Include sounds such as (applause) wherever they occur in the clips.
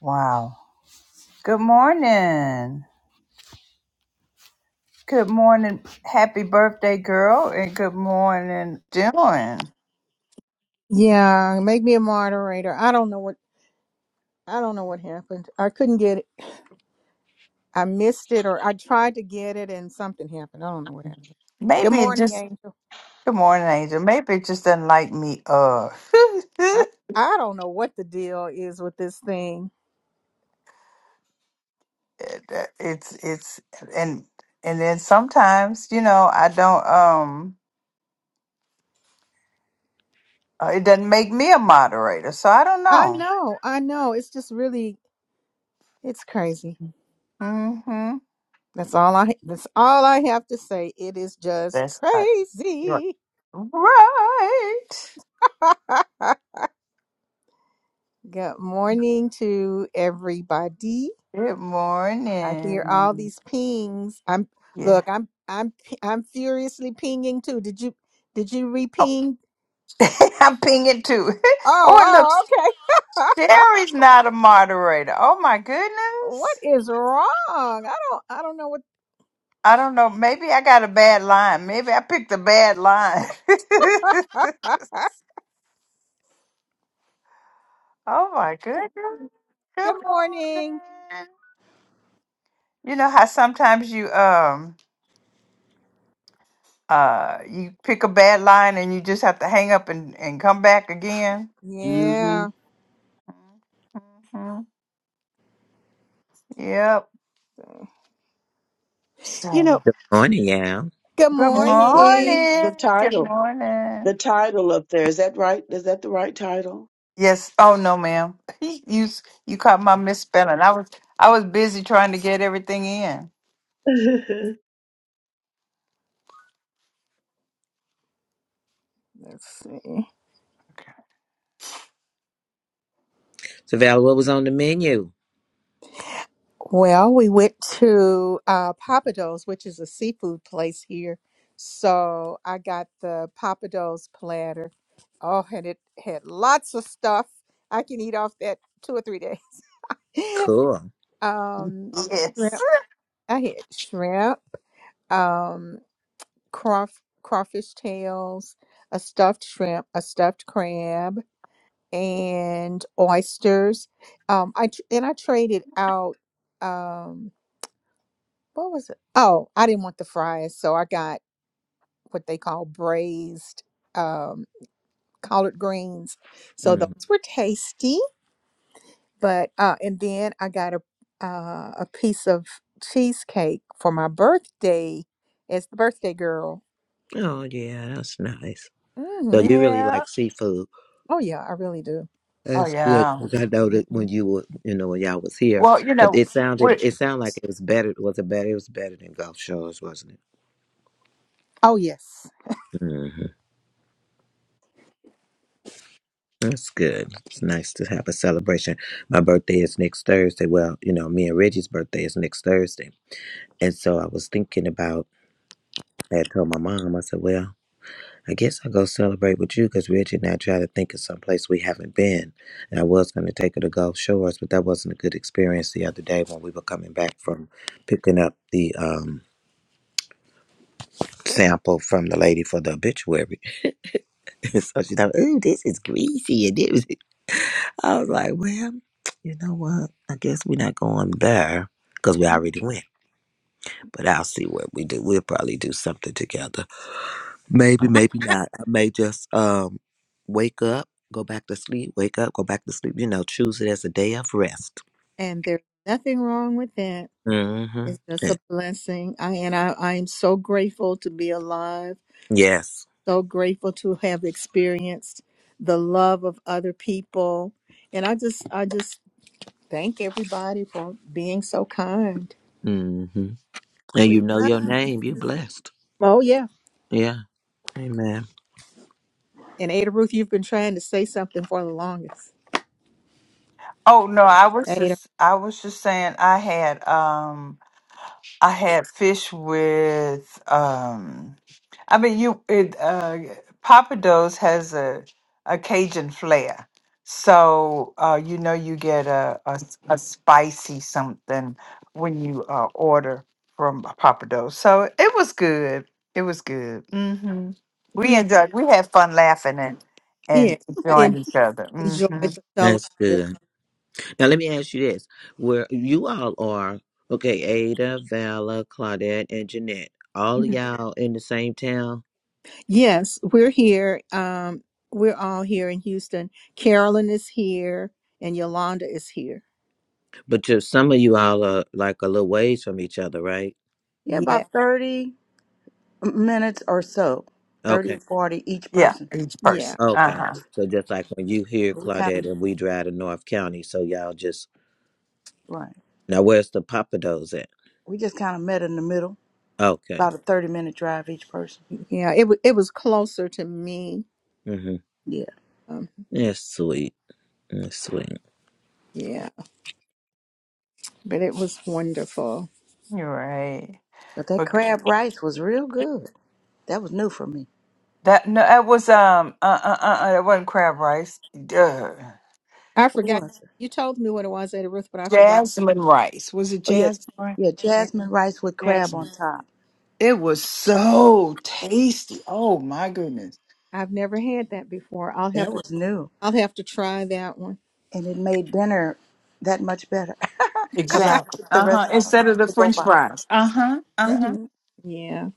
Wow. Good morning. Good morning. Happy birthday, girl. And good morning, Dylan. Yeah, make me a moderator. I don't know what I don't know what happened. I couldn't get it. I missed it or I tried to get it and something happened. I don't know what happened. Good Maybe it morning, just, Angel. good morning, Angel. Maybe it just doesn't like me. Uh, (laughs) I I don't know what the deal is with this thing. it's, it's, and, and then sometimes, you know, I don't, um, uh, it doesn't make me a moderator. So I don't I know. know. I know. It's just really it's crazy. Mm-hmm. That's all I that's all I have to say. It is just That's uh, right. crazy. Right. (laughs) Good morning to everybody. Good I hear all morning. these pings. I'm Yeah. look. I'm I'm p- I'm furiously pinging too. Did you did you reping? (laughs) I'm pinging too. (laughs) oh, and look, Oh oh okay. (laughs) Sherry's not a moderator. Oh my what goodness. is wrong? I don't I don't know what. I don't know. Maybe I got a bad line. Maybe I picked a bad line. (laughs) (laughs) oh my goodness. Good Good morning. morning. You know how sometimes you um uh you pick a bad line and you just have to hang up and, and come back again. Mm-hmm. Yeah. Mhm. Yep. You know. So Morning, yeah. Good good Hey, T. morning. morning. The Good title, morning. the title up there, is that right? Is that the right title? Yes. Oh no, ma'am. (laughs) You s- you caught my misspelling. I was I was busy trying to get everything in. (laughs) 'Cause Let's see. Okay. So, Val, what was on the menu? Well, we went to uh, Papados, which is a seafood place here. So I got the Papados platter. Oh, and it had lots of stuff. I can eat off that two or three days. (laughs) Cool. um, Yes. shrimp. (laughs) I had shrimp, um, crawf- crawfish tails, a stuffed shrimp, a stuffed crab, and oysters. Um, I tr- and I traded out. Um, what was it? Oh, I didn't want the fries, so I got what they call braised um, collard greens. So those Mm. were tasty, but uh, and then I got a uh, a piece of cheesecake for my birthday as the birthday girl. Oh, yeah, that's nice. So hmm you really Yeah. like seafood. Oh yeah, I really do. Oh That's good yeah. because I know that when Mhm. you were, you know, when y'all was here, Well, you but know, it sounded, we it sounded like it was better. Was it better? It was better than Gulf Shores, wasn't it? Oh yes. hmm That's good. It's nice to have a celebration. My birthday is next Thursday. Well, you know, me and Reggie's birthday is next Thursday, and so I was thinking about. I had told my mom. I said, "Well, I guess I'll go celebrate with you because Reggie and I try to think of some place we haven't been. And I was going to take her to Gulf Shores, but that wasn't a good experience the other day when we were coming back from picking up the um, sample from the lady for the obituary. (laughs) so she thought, ooh, this is greasy. And it was, I was like, well, you know what? I guess we're not going there because we Mhm. already went. But I'll see what we do. We'll probably do something together. Maybe, maybe not. I may just um wake up, go back to sleep, wake up, go back to sleep. You know, choose it as a day of rest. And there's nothing wrong with that. It's just Mm-hmm. a blessing. I and I, I am so grateful to be alive. Yes. so grateful to have experienced the love of other people and i just i just thank everybody for being so kind Mm-hmm. And you We, know your name. You're blessed. oh yeah Yeah. Amen. and ada ruth you've been trying to say something for the longest oh no, I was ada just I was just saying I had um I had fish with um I mean you it uh Papa Do's has a a Cajun flair. So uh you know you get a a, s- a spicy something when you uh order from Papa Do's. So it was good. It was good. Mhm. We yeah enjoyed we had fun laughing and yeah and we enjoying en- each other. enjoyed Mhm. the That's fellowship good. Now let me ask you this: Where you all are? Okay, Ada, Vala, Claudette, and Jeanette. All of y'all in the same town, yes we're here um we're all here in houston carolyn is here and yolanda is here but you some of you all are like a little ways from each other, right? yeah, yeah about 30 minutes or so, Okay. 30 or 40 each Yeah, person. each yeah person. Okay. Uh-huh. So just like when you hear But We kind of, Claudette and we drive to North County, so y'all just right. now where's the Papados at? We just kind of met in the middle, Okay. about a 30 minute drive each person. yeah it, wa it was closer to me Mm-hmm. Yeah. um, That's sweet. That's sweet. yeah but it was wonderful. You're right. But that crab rice was real good. That was new for me. That no, that was um uh uh uh, uh that wasn't crab rice. Duh. I What forgot was it? you told me what it was, Ada Ruth, but I forgot. Jasmine rice. Was it Oh, yeah. jasmine? rice? Yeah, that. jasmine rice with crab Jasmine. on top. It was so tasty. Oh my goodness. I've never had that before. I'll have That to. was new. I'll have to try that one. And it made dinner that much better (laughs) because I Exactly. took the Uh rest huh. off Instead of the the go French box. fries. Uh huh. Uh huh. hmm Yeah,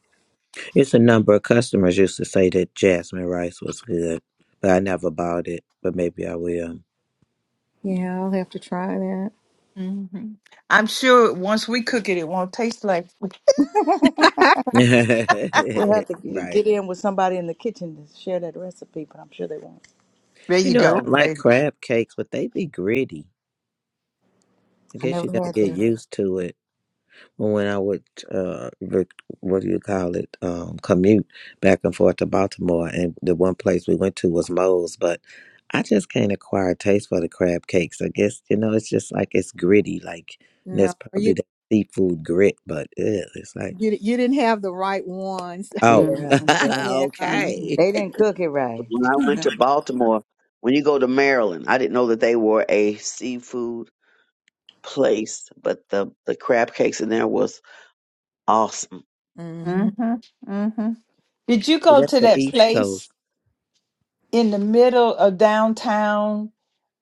It's a number of customers used to say that jasmine rice was good, but I never bought it. But maybe I will. yeah, I'll have to try that. hmm I'm sure once we cook it, it won't taste like. (laughs) (laughs) (laughs) (laughs) We'll right. have to g- get in with somebody in the kitchen to share that recipe, but I'm sure they won't. There You you know, and I go. like crab cakes, but they be gritty. I I guess never you gotta had get that. used to it. when I would uh rec- what do you call it um commute back and forth to Baltimore and the one place we went to was Moe's but I just can't acquire a taste for the crab cakes I guess you know it's just like it's gritty like and that's no, probably you the seafood grit but ew, it's like you you didn't have the right ones. (laughs) oh (laughs) Yeah, Mm-hmm. yeah. Yeah. okay They didn't cook it right. When I went to Baltimore, when you go to Maryland, I didn't know that they were a seafood place, but the the crab cakes in there was awesome. hmm Mm-hmm. hmm Did you (laughs) well go that's to the that East place Coast in the middle of downtown?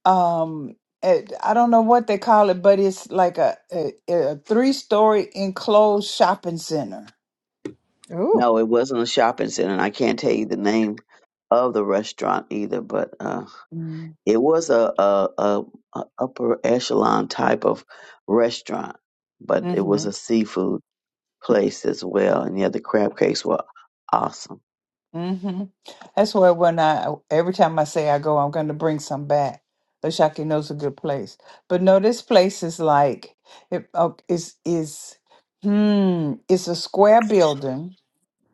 um it, I don't know what they call it, but it's like a a, a three story enclosed shopping center. Oh No, it wasn't a shopping center, and I can't tell you the name of the restaurant either, but uh, Mm. it was a, a, a, a upper echelon type of restaurant, but it hmm was a seafood. place as well. And yeah, the crab cakes were awesome. Mm-hmm. That's where when I every time I say I go, I'm going to bring some back. Oshaki knows a good place, but no, this place is like it oh, is is hmm. It's a square building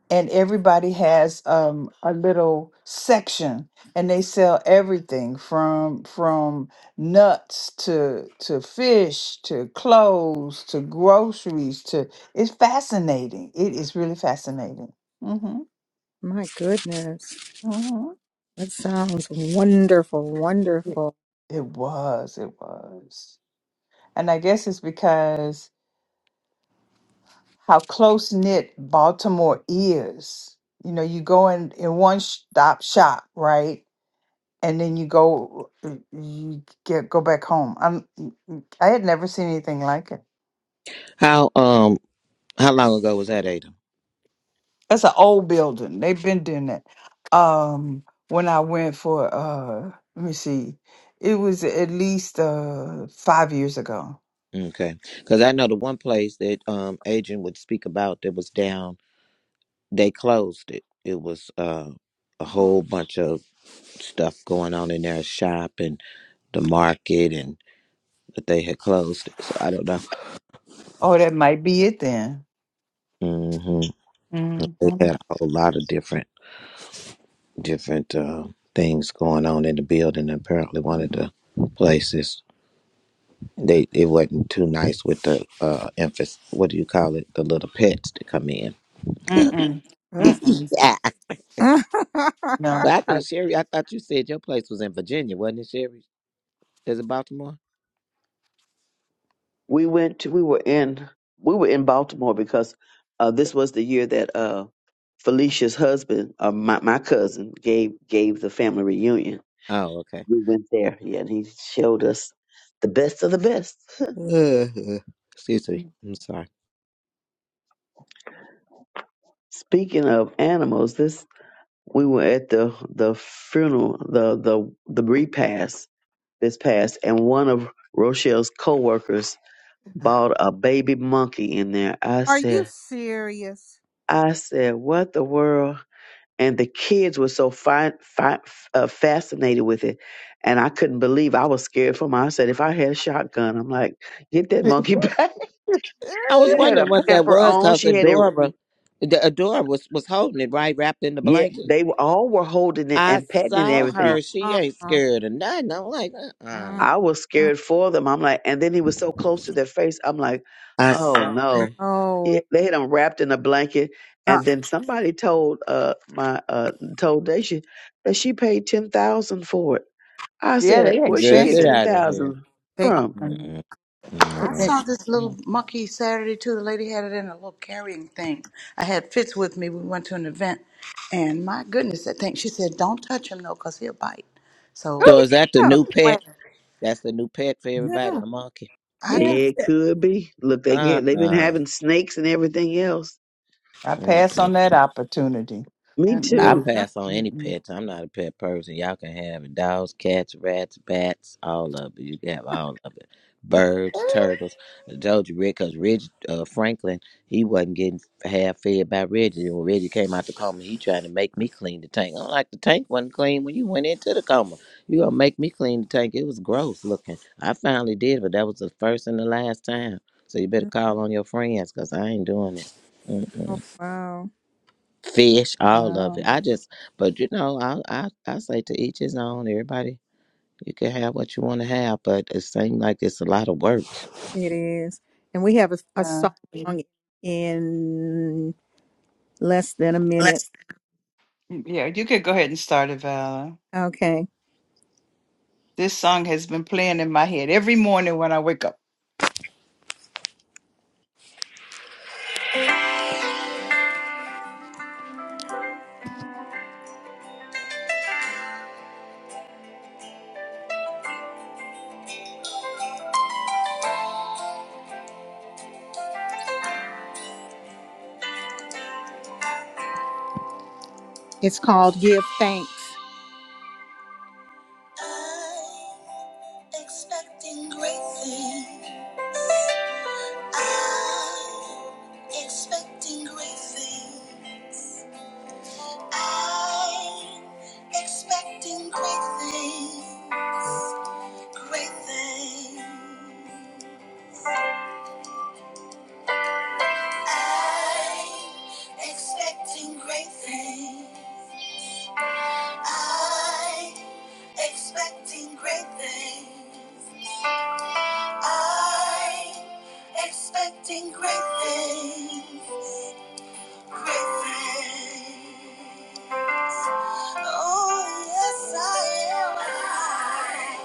and everybody has um, a little section and they sell everything from from nuts to to fish to clothes to groceries to it's fascinating it is really fascinating mm-hmm, my goodness, mm-hmm. that sounds wonderful, It, wonderful. it was it was and i guess it's because how close knit baltimore is you know you go in in one stop shop right and then you go uh, you get go back home. I'm I had never seen anything like it. how um how long ago was that Ada That's an old building. They've been doing that. Um when I went for uh let me see. It was at least uh 5 years ago. okay because I know the one place that um Adrian would speak about that was down they closed it. It was uh, a Oh, whole bunch of stuff going on in their shop and the market, and but they had closed it. So I don't know. oh, that might be it then. hmm Mhm. They had a whole lot of different different uh, things going on in the building. Apparently, one of the places they it wasn't too nice with the uh, emphasis. What do you call it? The little pets that come in. (laughs) Ugh. Mm-mm. Ugh. Mm-mm. yeah. (laughs) But No. I I, think (laughs) Sherry, I thought you said your place was in Virginia, wasn't it, Sherry? Is it Baltimore? We went to, we were in we were in Baltimore because uh, this was the year that uh, Felicia's husband, uh, my my cousin, gave gave the family reunion. Oh, okay. We went there, yeah, and he showed us the best of the best. (laughs) Uh, excuse me. I'm sorry. Speaking of animals, this we were at the the funeral, the the the repast this past, and one of Rochelle's coworkers bought a baby monkey in there. I Are you said, serious? I said, "What the world?" And the kids were so fi- fi- uh, fascinated with it, and I couldn't believe. I was scared for my. I said, "If I had a shotgun, I'm like, get that monkey (laughs) back." I was it had wondering a what that pamper was on. because She had it. Adora, the Adora was, was holding it right wrapped in the Yeah, blanket. they were, all were holding it I and patting it and saw Oh, her. everything. She ain't uh-uh. scared of nothing. I'm like, uh uh Mm-mm. I was scared for them. I'm like, and then he was so close to their face. I'm like, I oh saw her. no. No, It, they had them wrapped in a blanket, Uh, and then somebody told uh my uh told Daisha that she paid ten thousand for it. I yeah, said, they where she Girl, get get expensive. ten out of here. thousand they are. from? Uh. Mhm. mm I It- No. it- saw this little Mhm. monkey Saturday too. The lady had it in a little carrying thing. I had Fitz with me. We went to an event, and my goodness, that thing. She said, "Don't touch him though, 'cause he'll bite." So, So is that the new pet? well, That's the new pet for everybody, Yeah, a monkey. I yeah, yeah. guess It could be. Look, they Uh get they've been uh-uh. having snakes and everything else. I pass on uh. that opportunity. uh, Me I Mm-mm. your too. pass on any Mm-mm. pets. I'm not a pet person. Y'all can have it. dogs, cats, rats, bats, all of it. You can have all of it. Birds, turtles. I told you, Rick, because Reg uh, Franklin, he wasn't getting half fed by Reggie. When Reggie came out the coma, he tried to make me clean the tank. I'm like, the tank wasn't clean when you went into the coma. You gonna make me clean the tank? It was gross looking. I finally did, but that was the first and the last time. So you better Uh-huh. call on your friends, cause I ain't doing it. Mm-hmm Oh, wow. fish, all of it. Well, I just, but you know, I I, I say to each his own. Everybody, you can have what you want to have, but it seems like it's a lot of work. It is. And we have a, a uh, song yeah. in less than a minute. Let's Yeah, you could go ahead and start it, Val. Okay. This song has been playing in my head every morning when I wake up. It's called Give Thanks. I'm expecting great things. I'm expecting great things. I'm expecting great things. Great things. I expecting great things. I expecting great things. I expecting great things. Great things. Oh yes, I am.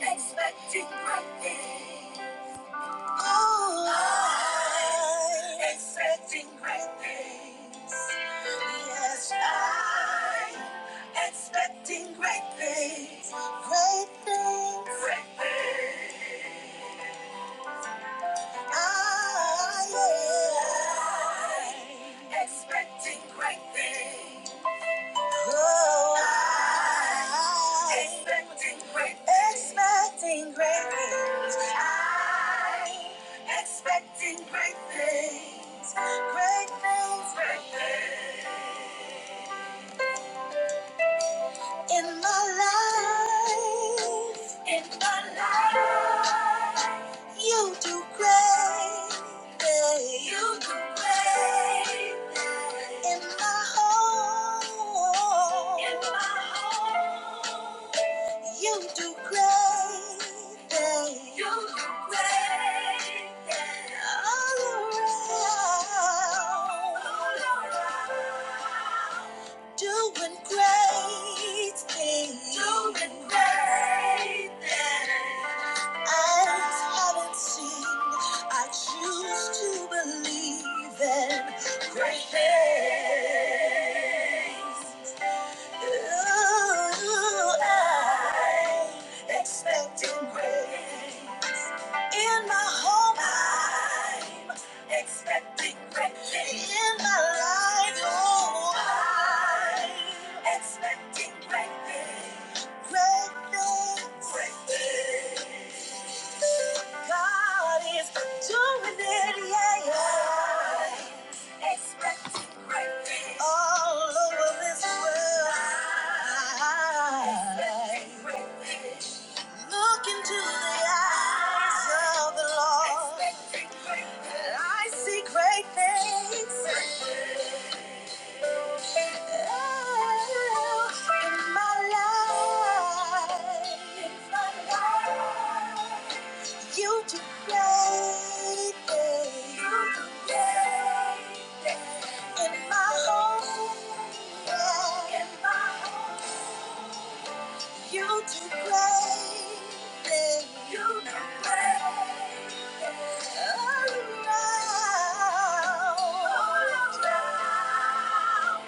I expecting great things. I expecting great things. Yes, I expecting great things. Great things. Great things. I, yeah. I expecting great things. Expecting great expecting great things. I expecting great things. Great things. Great things. In my life, in my life, you do great things. You do great things. In my home, in my home, you do great things. You do great things. All around, all around. Doing great things. Doing great things. Eyes haven't seen. I choose to believe in great things. Ooh, I expected grace. In my home, I'm expecting grace. In my life, oh, I'm expecting great things. Great things. Great things. God is doing it, yeah. yeah. All over this world, look into the eyes of the Lord. I see great things. You do great things. You do great things. In my home. Yeah. In my home. You do great things. You do great All around. All around.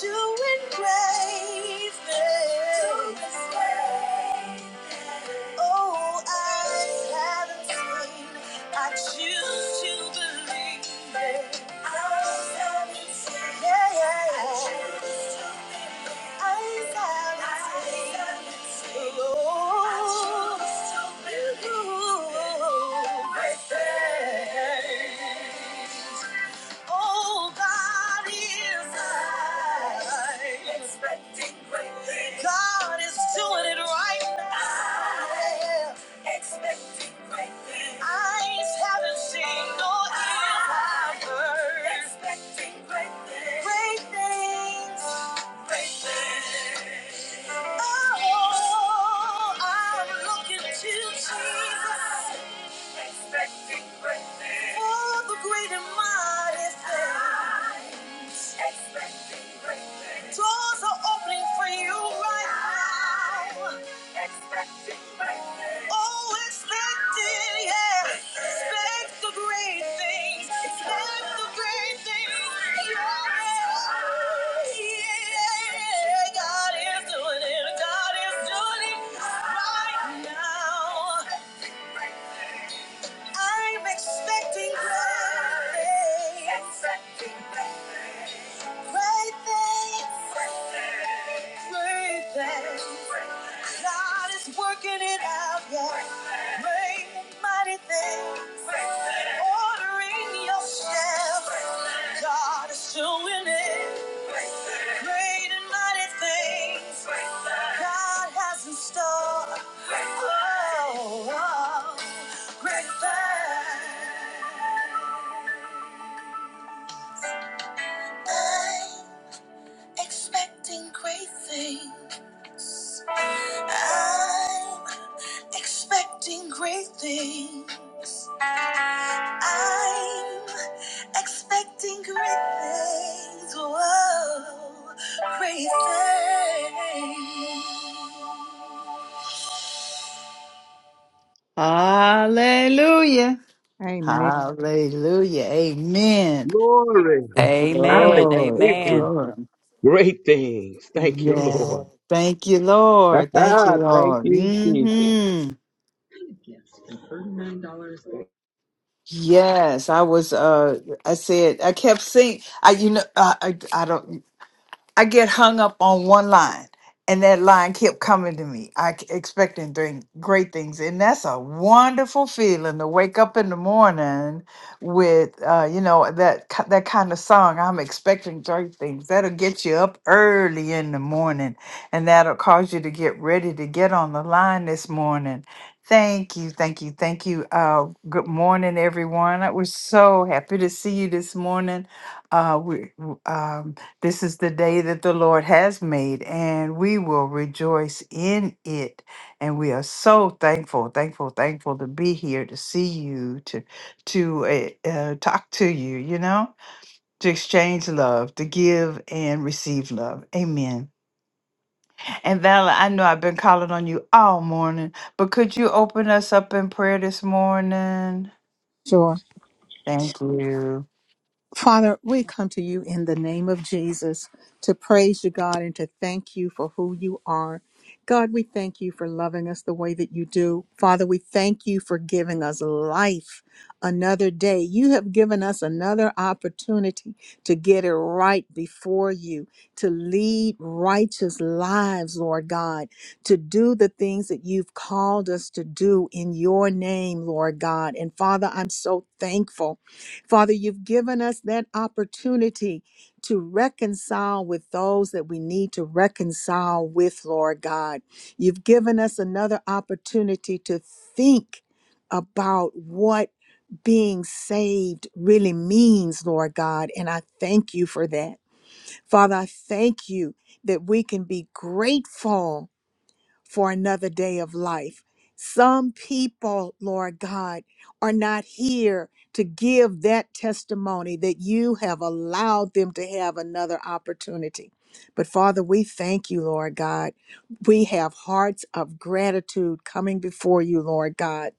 Doing great things. Doing great things. Oh, I haven't seen. I choose to believe it. I haven't seen. Yeah, yeah, yeah. I choose to Thank you. Oh, God is I expecting great things. God is doing it right now. I am expecting great things. Eyes haven't seen nor ears have heard. I am Expecting great things. Great things. Great things. Oh, I'm looking to Jesus expecting greatness. All the great and mighty things. Expecting greatness. Doors are opening for you right now. Expecting greatness. Oh, expecting, yeah. Expect the great things. Expect the great things. Yeah. Yeah. God is doing it. God is doing it right now. I'm expecting great things. Great things. Great things. God is working it out, yeah. Great and mighty things. Ordering your steps. God is doing it. Great and mighty things. God has in store. Oh, oh. Great things. I'm expecting great things. I'm expecting great things. I'm expecting great things. Whoa, great things. Hallelujah. Amen. Hallelujah. Amen. Glory. I'm Amen. Glory, Amen. expecting glory. great things. Thank you, yes, Lord. Thank you, Lord. Thank you, (laughs) Thank Lord. you, Jesus. hmm Yes, I was. Uh, I said I kept singing. I, you know, I, I, I don't. I get hung up on one line, and that line kept coming to me. I k- expecting thing, great things, and that's a wonderful feeling to wake up in the morning with, uh, you know, that ki- that kind of song. I'm expecting great things. That'll get you up early in the morning, and that'll cause you to get ready to get on the line this morning. Thank you, thank you, thank you. Uh, good morning, everyone. I was so happy to see you this morning. Uh, we, w- um this is the day that the Lord has made, and we will rejoice in it. And we are so thankful, thankful, thankful to be here, to see you, to to uh, uh, talk to you. You know, to exchange love, to give and receive love. Amen. And Vala, I know I've been calling on you all morning, but could you open us up in prayer this morning? Sure. Thank you. Father, we come to you in the name of Jesus to praise you, God, and to thank you for who you are. God, we thank you for loving us the way that you do. Father, we thank you for giving us life another day. You have given us another opportunity to get it right before you, to lead righteous lives, Lord God, to do the things that you've called us to do in your name, Lord God. And Father, I'm so thankful Father, you've given us that opportunity to reconcile with those that we need to reconcile with, Lord God. You've given us another opportunity to think about what being saved really means, Lord God. And I thank you for that. Father, I thank you that we can be grateful for another day of life. Some people, Lord God, are not here to give that testimony that you have allowed them to have another opportunity. But Father, we thank you, Lord God. We have hearts of gratitude coming before you, Lord God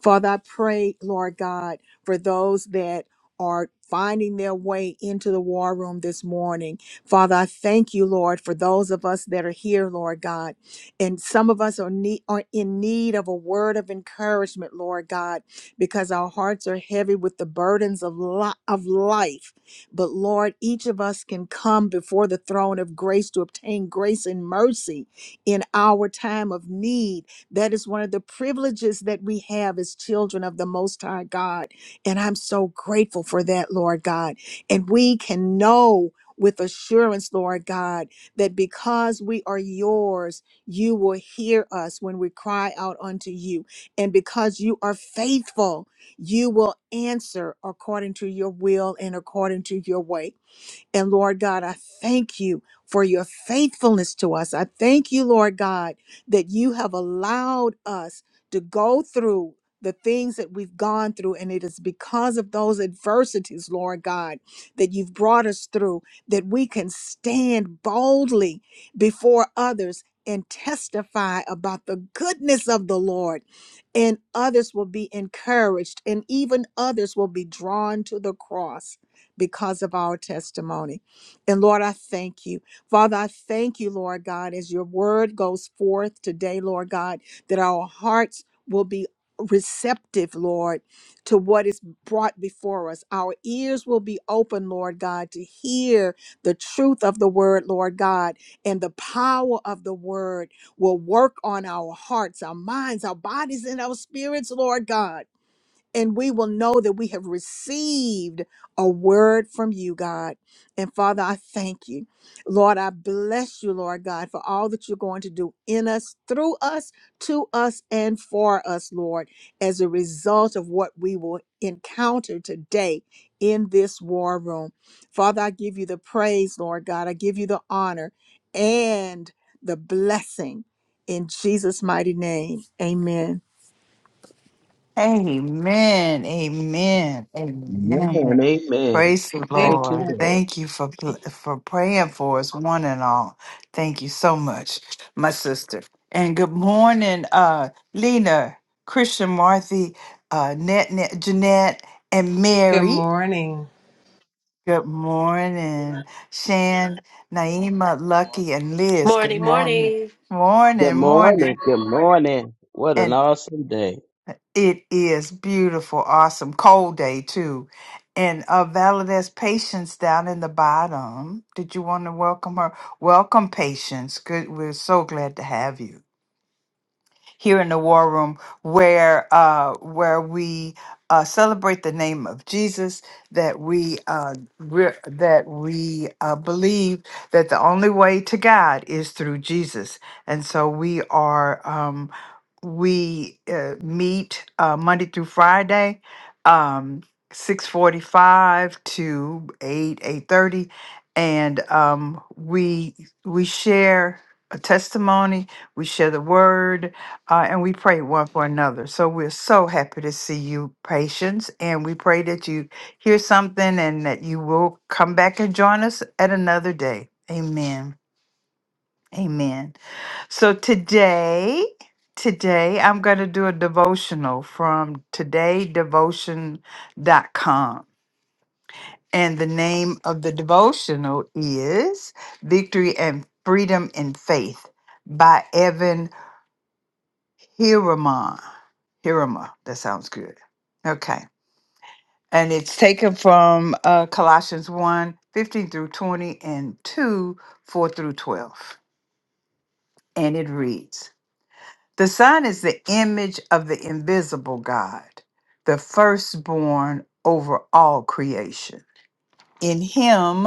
Father, I pray, Lord God, for those that are finding their way into the war room this morning. Father, I thank you, Lord, for those of us that are here, Lord God. And some of us are, need, are in need of a word of encouragement, Lord God, because our hearts are heavy with the burdens of, li- of life. But Lord, each of us can come before the throne of grace to obtain grace and mercy in our time of need that is one of the privileges that we have as children of the Most High God. And I'm so grateful for that, Lord God. And we can know with assurance, Lord God, that because we are yours, you will hear us when we cry out unto you. And because you are faithful, you will answer according to your will and according to your way. And Lord God, I thank you for your faithfulness to us. I thank you, Lord God, that you have allowed us to go through the things that we've gone through. And it is because of those adversities, Lord God, that you've brought us through, that we can stand boldly before others and testify about the goodness of the Lord. And others will be encouraged, and even others will be drawn to the cross because of our testimony. And Lord, I thank you. Father, I thank you, Lord God, as your word goes forth today, Lord God, that our hearts will be receptive, Lord, to what is brought before us. Our ears will be open, Lord God, to hear the truth of the word, Lord God, and the power of the word will work on our hearts, our minds, our bodies, and our spirits, Lord God and we will know that we have received a word from you, God. And Father, I thank you. Lord, I bless you, Lord God, for all that you're going to do in us, through us, to us, and for us, Lord, as a result of what we will encounter today in this war room. Father, I give you the praise, Lord God. I give you the honor and the blessing in Jesus' mighty name. Amen. Amen. Amen. Amen. Amen. Amen. Praise the Amen. Thank you, Lord. Lord. Thank you for for praying for us, one and all. Thank you so much, my sister. And good morning, uh, Lena, Christian, Marthy, uh, Net, Net, Jeanette, and Good Mary. morning. Good morning, Shan, Naima, Lucky, and Liz. Good Morning, morning. morning. Good Morning, morning. morning. Good morning. What an awesome day. It is beautiful, awesome, cold day too. And uh, Valdez Patience down in the bottom. Did you want to welcome her? Welcome, Patience. Good, we're so glad to have you here in the War Room, where uh, where we uh, celebrate the name of Jesus. That we uh, re- that we uh, believe that the only way to God is through Jesus, and so we are. um, we uh, meet uh, Monday through Friday, um, six forty-five to eight eight thirty, and um, we we share a testimony, we share the word, uh, and we pray one for another. So we're so happy to see you, patients, and we pray that you hear something and that you will come back and join us at another day. Amen. Amen. So today, today I'm going to do a devotional from today devotion dot com, And the name of the devotional is Victory and Freedom in Faith by Evan Hiraman. Hirama, that sounds good. Okay. And it's taken from uh, Colossians one 15 through 20 and 2 4 through 12. And it reads. The Son is the image of the invisible God, the firstborn over all creation. In Him,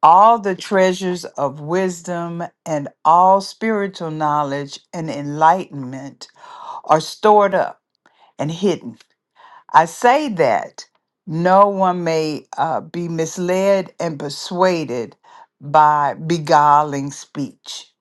all the treasures of wisdom and all spiritual knowledge and enlightenment are stored up and hidden. I say that no one may uh, be misled and persuaded by beguiling speech.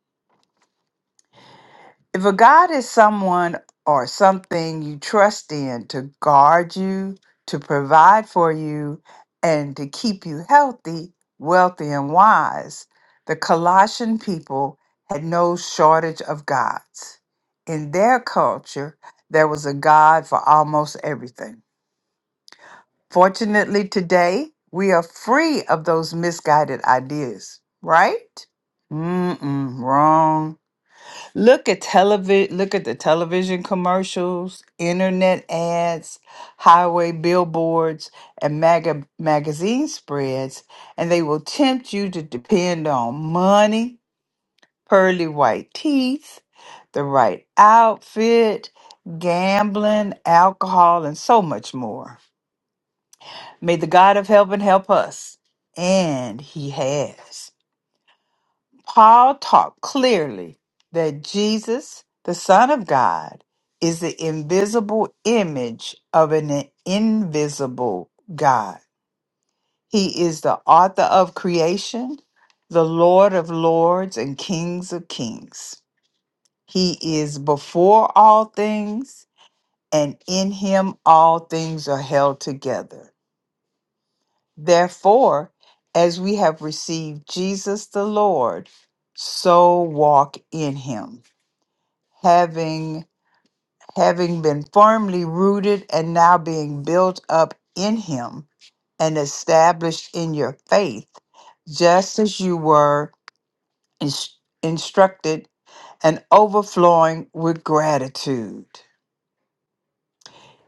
If a God is someone or something you trust in to guard you, to provide for you, and to keep you healthy, wealthy, and wise, the Colossian people had no shortage of gods. In their culture, there was a God for almost everything. Fortunately, today, we are free of those misguided ideas, right? Mm-mm, wrong. Look at television, look at the television commercials, internet ads, highway billboards, and maga- magazine spreads, and they will tempt you to depend on money, pearly white teeth, the right outfit, gambling, alcohol, and so much more. May the God of heaven help us. And he has. Paul taught clearly that Jesus, the Son of God, is the invisible image of an invisible God. He is the author of creation, the Lord of lords, and kings of kings. He is before all things, and in him all things are held together. Therefore, as we have received Jesus the Lord, so walk in him. having having been firmly rooted and now being built up in him and established in your faith just as you were ins- instructed and overflowing with gratitude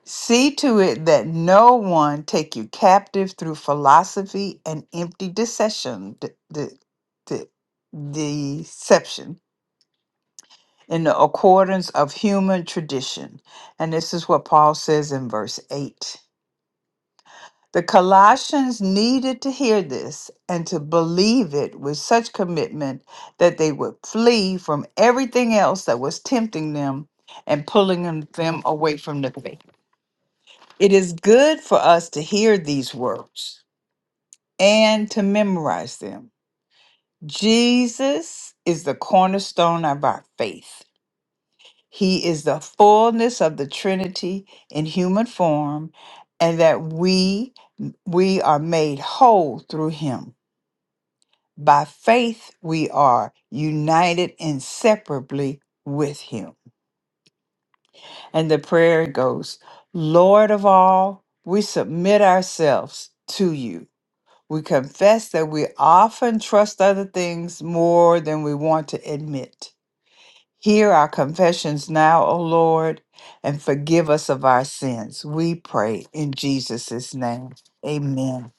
see to it that no one take you captive through philosophy and empty deception de- de- de- deception in the accordance of human tradition and this is what Paul says in verse 8. The Colossians needed to hear this and to believe it with such commitment that they would flee from everything else that was tempting them and pulling them them away from the faith. It is good for us to hear these words and to memorize them. Jesus is the cornerstone of our faith. He is the fullness of the Trinity in human form, and that we we are made whole through him. By faith, we are united inseparably with Him. And the prayer goes Lord of all, we submit ourselves to you. We confess that we often trust other things more than we want to admit. Hear our confessions now, O Lord, and forgive us of our sins. We pray in Jesus' name. Amen.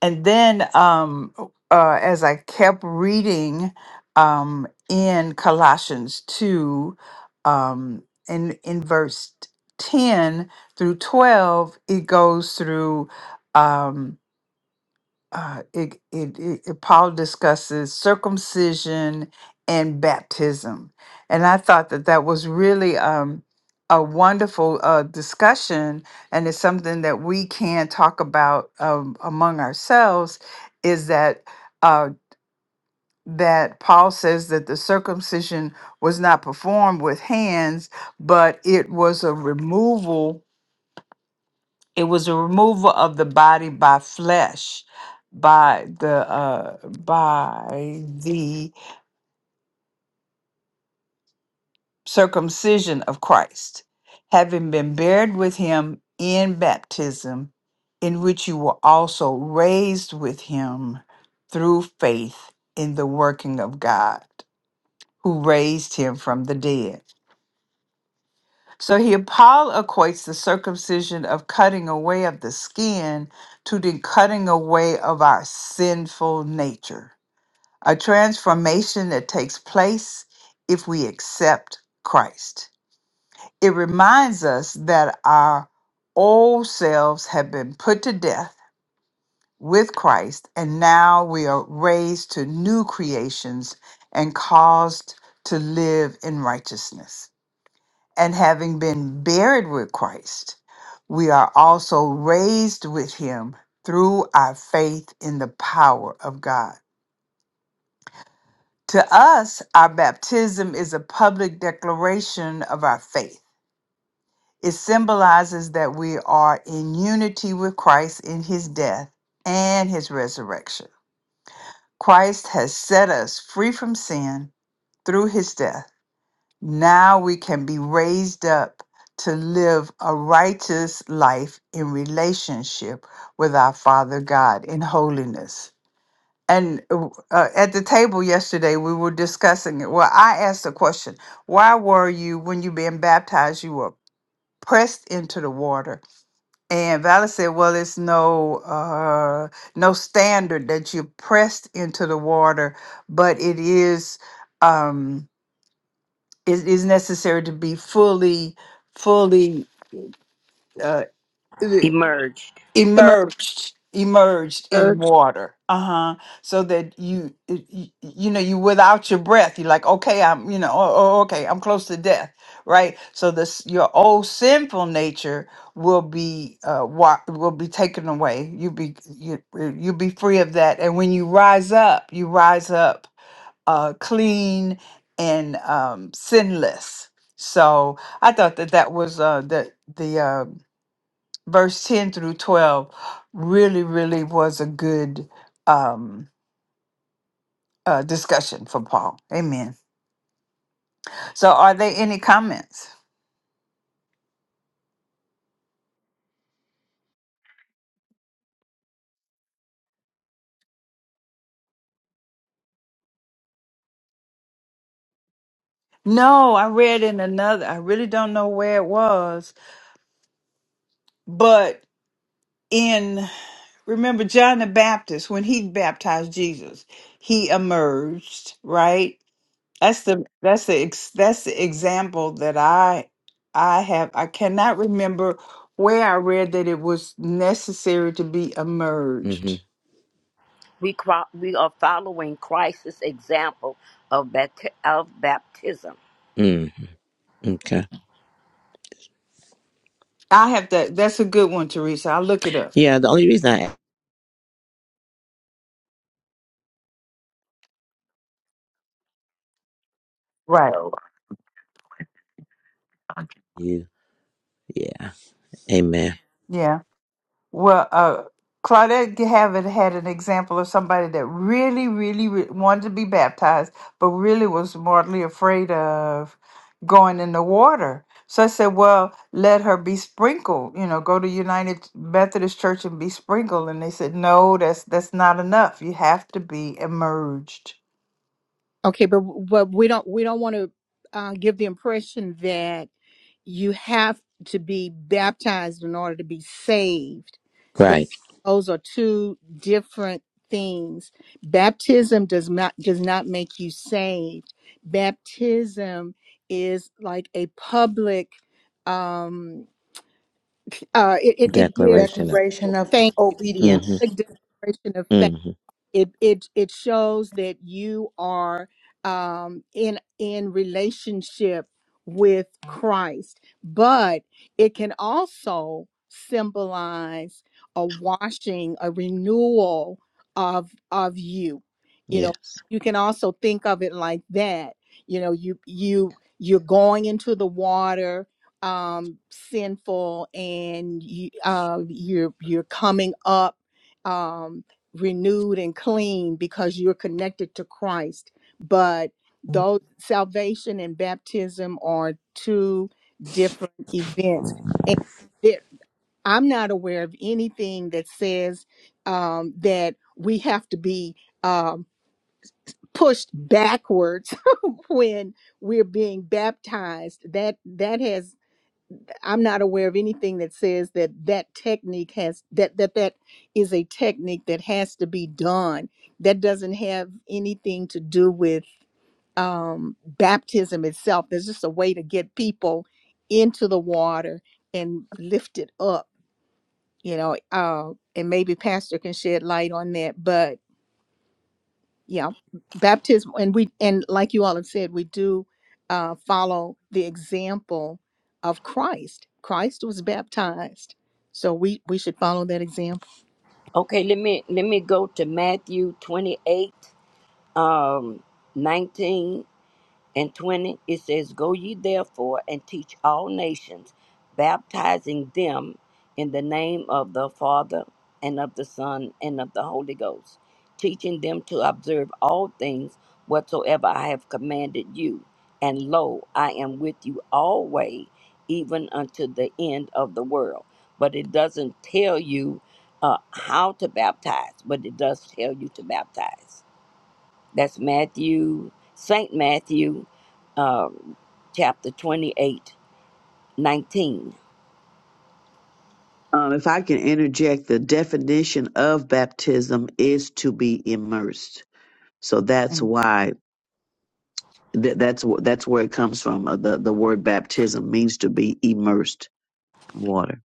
And then, um, uh, as I kept reading um, in Colossians 2, um, in, in verse 10 through 12, it goes through. Um, uh, it, it, it, it- Paul discusses circumcision and baptism, and I thought that that was really um, a wonderful uh, discussion, and it's something that we can talk about um, among ourselves. Is that uh, that Paul says that the circumcision was not performed with hands, but it was a removal it was a removal of the body by flesh, by the uh, by the circumcision of Christ, having been buried with him in baptism, in which you were also raised with him through faith in the working of God, who raised him from the dead. So here Paul equates the circumcision of cutting away of the skin to the cutting away of our sinful nature, a transformation that takes place if we accept Christ. It reminds us that our old selves have been put to death with Christ, and now we are raised to new creations and caused to live in righteousness. And having been buried with Christ, we are also raised with him through our faith in the power of God. To us, our baptism is a public declaration of our faith. It symbolizes that we are in unity with Christ in his death and his resurrection. Christ has set us free from sin through his death Now we can be raised up to live a righteous life in relationship with our Father God in holiness. And uh, uh, at the table yesterday, we were discussing it. Well, I asked the question why were you, when you being baptized, you were pressed into the water? And Valerie said, well, it's no, uh, no standard that you're pressed into the water, but it is. Um, it is necessary to be fully fully uh, e- emerged. emerged emerged in water uh-huh so that you you, you know you without your breath you're like okay i'm you know oh, oh, okay i'm close to death right so this your old sinful nature will be uh wa- will be taken away you be you, you'll be free of that and when you rise up you rise up uh, clean and um, sinless. So I thought that that was uh, the the uh, verse ten through twelve really really was a good um, uh, discussion for Paul. Amen. So are there any comments? No, I read in another. I really don't know where it was, but in remember John the Baptist when he baptized Jesus, he emerged right That's the that's the ex, that's the example that I I have. I cannot remember where I read that it was necessary to be hmm emerged. We, cro- we are following Christ's example of, bat- of baptism. Mm, okay. I have that. That's a good one, Teresa. I'll look it up. Yeah. The only reason I asked Right. So, you, yeah. Amen. Yeah. Well, uh, Claudette Gavitt had an example of somebody that really, really re- wanted to be baptized, but really was mortally afraid of going in the water. So I said, well, let her be sprinkled, you know, go to United Methodist Church and be sprinkled. And they said, no, that's that's not enough. You have to be emerged. Okay, but but we don't we don't want to uh, give the impression that you have to be baptized in order to be saved. Tho- Right. Those are two different things. Baptism does not does not make you saved. Baptism is like a public. Um, uh, it, it it gives Declaration of. declaration of thank hmm obedience. a declaration of faith hmm it it it shows that you are um in in relationship with Christ but it can also symbolize a washing a renewal of of you you know Yes. you can also think of it like that you know you you you're going into the water um sinful and you uh you're you're coming up um, renewed and clean because you're connected to Christ. But though salvation and baptism are two different events, and there, I'm not aware of anything that says um, that we have to be um, pushed backwards (laughs) when we're being baptized. That that has I'm not aware of anything that says that that technique has that that that is a technique that has to be done. That doesn't have anything to do with um, baptism itself. There's just a way to get people into the water and lift it up, you know. Uh, and maybe Pastor can shed light on that, but yeah, baptism, and we and like you all have said, we do uh, follow the example of Christ. Christ was baptized, so we we should follow that example. Okay, let me let me go to Matthew 28, um, 19. and 20 it says go ye therefore and teach all nations baptizing them in the name of the father and of the son and of the holy ghost teaching them to observe all things whatsoever i have commanded you and lo i am with you always even unto the end of the world but it doesn't tell you uh, how to baptize but it does tell you to baptize that's Matthew, St. Matthew, uh, chapter 28, 19. Um, if I can interject, the definition of baptism is to be immersed. So that's Mm-hmm. why that, that's wh- that's where it comes from. Uh, the the word baptism means to be immersed in water.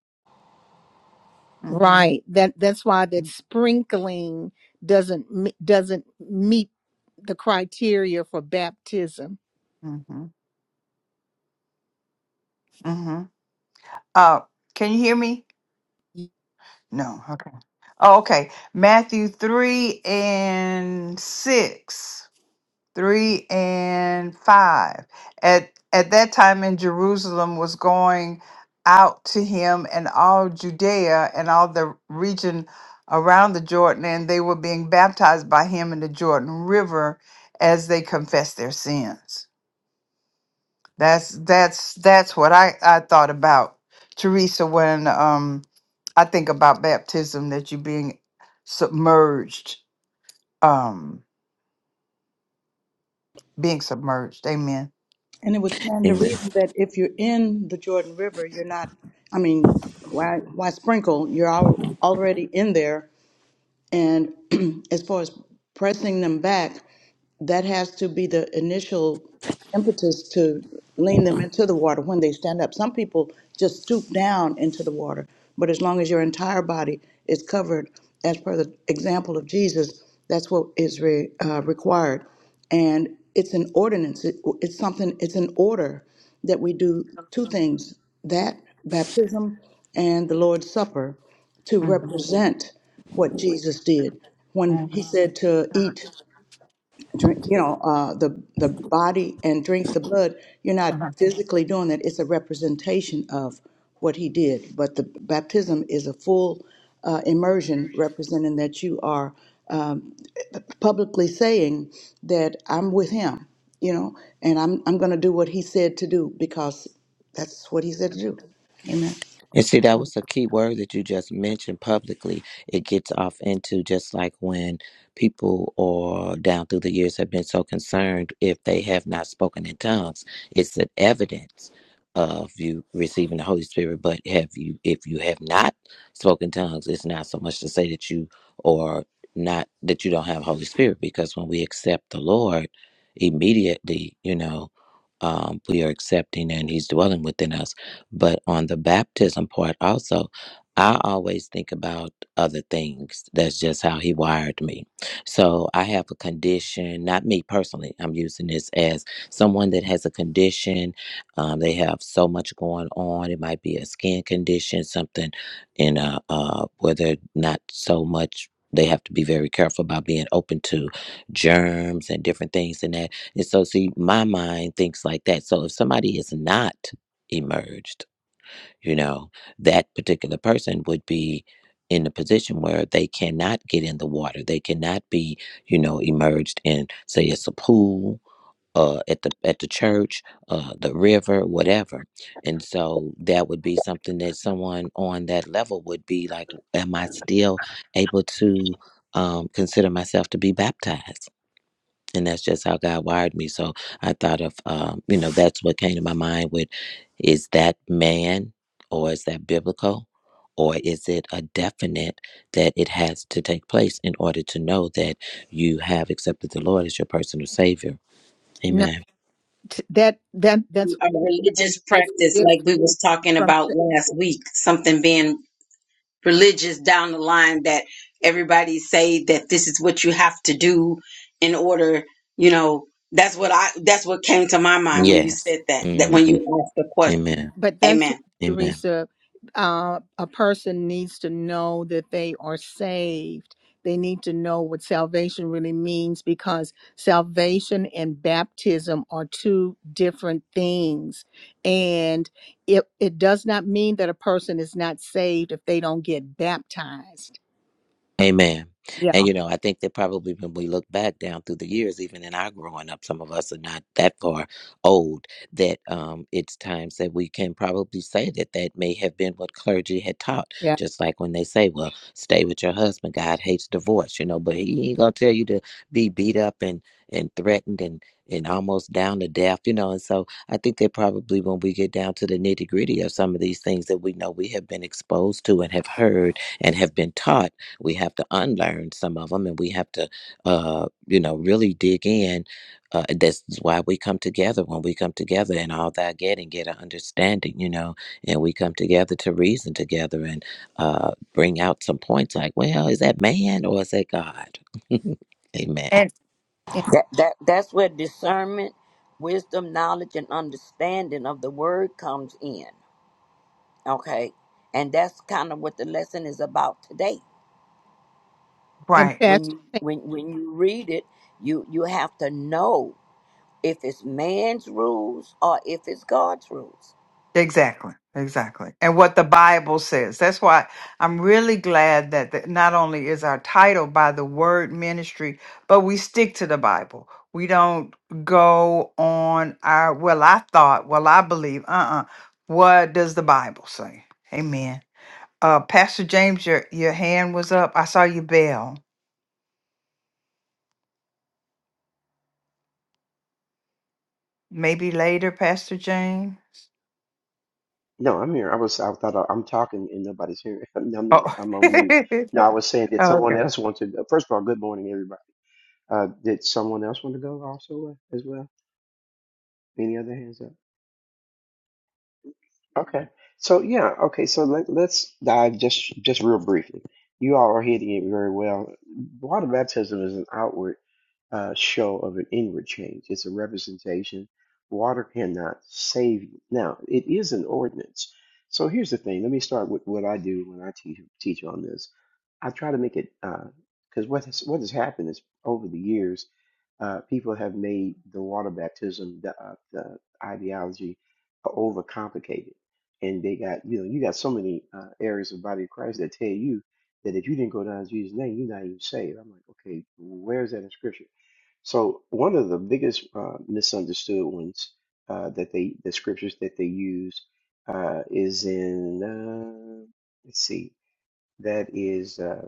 Mm-hmm. Right. That that's why that sprinkling doesn't me- doesn't meet the criteria for baptism. Mm-hmm. Uh, can you hear me? No. Okay. Oh, okay. Matthew 3 and 6, 3 and 5. At, at that time in Jerusalem was going out to him and all Judea and all the region around the Jordan, and they were being baptized by him in the Jordan River as they confessed their sins. That's that's that's what I I thought about Teresa when um I think about baptism that you being submerged um being submerged. Amen. And it would stand the Amen. reason that if you're in the Jordan River, you're not, I mean, why, why sprinkle? You're al- already in there. And (clears throat) as far as pressing them back, that has to be the initial impetus to lean them into the water when they stand up. Some people just stoop down into the water, but as long as your entire body is covered, as per the example of Jesus, that's what is re, uh, required. And it's an ordinance, it, it's something, it's an order that we do two things that baptism and the Lord's Supper to Mhm, represent what Jesus did when mhm, he said to uh-huh. eat drink, you know, uh, the the body and drink the blood. You're not Uh-huh. physically doing that. It's a representation of what he did. But the baptism is a full uh, immersion, representing that you are um, publicly saying that I'm with him, you know, and I'm I'm going to do what he said to do because that's what he said to do. Amen. And see, that was a key word that you just mentioned publicly. It gets off into just like when people or down through the years have been so concerned if they have not spoken in tongues. It's an evidence of you receiving the Holy Spirit, but have you if you have not spoken tongues, it's not so much to say that you or not that you don't have Holy Spirit because when we accept the Lord immediately, you know, um, we are accepting and He's dwelling within us but on the baptism part, also, I always think about other things. That's just how he wired me. So I have a condition, not me personally. I'm using this as someone that has a condition. Um, they have so much going on. It might be a skin condition, something in a, uh, where they're not so much. They have to be very careful about being open to germs and different things and that. And so, see, my mind thinks like that. So, if somebody is not emerged, you know that particular person would be in a position where they cannot get in the water they cannot be you know emerged in say it's a pool uh, at the at the church uh, the river whatever and so that would be something that someone on that level would be like am i still able to um, consider myself to be baptized and that's just how God wired me. So I thought of, um, you know, that's what came to my mind with is that man or is that biblical or is it a definite that it has to take place in order to know that you have accepted the Lord as your personal Savior? No, Amen. t- that that that's what a I'm saying. religious That's practice like we was talking different. about last week something being religious down the line that everybody say that this is what you have to do in order you know that's what i that's what came to my mind when you Yes. said that that when hmm you asked the question Amen. But that's why, amen Amen. Teresa, uh, a person needs to know that they are saved. They need to know what salvation really means because salvation and baptism are two different things. And it, it does not mean that a person is not saved if they don't get baptized. Amen. Yeah, And you know, I think that probably when we look back down through the years, even in our growing up, some of us are not that far old. That um, it's times that we can probably say that that may have been what clergy had taught. yeah. Just like when they say, "Well, stay with your husband. God hates divorce," you know, but He ain't gonna tell you to be beat up and and threatened and and almost down to death, you know. And so I think that probably when we get down to the nitty gritty of some of these things that we know we have been exposed to and have heard and have been taught we have to unlearn some of them and we have to uh you know really dig in uh, that's why we come together when we come together and all that get and get an understanding you know and we come together to reason together and uh bring out some points like well is that man or is that god (laughs) amen And And, That, that, that's where discernment, wisdom, knowledge, and understanding of the word comes in. Okay. And that's kind of what the lesson is about today. and right. When Pastor, you when when you read it, you you have to know if it's man's rules or if it's God's rules. Exactly, exactly. And what the Bible says. That's why I'm really glad that the, not only is our title by the word ministry, but we stick to the Bible. We don't go on our, well, I thought, well, I believe, uh uh What does the Bible say? Amen. Uh, Pastor James, your, your hand was up. I saw you bell. Maybe later, Pastor James. No, I'm here. I was. I thought I, I'm talking and nobody's hearing. (laughs) No, I'm not. Oh, I'm on mute. No, (laughs) I was saying, did someone okay. else want to? First of all, good morning, everybody. Uh, did someone else want to go also uh, as well? Any other hands up? Okay. So yeah, okay, so let, let's dive just just real briefly. You all are hitting it very well. Water baptism is an outward uh, show of an inward change. It's a representation. Water cannot save you. Now, it is an ordinance. So here's the thing. Let me start with what I do when I teach teach on this. I try to make it uh, because what has what has happened is over the years uh, people have made the water baptism, the, uh, the ideology, uh, overcomplicated, and they got you know you got so many uh, areas of the body of Christ that tell you that if you didn't go down in Jesus' name, you're not even saved. I'm like, okay, where's that in Scripture? So one of the biggest uh, misunderstood ones uh, that they the scriptures that they use uh, is in uh, let's see that is uh,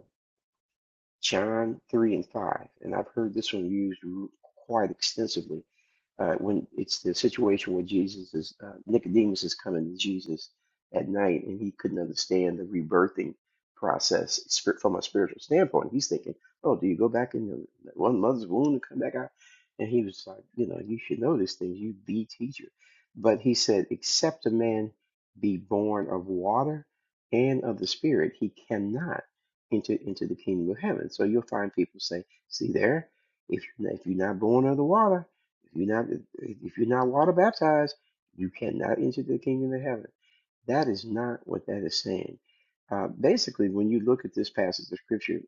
John three and five, and I've heard this one used quite extensively uh, when it's the situation where Jesus is uh, Nicodemus is coming to Jesus at night, and he couldn't understand the rebirthing process spir- from a spiritual standpoint. He's thinking, "Oh, do you go back in the one mother's womb and come back out?" And he was like, "You know, you should know this thing. You be teacher." But he said, "Except a man be born of water and of the Spirit, he cannot." Into, into the kingdom of heaven. So you'll find people say, see there, if, if you're not born of the water, if you're not if you're not water baptized, you cannot enter the kingdom of heaven. That is not what that is saying. Uh, basically, when you look at this passage of scripture,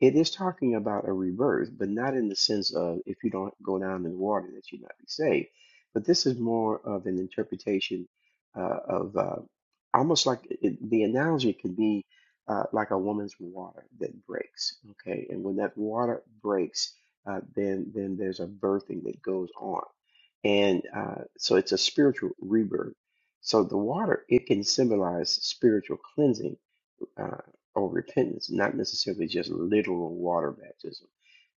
it is talking about a rebirth, but not in the sense of if you don't go down in the water that you not be saved. But this is more of an interpretation uh, of uh, almost like it, the analogy could be uh, like a woman's water that breaks. Okay, and when that water breaks, uh, then then there's a birthing that goes on, and uh, so it's a spiritual rebirth so the water, it can symbolize spiritual cleansing uh, or repentance, not necessarily just literal water baptism.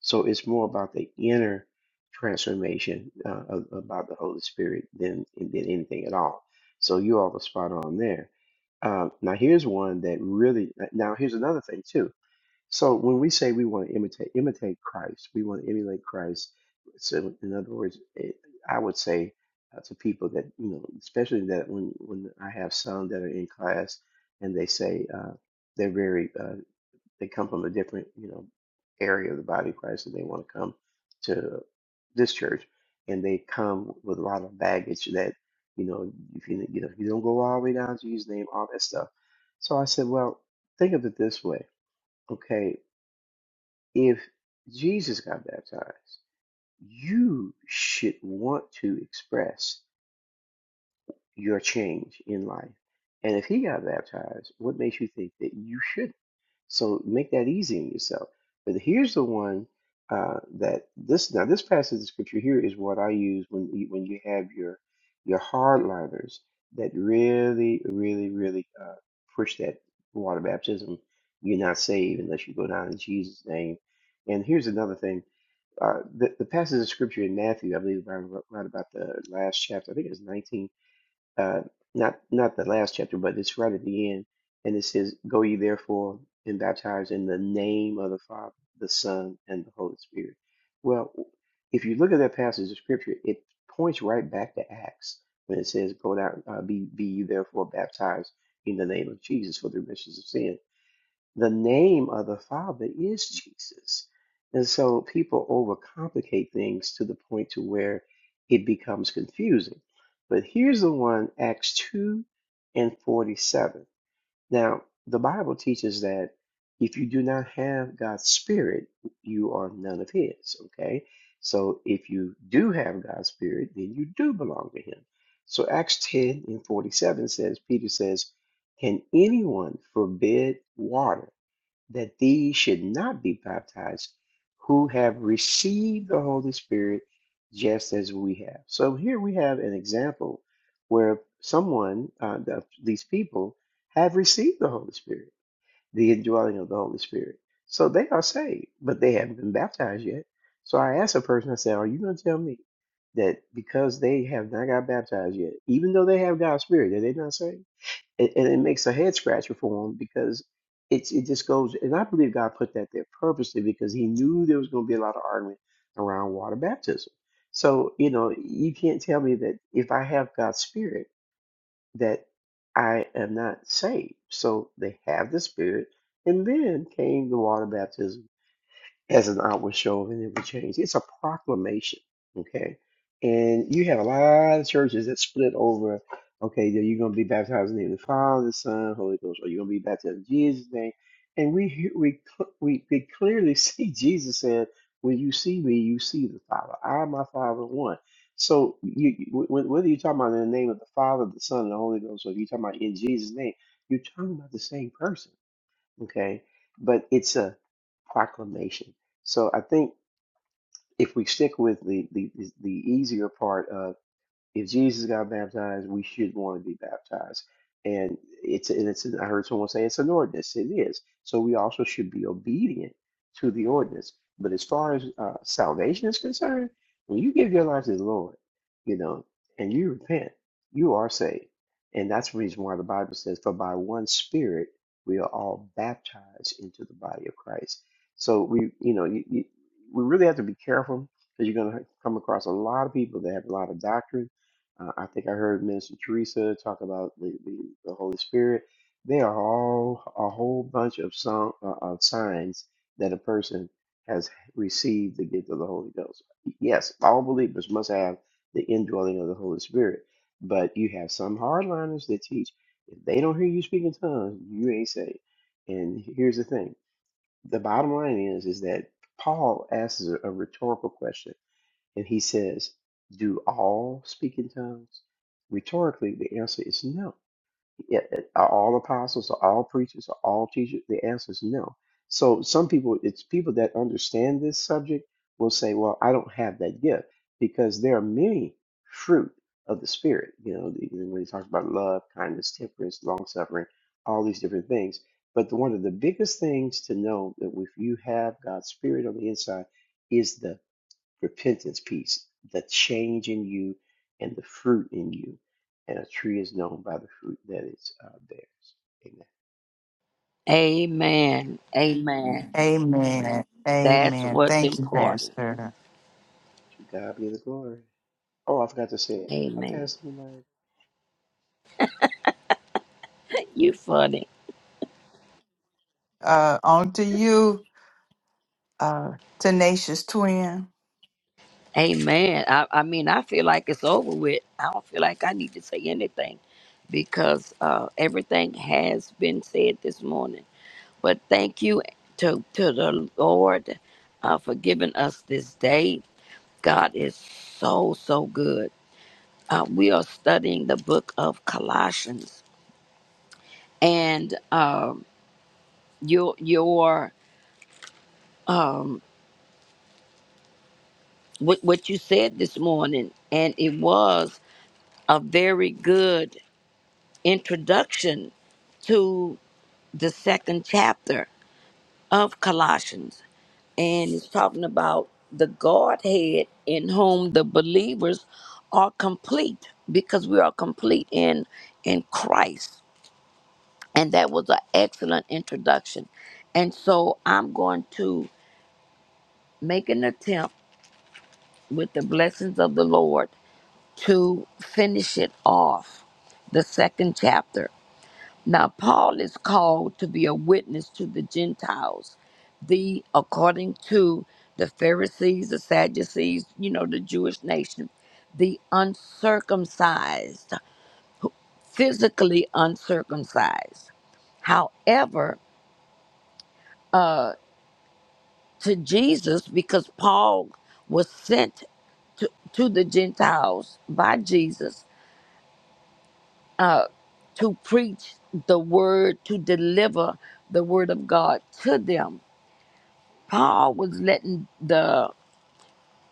So it's more about the inner transformation uh, of, about the Holy Spirit than than anything at all. So you all are spot on there. Um, now here's one that really. Now here's another thing too so when we say we want to imitate imitate Christ, we want to emulate Christ. So in other words, it, I would say uh, to people that you know, especially that when when I have some that are in class and they say uh, they're very uh, they come from a different you know area of the body of Christ and they want to come to this church and they come with a lot of baggage that you know if you you know you don't go all the way down to his name all that stuff. So I said, well, think of it this way, okay? if Jesus got baptized, you should want to express your change in life. And if he got baptized, what makes you think that you shouldn't? So make that easy on yourself. But here's the one uh, that this now this passage of scripture here is what I use when you- when you have your your hardliners that really really really uh, push that water baptism. You're not saved unless you go down in Jesus' name. And here's another thing uh, the, the passage of scripture in Matthew, I believe, around, right about the last chapter. I think it's 19. Uh, not not the last chapter, but it's right at the end, and it says, "Go ye therefore and baptize in the name of the Father, the Son, and the Holy Spirit." Well, if you look at that passage of scripture, it points right back to Acts when it says, "Go down, uh, be be ye therefore baptized in the name of Jesus for the remission of sin." the name of the Father is Jesus. And so people overcomplicate things to the point to where it becomes confusing. But here's the one, Acts 2 and 47. Now, the Bible teaches that if you do not have God's Spirit, you are none of His, okay? So if you do have God's Spirit, then you do belong to Him. So Acts 10 and 47 says, Peter says, Can anyone forbid water? that these should not be baptized who have received the Holy Spirit just as we have. So here we have an example where someone, uh, the, these people, have received the Holy Spirit, the indwelling of the Holy Spirit. So they are saved, but they haven't been baptized yet. So I asked a person, I said, Are you going to tell me that because they have not got baptized yet, even though they have God's Spirit, that they're not saved? and, and it makes a head scratcher for him because it's it just goes and I believe God put that there purposely because he knew there was going to be a lot of argument around water baptism. So you know you can't tell me that if I have God's spirit that I am not saved. So they have the spirit, and then came the water baptism as an outward show of an inward change. It's a proclamation, okay? And you have a lot of churches that split over, okay, that you're going to be baptized in the name of the Father, the Son, Holy Ghost, or you're going to be baptized in Jesus' name. And we hear- we cl- we, we clearly (laughs) see Jesus said, "When you see me, you see the Father. I and my Father are one." So you, you- wh- wh- whether you're talking about in the name of the Father, the Son, and the Holy Ghost, or if you're talking about in Jesus' name, you're talking about the same person okay? But it's a proclamation. So I think if we stick with the the, the easier part of if Jesus got baptized, we should want to be baptized. And it's and it's I heard someone say it's an ordinance. It is. So we also should be obedient to the ordinance. But as far as uh, salvation is concerned, when you give your life to the Lord, you know, and you repent, you are saved. And that's the reason why the Bible says, "For by one Spirit we are all baptized into the body of Christ." So we, you know, you, you, we really have to be careful because you're going to come across a lot of people that have a lot of doctrine uh, I think I heard Minister Teresa talk about the, the, the Holy Spirit. They are all a whole bunch of some uh, of signs that a person has received the gift of the Holy Ghost. Yes, all believers must have the indwelling of the Holy Spirit, but you have some hardliners that teach if they don't hear you speak in tongues, you ain't saved. And here's the thing: the bottom line is is that Paul asks a a rhetorical question and he says, Do all speak in tongues? Rhetorically, the answer is no. Yeah, Are all apostles, are all preachers, are all teachers? The answer is no. So some people, it's people that understand this subject will say, Well, I don't have that gift because there are many fruit of the Spirit. You know, the- when he talks about love, kindness, temperance, long suffering, all these different things. But the, one of the biggest things to know that if you have God's Spirit on the inside, is the repentance piece, the change in you and the fruit in you. And a tree is known by the fruit that it uh, bears. Amen. Amen. Amen. Amen. That's Amen. what's Thank you, important. Pastor. To God be the glory. Oh, I forgot to say it. I Amen. passed the mic. You funny. Uh, on to you, uh, tenacious twin. Amen. I, I mean, I feel like it's over with. I don't feel like I need to say anything because uh, everything has been said this morning. But thank you to, to the Lord uh, for giving us this day. God is so, so good. Uh, we are studying the book of Colossians. And um, your, your um, what, what you said this morning, and it was a very good introduction to the second chapter of Colossians. And it's talking about the Godhead in whom the believers are complete because we are complete in in Christ. And that was an excellent introduction. And so I'm going to make an attempt with the blessings of the Lord to finish it off, the second chapter. Now Paul is called to be a witness to the Gentiles, the according to the Pharisees, the Sadducees, you know, the Jewish nation, the uncircumcised, physically uncircumcised. However, uh, to Jesus, because Paul was sent to, to the Gentiles by Jesus to preach the word, to deliver the word of God to them Paul was letting the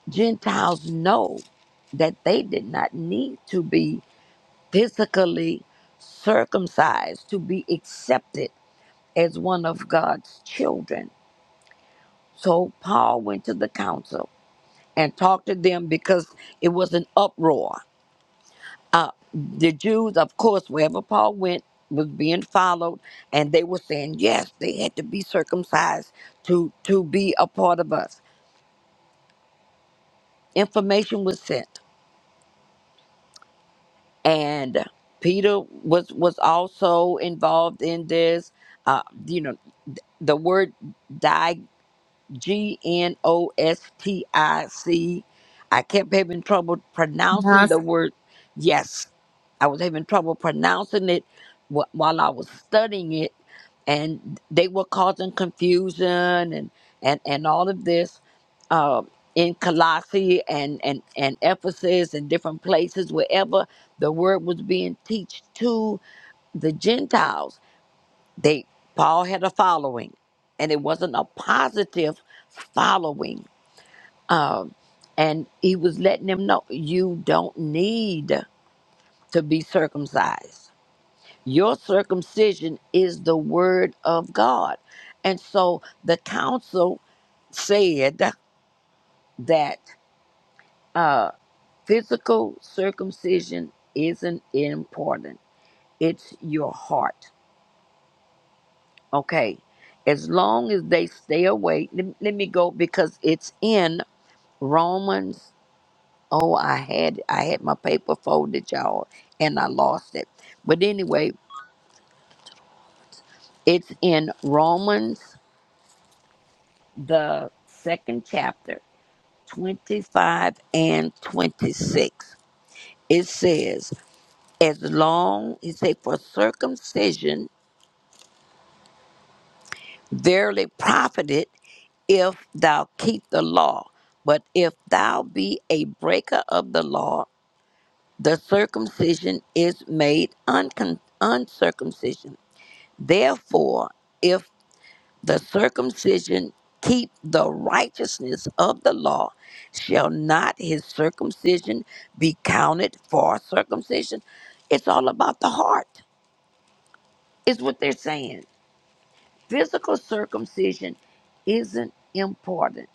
Gentiles know that they did not need to be physically circumcised to be accepted as one of God's children. So Paul went to the council and talked to them because it was an uproar. Uh, the Jews, of course, wherever Paul went, was being followed, and they were saying yes, they had to be circumcised to to be a part of us. Information was sent. and Peter was was also involved in this. Uh, you know, the word G N O S T I C. I kept having trouble pronouncing the Gnostics, word yes. I was having trouble pronouncing it wh- while I was studying it, and they were causing confusion and and and all of this uh, in Colossae and and and Ephesus and different places wherever the word was being teached to the Gentiles they Paul had a following, and it wasn't a positive following. And he was letting them know you don't need to be circumcised. Your circumcision is the word of God. And so the council said that uh, physical circumcision isn't important, it's your heart. Okay. As long as they stay away, let, let me go because it's in Romans. Oh, I had I had my paper folded, y'all, and I lost it. But anyway, it's in Romans the second chapter, 25 and 26. It says, as long it say for circumcision verily profited if thou keep the law. But if thou be a breaker of the law, the circumcision is made uncon- uncircumcision Therefore, if the circumcision keep the righteousness of the law, shall not his circumcision be counted for circumcision? It's all about the heart, is what they're saying. Physical circumcision isn't important.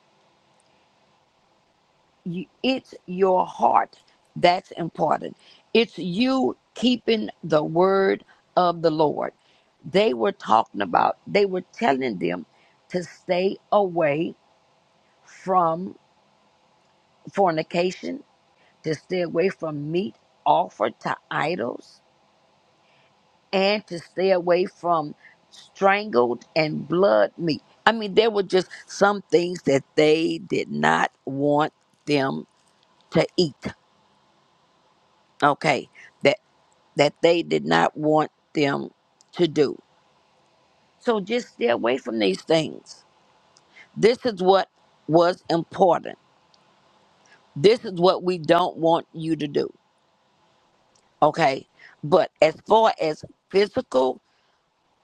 You, it's your heart that's important. It's you keeping the word of the Lord. They were talking about, they were telling them to stay away from fornication, to stay away from meat offered to idols, and to stay away from strangled and blood meat. I mean, there were just some things that they did not want them to eat. Okay, that that they did not want them to do. So just stay away from these things. This is what was important. This is what we don't want you to do. Okay. But as far as physical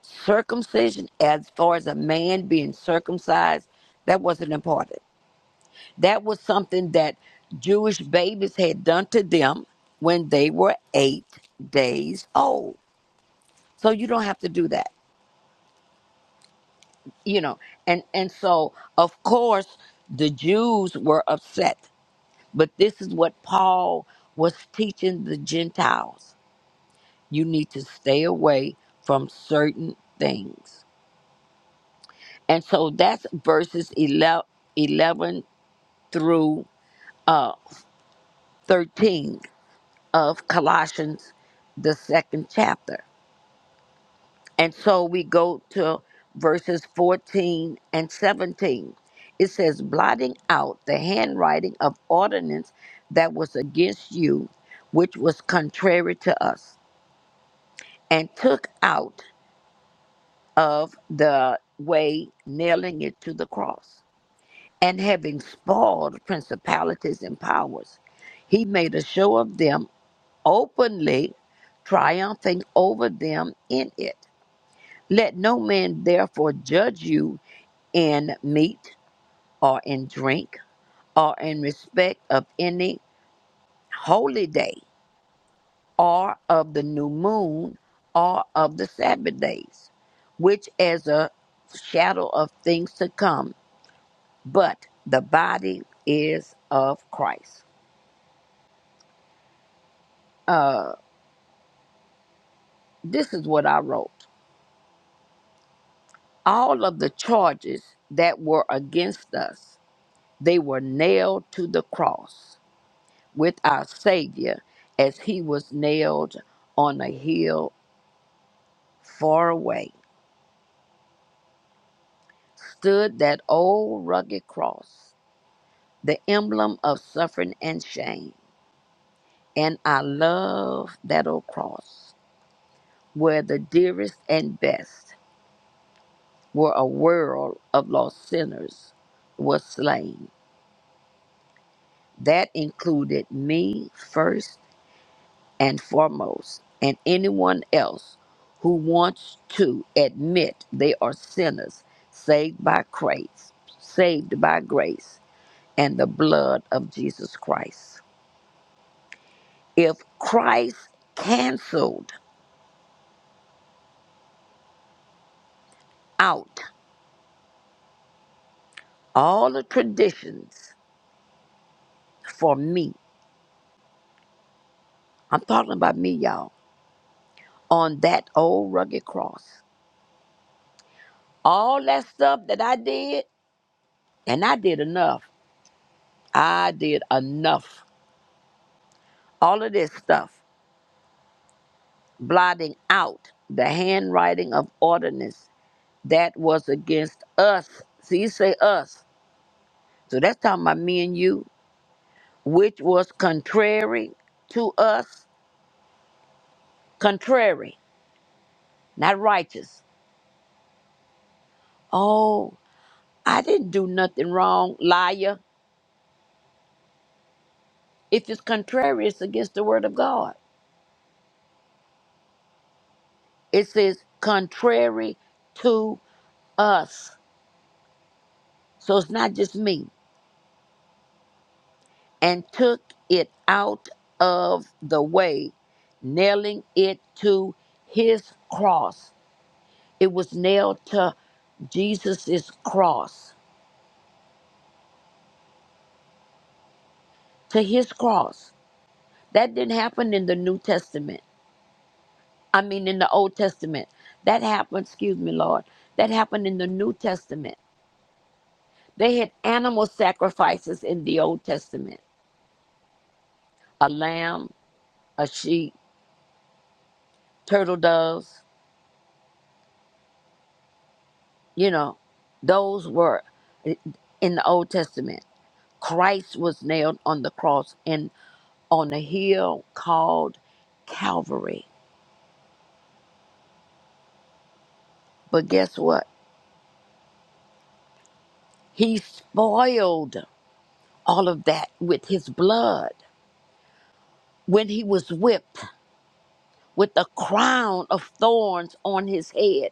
circumcision, as far as a man being circumcised, that wasn't important. That was something that Jewish babies had done to them when they were eight days old. So you don't have to do that, you know. And and so of course the Jews were upset. But this is what Paul was teaching the Gentiles. You need to stay away from certain things And so that's verses 11, eleven through uh, 13 of Colossians, the second chapter. And so we go to verses 14 and 17. It says, blotting out the handwriting of ordinance that was against you, which was contrary to us, and took out of the way, nailing it to the cross. and having spoiled principalities and powers, he made a show of them openly, triumphing over them in it. Let no man therefore judge you in meat or in drink or in respect of any holy day or of the new moon or of the Sabbath days, which as a shadow of things to come, but the body is of Christ. Uh, This is what I wrote. All of the charges that were against us, they were nailed to the cross with our Savior as he was nailed on a hill far away. Stood that old rugged cross, the emblem of suffering and shame. And I love that old cross where the dearest and best were a world of lost sinners was slain. That included me first and foremost, and anyone else who wants to admit they are sinners saved by grace, saved by grace and the blood of Jesus Christ. If Christ canceled out all the traditions for me, I'm talking about me, y'all, on that old rugged cross, all that stuff that I did, and I did enough. I did enough. All of this stuff, blotting out the handwriting of ordinance that was against us. See, you say us. So that's talking about me and you, which was contrary to us. Contrary, not righteous. Oh, I didn't do nothing wrong, liar. If it's contrary, it's against the word of God. It says contrary to us. So it's not just me. and took it out of the way, nailing it to his cross. It was nailed to Jesus' cross, to his cross. That didn't happen in the New Testament. I mean, in the Old Testament. That happened, excuse me, Lord, that happened in the New Testament. They had animal sacrifices in the Old Testament a lamb, a sheep, turtle doves, you know, those were in the Old Testament. Christ was nailed on the cross and on a hill called Calvary. But guess what? He spoiled all of that with his blood. When he was whipped with a crown of thorns on his head,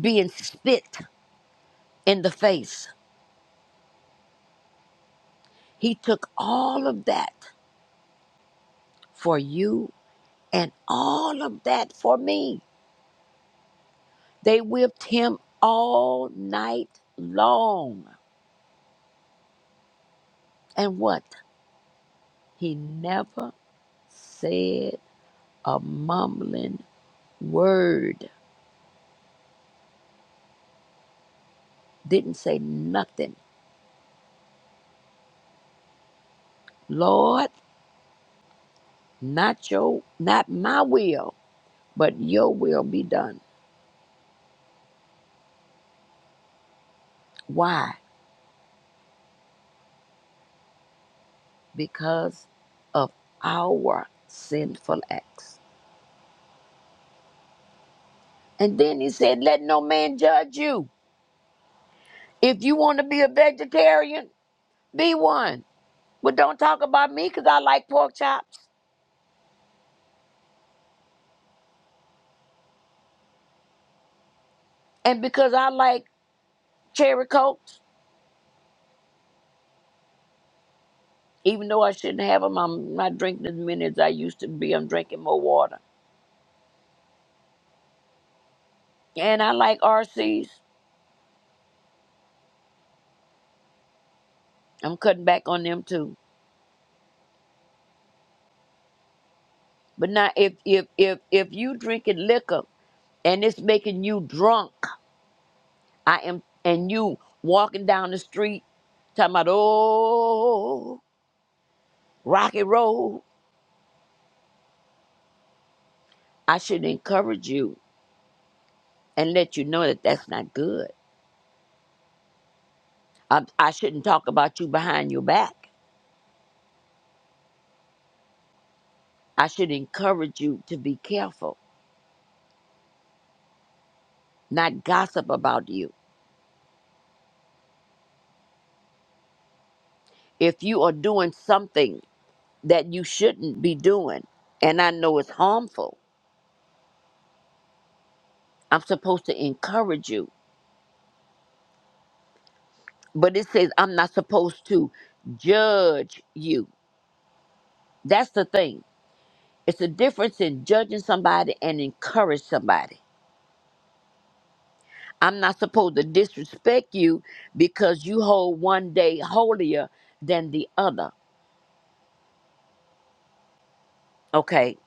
being spit in the face, he took all of that for you and all of that for me. They whipped him all night long. And what? He never said a mumbling word, didn't say nothing. Lord, not your, not my will, but your will be done. Why? Because of our sinful acts. And then he said, Let no man judge you. If you want to be a vegetarian, be one. But don't talk about me because I like pork chops and because I like cherry coke Even though I shouldn't have them, I'm not drinking as many as I used to be. I'm drinking more water. And I like RCs. I'm cutting back on them too. But now if if if if you drinking liquor and it's making you drunk, I am and you walking down the street talking about oh rocky road, I should encourage you and let you know that that's not good. I, I shouldn't talk about you behind your back. I should encourage you to be careful, not gossip about you. if you are doing something that you shouldn't be doing, and I know it's harmful, I'm supposed to encourage you. But it says I'm not supposed to judge you. That's the thing. It's a difference in judging somebody and encourage somebody. I'm not supposed to disrespect you because you hold one day holier than the other. Okay.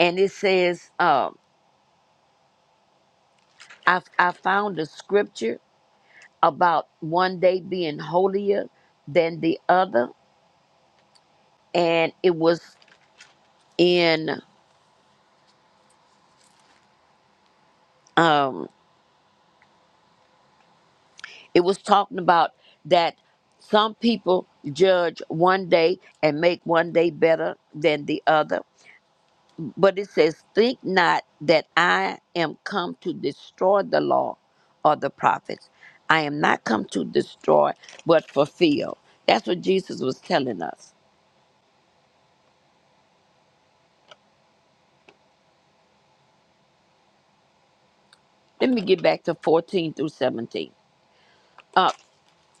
And it says, um, I, I found a scripture about one day being holier than the other and it was in um it was talking about that some people judge one day and make one day better than the other but it says think not that i am come to destroy the law or the prophets i am not come to destroy but fulfill that's what jesus was telling us let me get back to 14 through 17 Uh,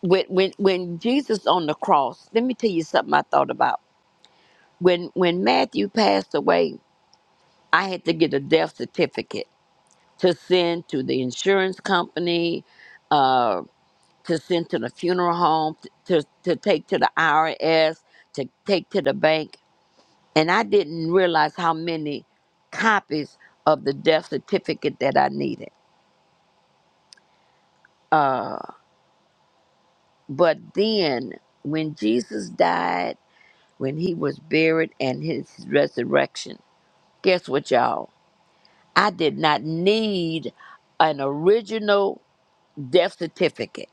when when when Jesus on the cross, let me tell you something I thought about. When when Matthew passed away, I had to get a death certificate to send to the insurance company, uh, to send to the funeral home, to to take to the IRS, to take to the bank, and I didn't realize how many copies of the death certificate that I needed. Uh, but then when Jesus died. when he was buried and his resurrection. Guess what, y'all? I did not need an original death certificate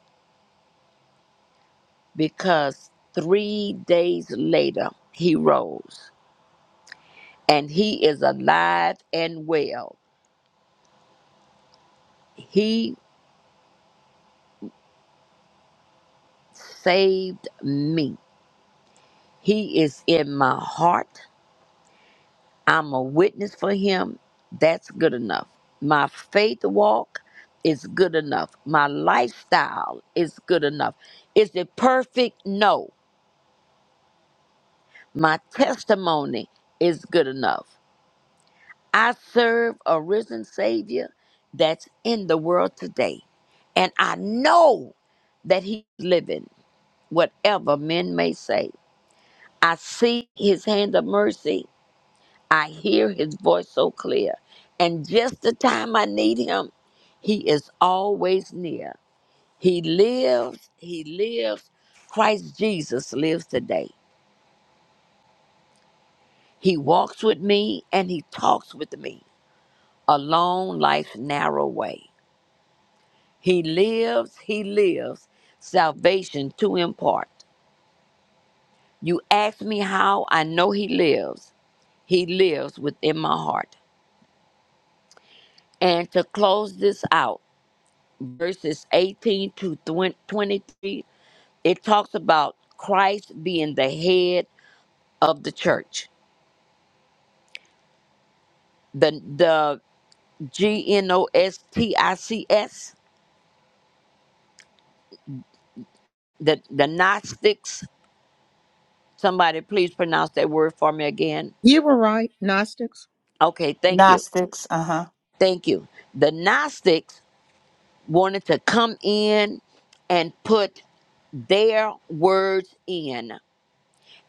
because three days later he rose and he is alive and well. He saved me, he is in my heart. I'm a witness for him. That's good enough. My faith walk is good enough. My lifestyle is good enough. Is it perfect? No. My testimony is good enough. I serve a risen Savior that's in the world today. And I know that He's living, whatever men may say. I see His hand of mercy I hear his voice so clear. And just the time I need him, he is always near. He lives, he lives. Christ Jesus lives today. He walks with me and he talks with me along life's narrow way. He lives, he lives. Salvation to impart. You ask me how I know he lives. He lives within my heart. And to close this out, verses 18 to 20 23, it talks about Christ being the head of the church. The the G N O S T I C S, the the Gnostics. Somebody please pronounce that word for me again. you were right, Gnostics. Okay, thank you. Gnostics. Uh huh. Thank you. The Gnostics wanted to come in and put their words in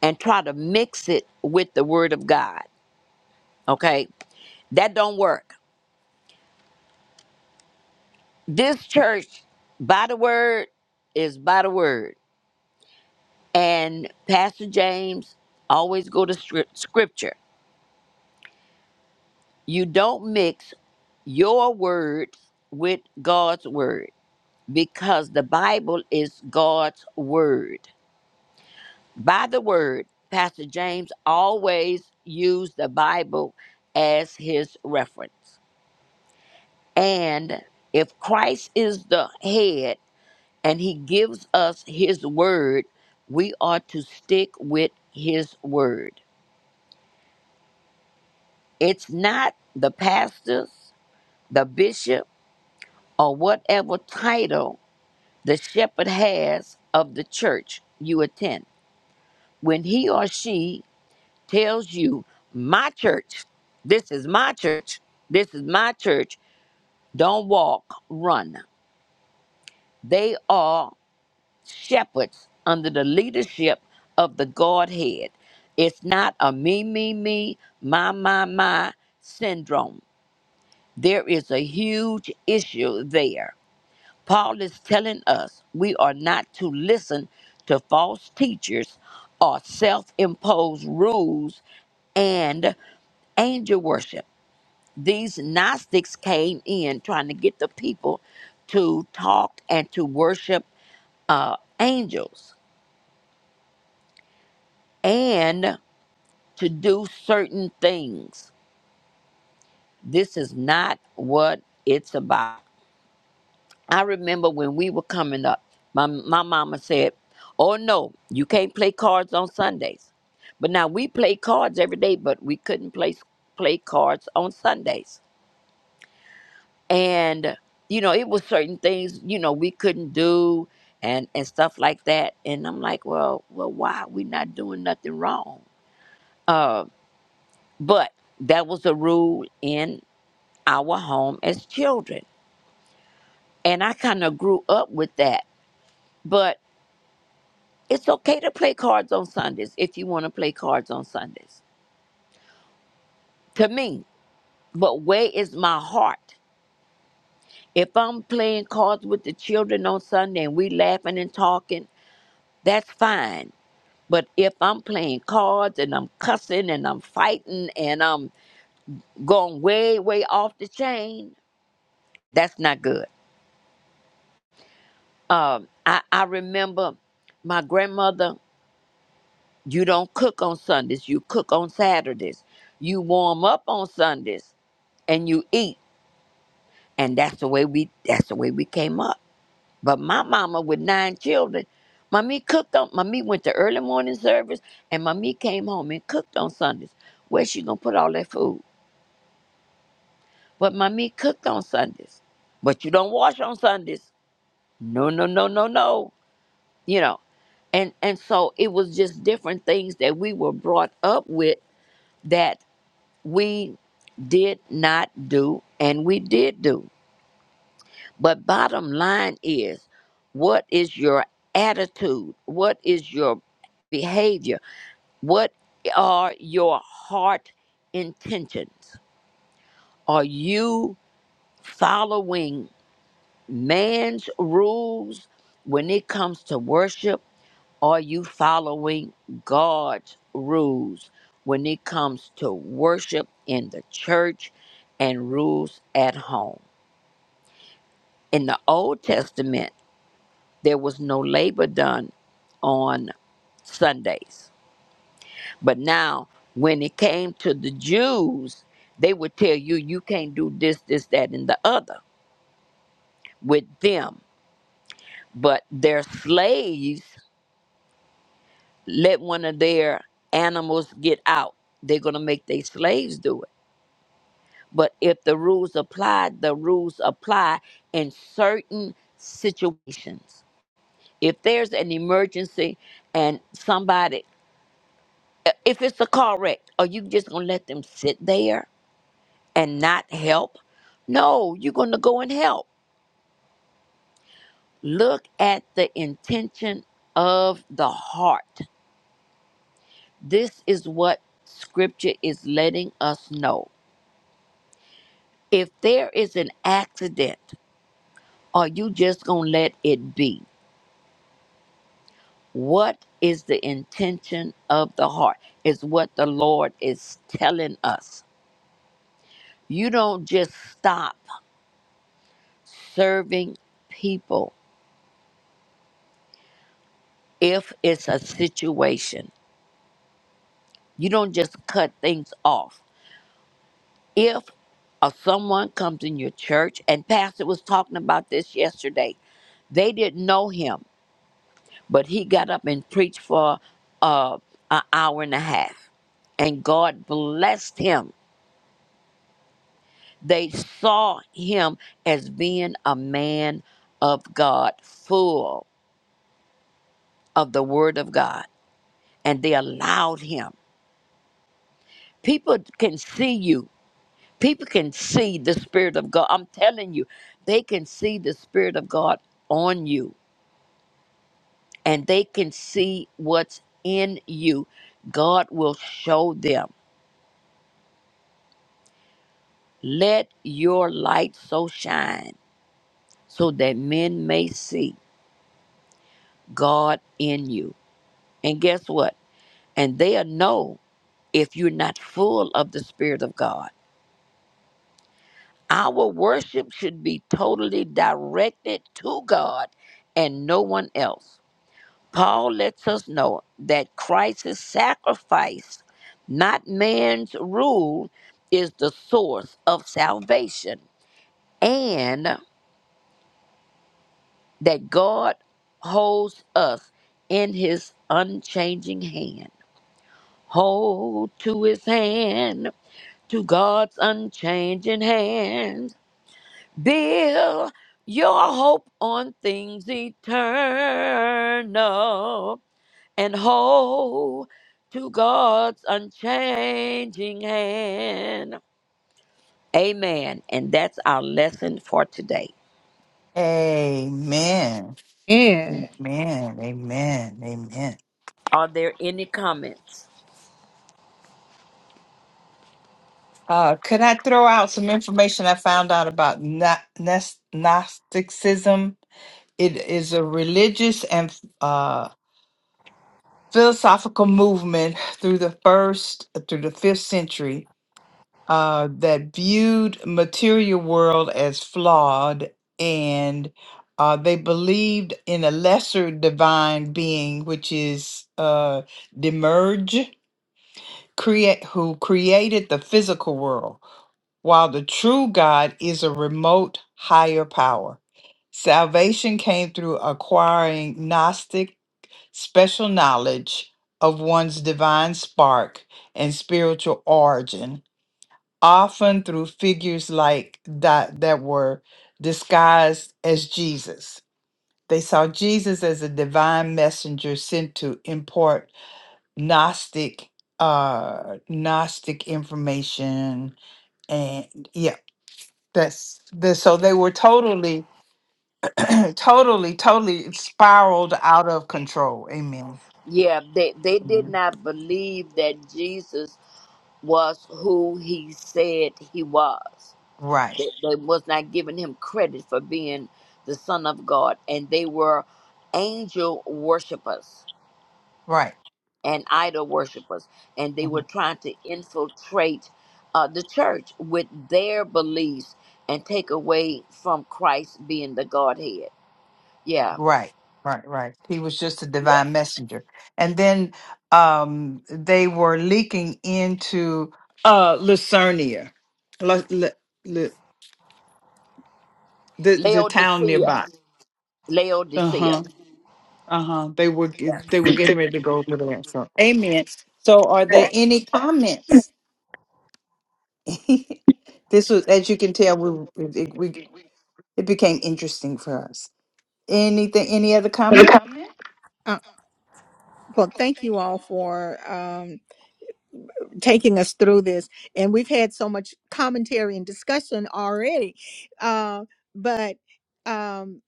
and try to mix it with the word of God. Okay? That don't work. This church, by the word, is by the word. And Pastor James always go to scrip- scripture. You don't mix your word with God's word because the Bible is God's word. By the word, Pastor James always used the Bible as his reference. And if Christ is the head, and he gives us his word, we are to stick with his word. It's not the pastors, the bishop, or whatever title the shepherd has of the church you attend. When he or she tells you, My church, this is my church, this is my church, don't walk, run. They are shepherds under the leadership of the Godhead. It's not a me, me, me, my, my, my syndrome. There is a huge issue there. Paul is telling us we are not to listen to false teachers or self imposed rules and angel worship. These Gnostics came in trying to get the people to talk and to worship uh, angels and to do certain things. This is not what it's about. I remember when we were coming up, my, my mama said, Oh no, you can't play cards on Sundays. But now we play cards every day, but we couldn't play, play cards on Sundays. And, you know, it was certain things, you know, we couldn't do and, and stuff like that. And I'm like, well, well, why? we not doing nothing wrong. Uh, but that was a rule in our home as children. And I kind of grew up with that. But it's okay to play cards on Sundays if you want to play cards on Sundays. To me, but where is my heart? If I'm playing cards with the children on Sunday and we laughing and talking, that's fine. But if I'm playing cards and I'm cussing and I'm fighting and I'm going way, way off the chain, that's not good. Um, I, I remember my grandmother You don't cook on Sundays, you cook on Saturdays. You warm up on Sundays and you eat. And that's the way we that's the way we came up. But my mama with nine children, mommy cooked on mommy went to early morning service and mommy came home and cooked on Sundays. Where she gonna put all that food? But mommy cooked on Sundays. But you don't wash on Sundays. No, no, no, no, no. You know. And and so it was just different things that we were brought up with that. we did not do and we did do. But bottom line is what is your attitude? What is your behavior? What are your heart intentions? Are you following man's rules when it comes to worship? Are you following God's rules when it comes to worship in the church and rules at home? In the Old Testament, there was no labor done on Sundays. But now, when it came to the Jews, they would tell you, you can't do this, this, that, and the other with them. But their slaves let one of their animals get out. They're going to make their slaves do it. But if the rules apply, the rules apply in certain situations. If there's an emergency and somebody, uh, if it's a car wreck, are you just going to let them sit there and not help? No, you're going to go and help. Look at the intention of the heart. This is what scripture is letting us know. If there is an accident, are you just going to let it be? What is the intention of the heart? Is what the Lord is telling us. You don't just stop serving people if it's a situation. You don't just cut things off. If or someone comes in your church, and Pastor was talking about this yesterday. They didn't know him, but he got up and preached for uh, an hour and a half, and God blessed him They saw him as being a man of God, full of the Word of God, and they allowed him. People can see you. People can see the Spirit of God. I'm telling you, they can see the Spirit of God on you, and they can see what's in you. God will show them. Let your light so shine so that men may see God in you. And guess what? and they'll know if you're not full of the Spirit of God. Our worship should be totally directed to God and no one else. Paul lets us know that Christ's sacrifice, not man's rule, is the source of salvation, and that God holds us in his unchanging hand. Hold to his hand to God's unchanging hand. Build your hope on things eternal and hold to God's unchanging hand. Amen. And that's our lesson for today. Amen. Yeah. Amen. Amen. Amen. Are there any comments? Uh, could I throw out some information I found out about Gno- Gnos- Gnosticism? It is a religious and uh, philosophical movement through the first through the fifth century uh, that viewed material world as flawed and uh, they believed in a lesser divine being which is uh, Demerge create who created the physical world while the true god is a remote higher power salvation came through acquiring gnostic special knowledge of one's divine spark and spiritual origin often through figures like that that were disguised as Jesus. They saw Jesus as a divine messenger sent to import Gnostic uh Gnostic information and yeah that's the so they were totally (clears throat) totally totally spiraled out of control amen Yeah, they, they did Mhm. not believe that Jesus was who he said he was. right They, they was not giving him credit for being the son of God, and they were angel worshippers right and idol worshippers, and they Mm-hmm. were trying to infiltrate uh, the church with their beliefs and take away from Christ being the Godhead. Yeah, Right, right, right. He was just a yeah. divine messenger. And then um they were leaking into uh Lucernia. Lu- lu- lu- the the town Laodicea, nearby. Laodicea. Uh-huh. Uh-huh. They were ge- they were getting ready to go over there. So amen. So are there any comments? (laughs) this was as you can tell we we it, we it became interesting for us. Anything any other Got comments? a comment? Uh, well, thank you all for. um, taking us through this. And we've had so much commentary and discussion already. Uh, but um,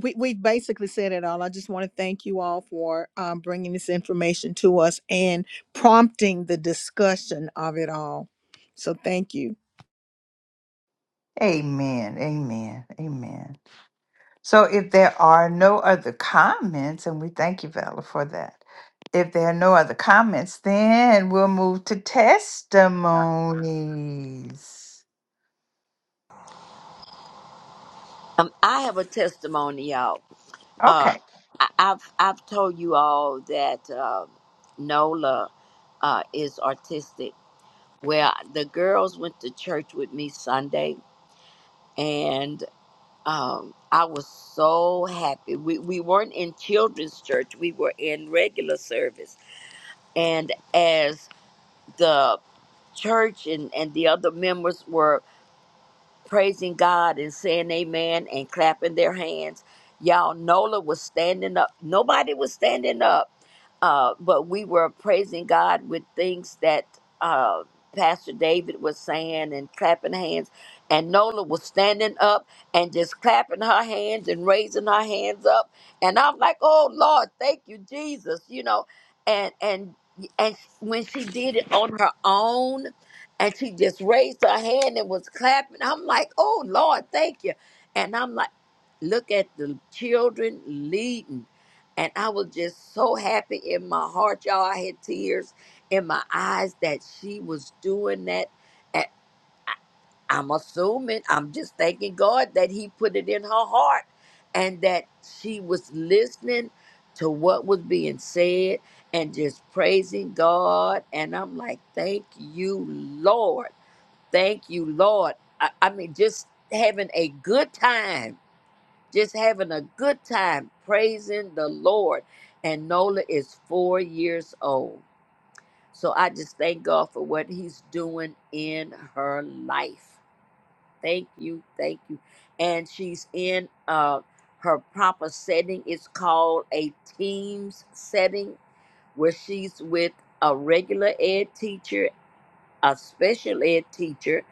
we, we've basically said it all. I just want to thank you all for um, bringing this information to us and prompting the discussion of it all. So thank you. Amen. Amen. Amen. So if there are no other comments, and we thank you, Vella, for that. If there are no other comments, then we'll move to testimonies. Um, I have a testimony, y'all. uh, Okay. I- I've I've told you all that um Nola uh, is autistic. Well, the girls went to church with me Sunday, and um, I was so happy. We we weren't in children's church; we were in regular service. And as the church and and the other members were praising God and saying amen and clapping their hands. Y'all, Nola was standing up. Nobody was standing up, uh, but we were praising God with things that uh, Pastor David was saying and clapping hands. And Nola was standing up and just clapping her hands and raising her hands up. And I'm like, oh, Lord, thank you, Jesus, you know. And, and, and when she did it on her own, and she just raised her hand and was clapping. I'm like, oh Lord, thank you. And I'm like, look at the children leading. And I was just so happy in my heart, y'all. I had tears in my eyes that she was doing that. And I'm assuming, I'm just thanking God that He put it in her heart and that she was listening to what was being said and just praising God. And I'm like, thank you, Lord Thank you, Lord. I, I mean, just having a good time, just having a good time praising the Lord. And Nola is four years old. So I just thank God for what He's doing in her life. Thank you, thank you. And she's in uh, her proper setting. It's called a Teams setting where she's with a regular ed teacher a special ed teacher,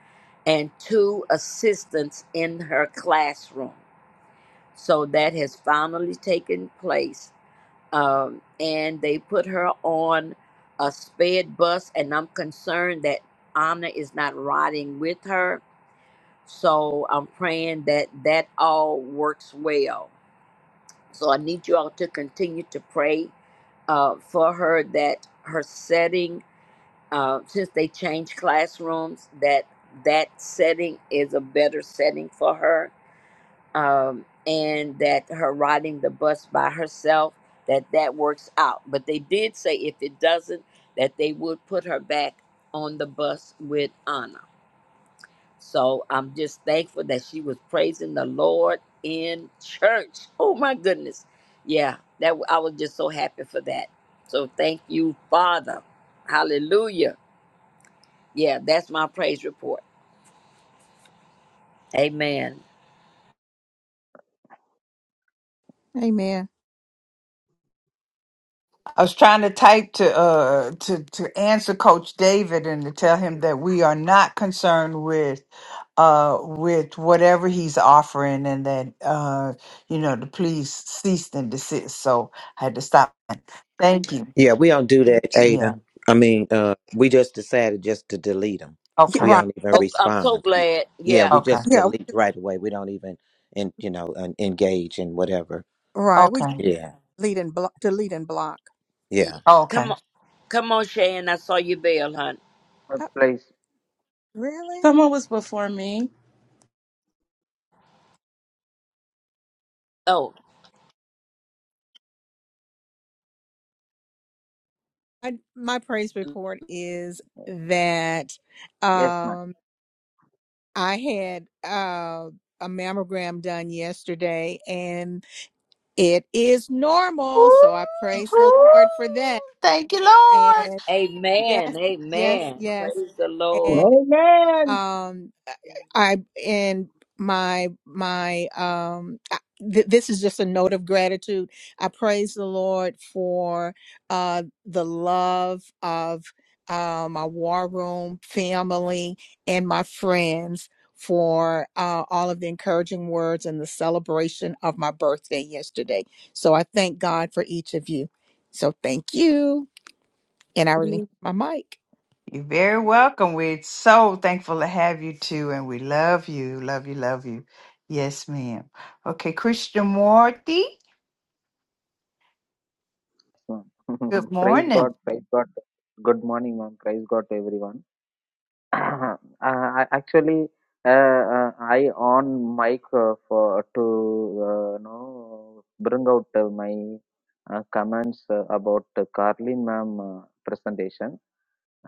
and two assistants in her classroom. So that has finally taken place. Um, and they put her on a sped bus, and I'm concerned that Anna is not riding with her. So I'm praying that that all works well. So I need you all to continue to pray uh, for her that her setting uh, since they changed classrooms, that that setting is a better setting for her, um, and that her riding the bus by herself that that works out. But they did say if it doesn't, that they would put her back on the bus with Anna. So I'm just thankful that she was praising the Lord in (laughs) church. Oh my goodness, yeah, that I was just so happy for that. So thank you, Father. Hallelujah yeah, that's my praise report. Amen. Amen. I was trying to type to uh to to answer Coach David and to tell him that we are not concerned with uh with whatever he's offering and that uh you know to please cease and desist. So I had to stop. Thank you. Yeah, we don't do that, Yeah. Ada. I mean, uh, we just decided just to delete them. Yeah, Okay. We right. don't even That- Oh, I'm so respond. glad. Yeah, Yeah. we Okay. just Yeah, we delete just- right away. We don't even, and you know, en- engage in whatever. right. We just Okay. Yeah. lead and block, delete and block. Yeah. Yeah. Okay. Come on. Come on, Shan. I saw your bell, hon. Good Uh, place. really? Someone was before me. Oh, I, my praise report is that. Yes, ma'am. Um, I had uh, a mammogram done yesterday and it is normal. So I Ooh, praise the ooh, Lord for that. Thank you, Lord. And yes, amen. Yes, God. yes, Amen. Praise the yes Lord. Amen. um i and my my um I- th- this is just a note of gratitude i praise the lord for uh the love of uh, my war room family and my friends for uh, all of the encouraging words and the celebration of my birthday yesterday so i thank god for each of you so thank you and i relinquish my mic You're very welcome. We're so thankful to have you too, and we love you, love you, love you. Yes, ma'am. Okay, Morty. Yes, ma'am. good (laughs) praise morning. God. Praise God. Good morning, ma'am. Praise God to everyone. (clears throat) uh, I- actually, uh, uh, I on mic uh, for to uh, know bring out uh, my uh, comments uh, about uh, Carlin ma'am uh, presentation.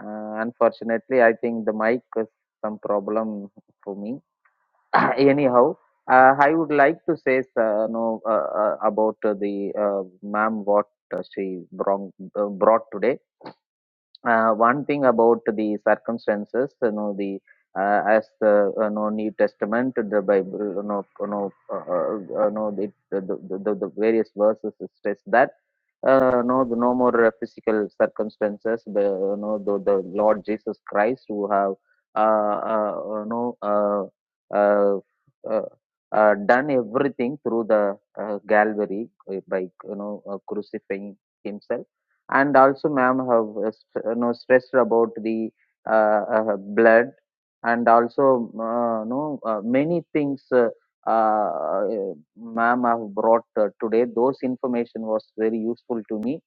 Uh, unfortunately, I think the mic is some problem for me. (coughs) (clears throat) anyhow uh, i would like to say uh, no uh, uh, about uh, the uh, ma'am what uh, she brought, uh, brought today uh, one thing about the circumstances you know the uh, as the you know, new testament the bible you know you know, uh, uh, you know it, the, the, the the various verses stress that uh, no, no more uh, physical circumstances. The, you know, the, the Lord Jesus Christ, who have uh, uh, you know, uh, uh, uh, uh, done everything through the uh, Calvary uh, by you know uh, crucifying himself, and also, ma'am, have uh, st- you know stressed about the uh, uh, blood, and also uh, you know uh, many things. Uh, uh, ma'am have brought uh, today. Those information was very useful to me,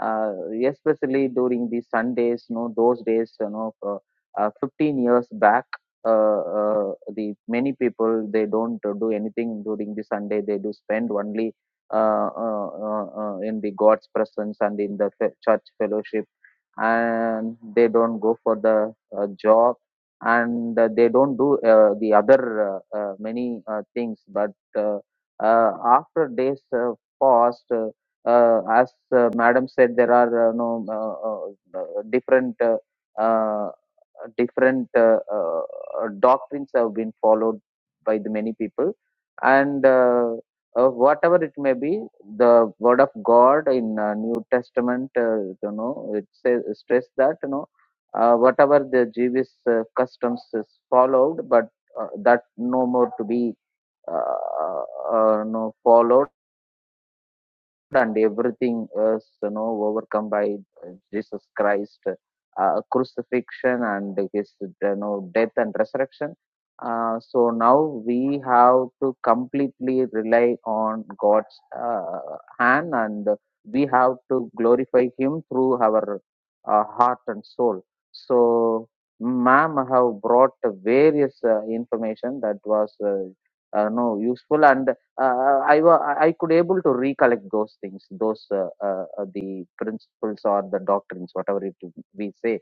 uh, especially during the Sundays. You know, those days, you know, uh, uh, 15 years back, uh, uh, the many people they don't uh, do anything during the Sunday. They do spend only uh, uh, uh, uh, in the God's presence and in the fe- church fellowship, and they don't go for the uh, job and uh, they don't do uh, the other uh, uh, many uh, things but uh, uh, after days uh, past, uh, uh, as uh, madam said, there are uh, no uh, uh, uh, different uh, uh, different uh, uh, uh, doctrines have been followed by the many people, and uh, uh, whatever it may be, the word of God in uh, New Testament, uh, you know, it says stress that you know. Uh, whatever the Jewish uh, customs is followed, but uh, that no more to be uh, uh, no, followed and everything is you know overcome by uh, Jesus Christ uh, crucifixion and his you know death and resurrection. Uh, so now we have to completely rely on God's uh, hand and we have to glorify Him through our uh, heart and soul. So, ma'am have brought various uh, information that was uh, uh, no useful and uh, I I I could able to recollect those things, those uh, uh, uh, the principles or the doctrines, whatever it we say.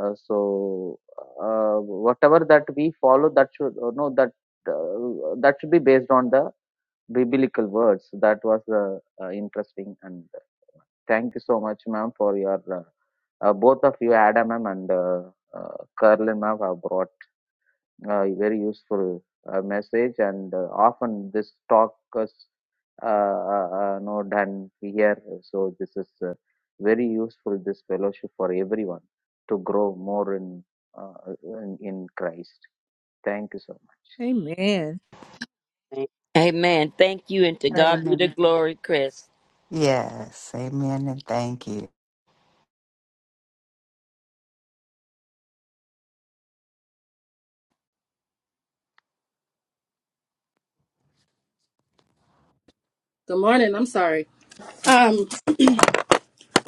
Uh, so uh, whatever that we follow, that should uh, no that uh, that should be based on the biblical words. That was uh, uh, interesting, and thank you so much, ma'am, for your uh, uh, both of you, Adam ma'am and uh, uh, Carlin ma'am, have brought uh, very useful uh, message and uh, often this talk is uh, uh, uh, no done here so this is uh, very useful this fellowship for everyone to grow more in uh, in, in christ thank you so much Amen. Amen. Thank you, and to God be the Amen. glory, Chris. Yes, amen, and thank you. Good morning. I'm sorry. Um,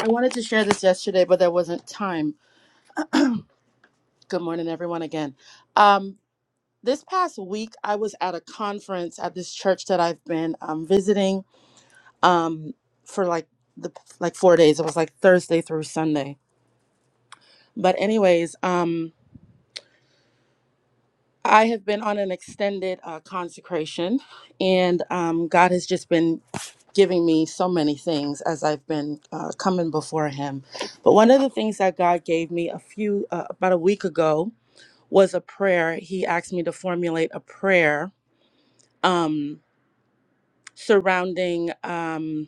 I wanted to share this yesterday, but there wasn't time. Good morning, everyone, again. Um, this past week, I was at a conference at this church that I've been um, visiting um, for like the like four days. It was like Thursday through Sunday. But anyways, um. I have been on an extended uh, consecration, and um, God has just been giving me so many things as I've been uh, coming before Him. But one of the things that God gave me a few, uh, about a week ago, was a prayer. He asked me to formulate a prayer um, surrounding um,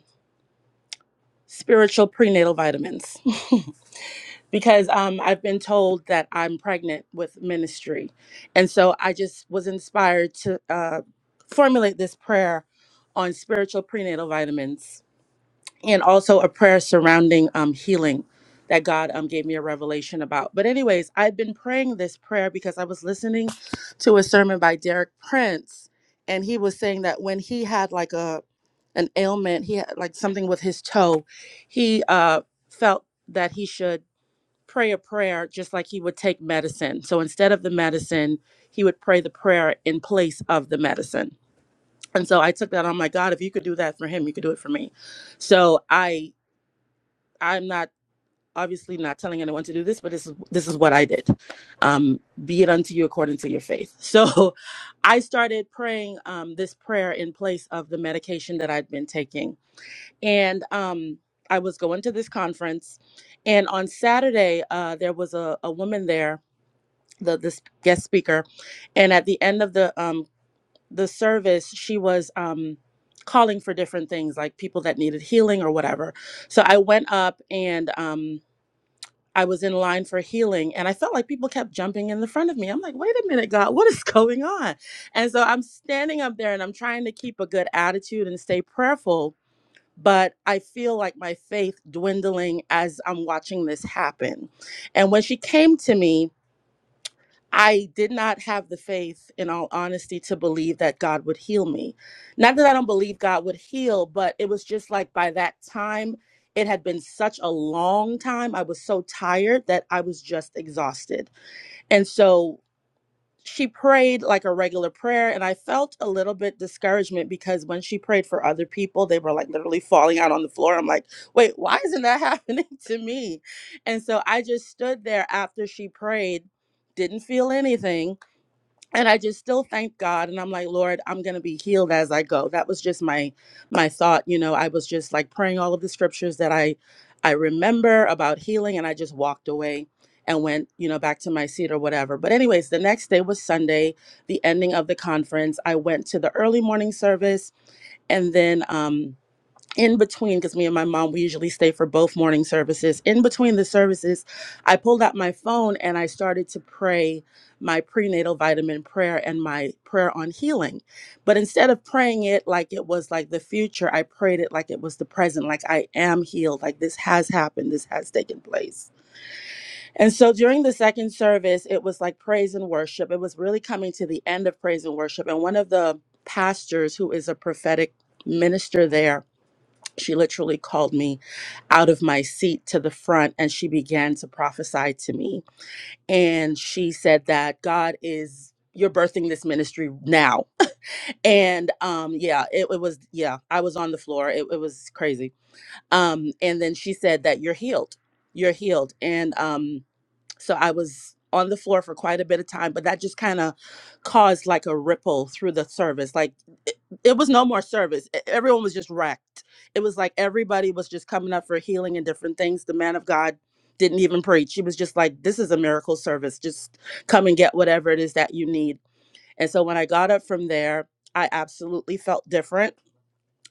spiritual prenatal vitamins. (laughs) because um, I've been told that I'm pregnant with ministry. And so I just was inspired to uh, formulate this prayer on spiritual prenatal vitamins and also a prayer surrounding um, healing that God um, gave me a revelation about. But, anyways, I've been praying this prayer because I was listening to a sermon by Derek Prince, and he was saying that when he had like a an ailment, he had like something with his toe, he uh, felt that he should pray a prayer just like he would take medicine. So instead of the medicine, he would pray the prayer in place of the medicine. And so I took that on my God, if you could do that for him, you could do it for me. So I I'm not obviously not telling anyone to do this, but this is this is what I did. Um, be it unto you according to your faith. So (laughs) I started praying um, this prayer in place of the medication that I'd been taking. And um I was going to this conference and on Saturday, uh, there was a, a woman there the this guest speaker and at the end of the um the service she was um calling for different things like people that needed healing or whatever so i went up and um i was in line for healing and i felt like people kept jumping in the front of me i'm like wait a minute god what is (laughs) going on and so i'm standing up there and i'm trying to keep a good attitude and stay prayerful but i feel like my faith dwindling as i'm watching this happen and when she came to me I did not have the faith, in all honesty, to believe that God would heal me. Not that I don't believe God would heal, but it was just like by that time, it had been such a long time. I was so tired that I was just exhausted. And so she prayed like a regular prayer, and I felt a little bit discouragement because when she prayed for other people, they were like literally falling out on the floor. I'm like, wait, why isn't that (laughs) happening to me? And so I just stood there after she prayed didn't feel anything and i just still thank god and i'm like lord i'm gonna be healed as i go that was just my my thought you know i was just like praying all of the scriptures that i i remember about healing and i just walked away and went you know back to my seat or whatever but anyways the next day was sunday the ending of the conference i went to the early morning service and then um in between because me and my mom we usually stay for both morning services in between the services i pulled out my phone and i started to pray my prenatal vitamin prayer and my prayer on healing but instead of praying it like it was like the future i prayed it like it was the present like i am healed like this has happened this has taken place and so during the second service it was like praise and worship it was really coming to the end of praise and worship and one of the pastors who is a prophetic minister there she literally called me out of my seat to the front and she began to prophesy to me. And she said that God is, you're birthing this ministry now. And um, yeah, it, it was, yeah, I was on the floor. It, it was crazy. Um, and then she said that you're healed. You're healed. And um, so I was on the floor for quite a bit of time, but that just kind of caused like a ripple through the service. Like it, it was no more service. E- Everyone was just wrecked. It was like everybody was just coming up for healing and different things. The man of God didn't even preach. He was just like, this is a miracle service. Just come and get whatever it is that you need. And so when I got up from there, I absolutely felt different.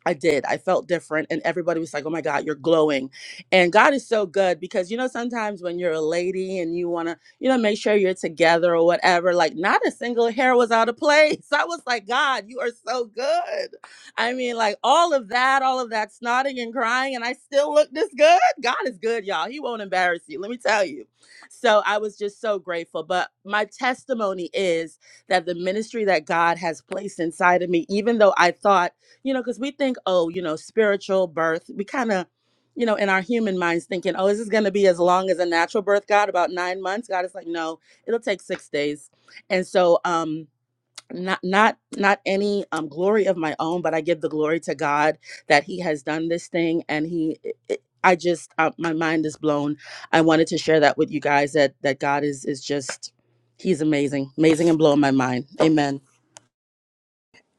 I did. I felt different. And everybody was like, oh my God, you're glowing. And God is so good because, you know, sometimes when you're a lady and you want to, you know, make sure you're together or whatever, like not a single hair was out of place. (laughs) I was like, God, you are so good. I mean, like all of that, all of that snotting and crying, and I still look this good. God is good, y'all. He won't embarrass you. Let me tell you. So I was just so grateful. But my testimony is that the ministry that God has placed inside of me, even though I thought, you know, because we think, oh, you know, spiritual birth, we kind of, you know, in our human minds thinking, oh, is this going to be as long as a natural birth, God, about nine months? God is like, no, it'll take six days. And so, um, not not not any um glory of my own but i give the glory to god that he has done this thing and he it, it- i just uh, my mind is blown i wanted to share that with you guys that that god is is just he's amazing amazing and blowing my mind amen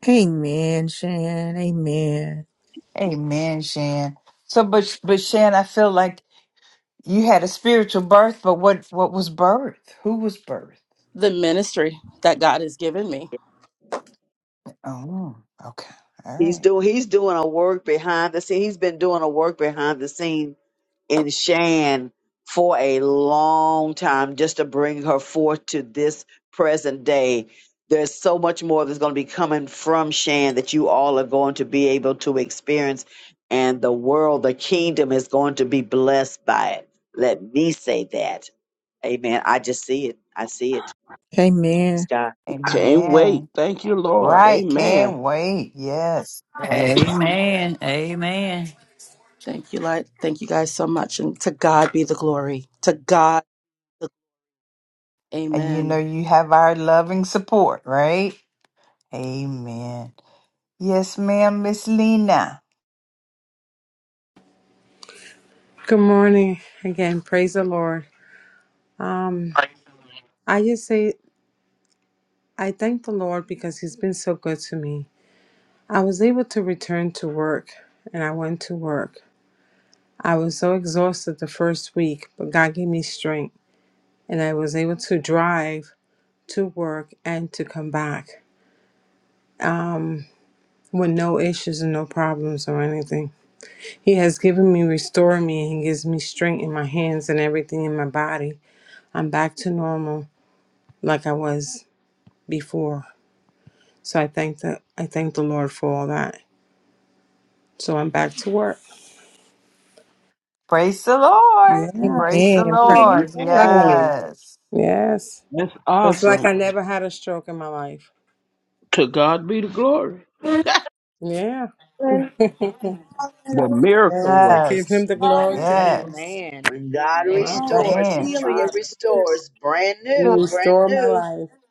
Amen, Shan. Amen. Amen, Shan. So, but but Shan, I feel like you had a spiritual birth, but what what was birth? Who was birth? the ministry that god has given me Oh, okay, all He's right. doing he's doing a work behind the scene. He's been doing a work behind the scenes in Shan for a long time just to bring her forth to this present day. There's so much more that's going to be coming from Shan that you all are going to be able to experience, and the world, the kingdom is going to be blessed by it. Let me say that. Amen. I just see it. I see it. It's Amen. God. Can't wait. Amen. Thank you, Lord. Right, Amen. can't wait. Yes, yes. Amen. Amen. Thank you, Light. Thank you guys so much. And to God be the glory. To God, the- And you know amen. you have our loving support, right? Amen. Yes, ma'am, Miss Lena. Good morning again. Praise the Lord. Um, I just say I thank the Lord because He's been so good to me. I was able to return to work, and I went to work. I was so exhausted the first week, but God gave me strength, and I was able to drive to work and to come back with no issues and no problems or anything. He has given me, restored me, and He gives me strength in my hands and everything in my body. I'm back to normal. like I was before. So I thank the I thank the Lord for all that. So I'm back to work. Praise the Lord. Yes. Praise the Amen. Praise Lord. God. Amen. Amen. Yes. Yes. That's So it's like awesome. I never had a stroke in my life. To God be the glory. Yeah. (laughs) yes. The miracle I work. give Yes. him the glory to him. Yes. Amen. When God I Amen. Oh, he's Thank thank restores, a you, Amen. He you. healer. truly Yes, Father. he is. restores. Brand Hallelujah. You new, brand restore my new. life.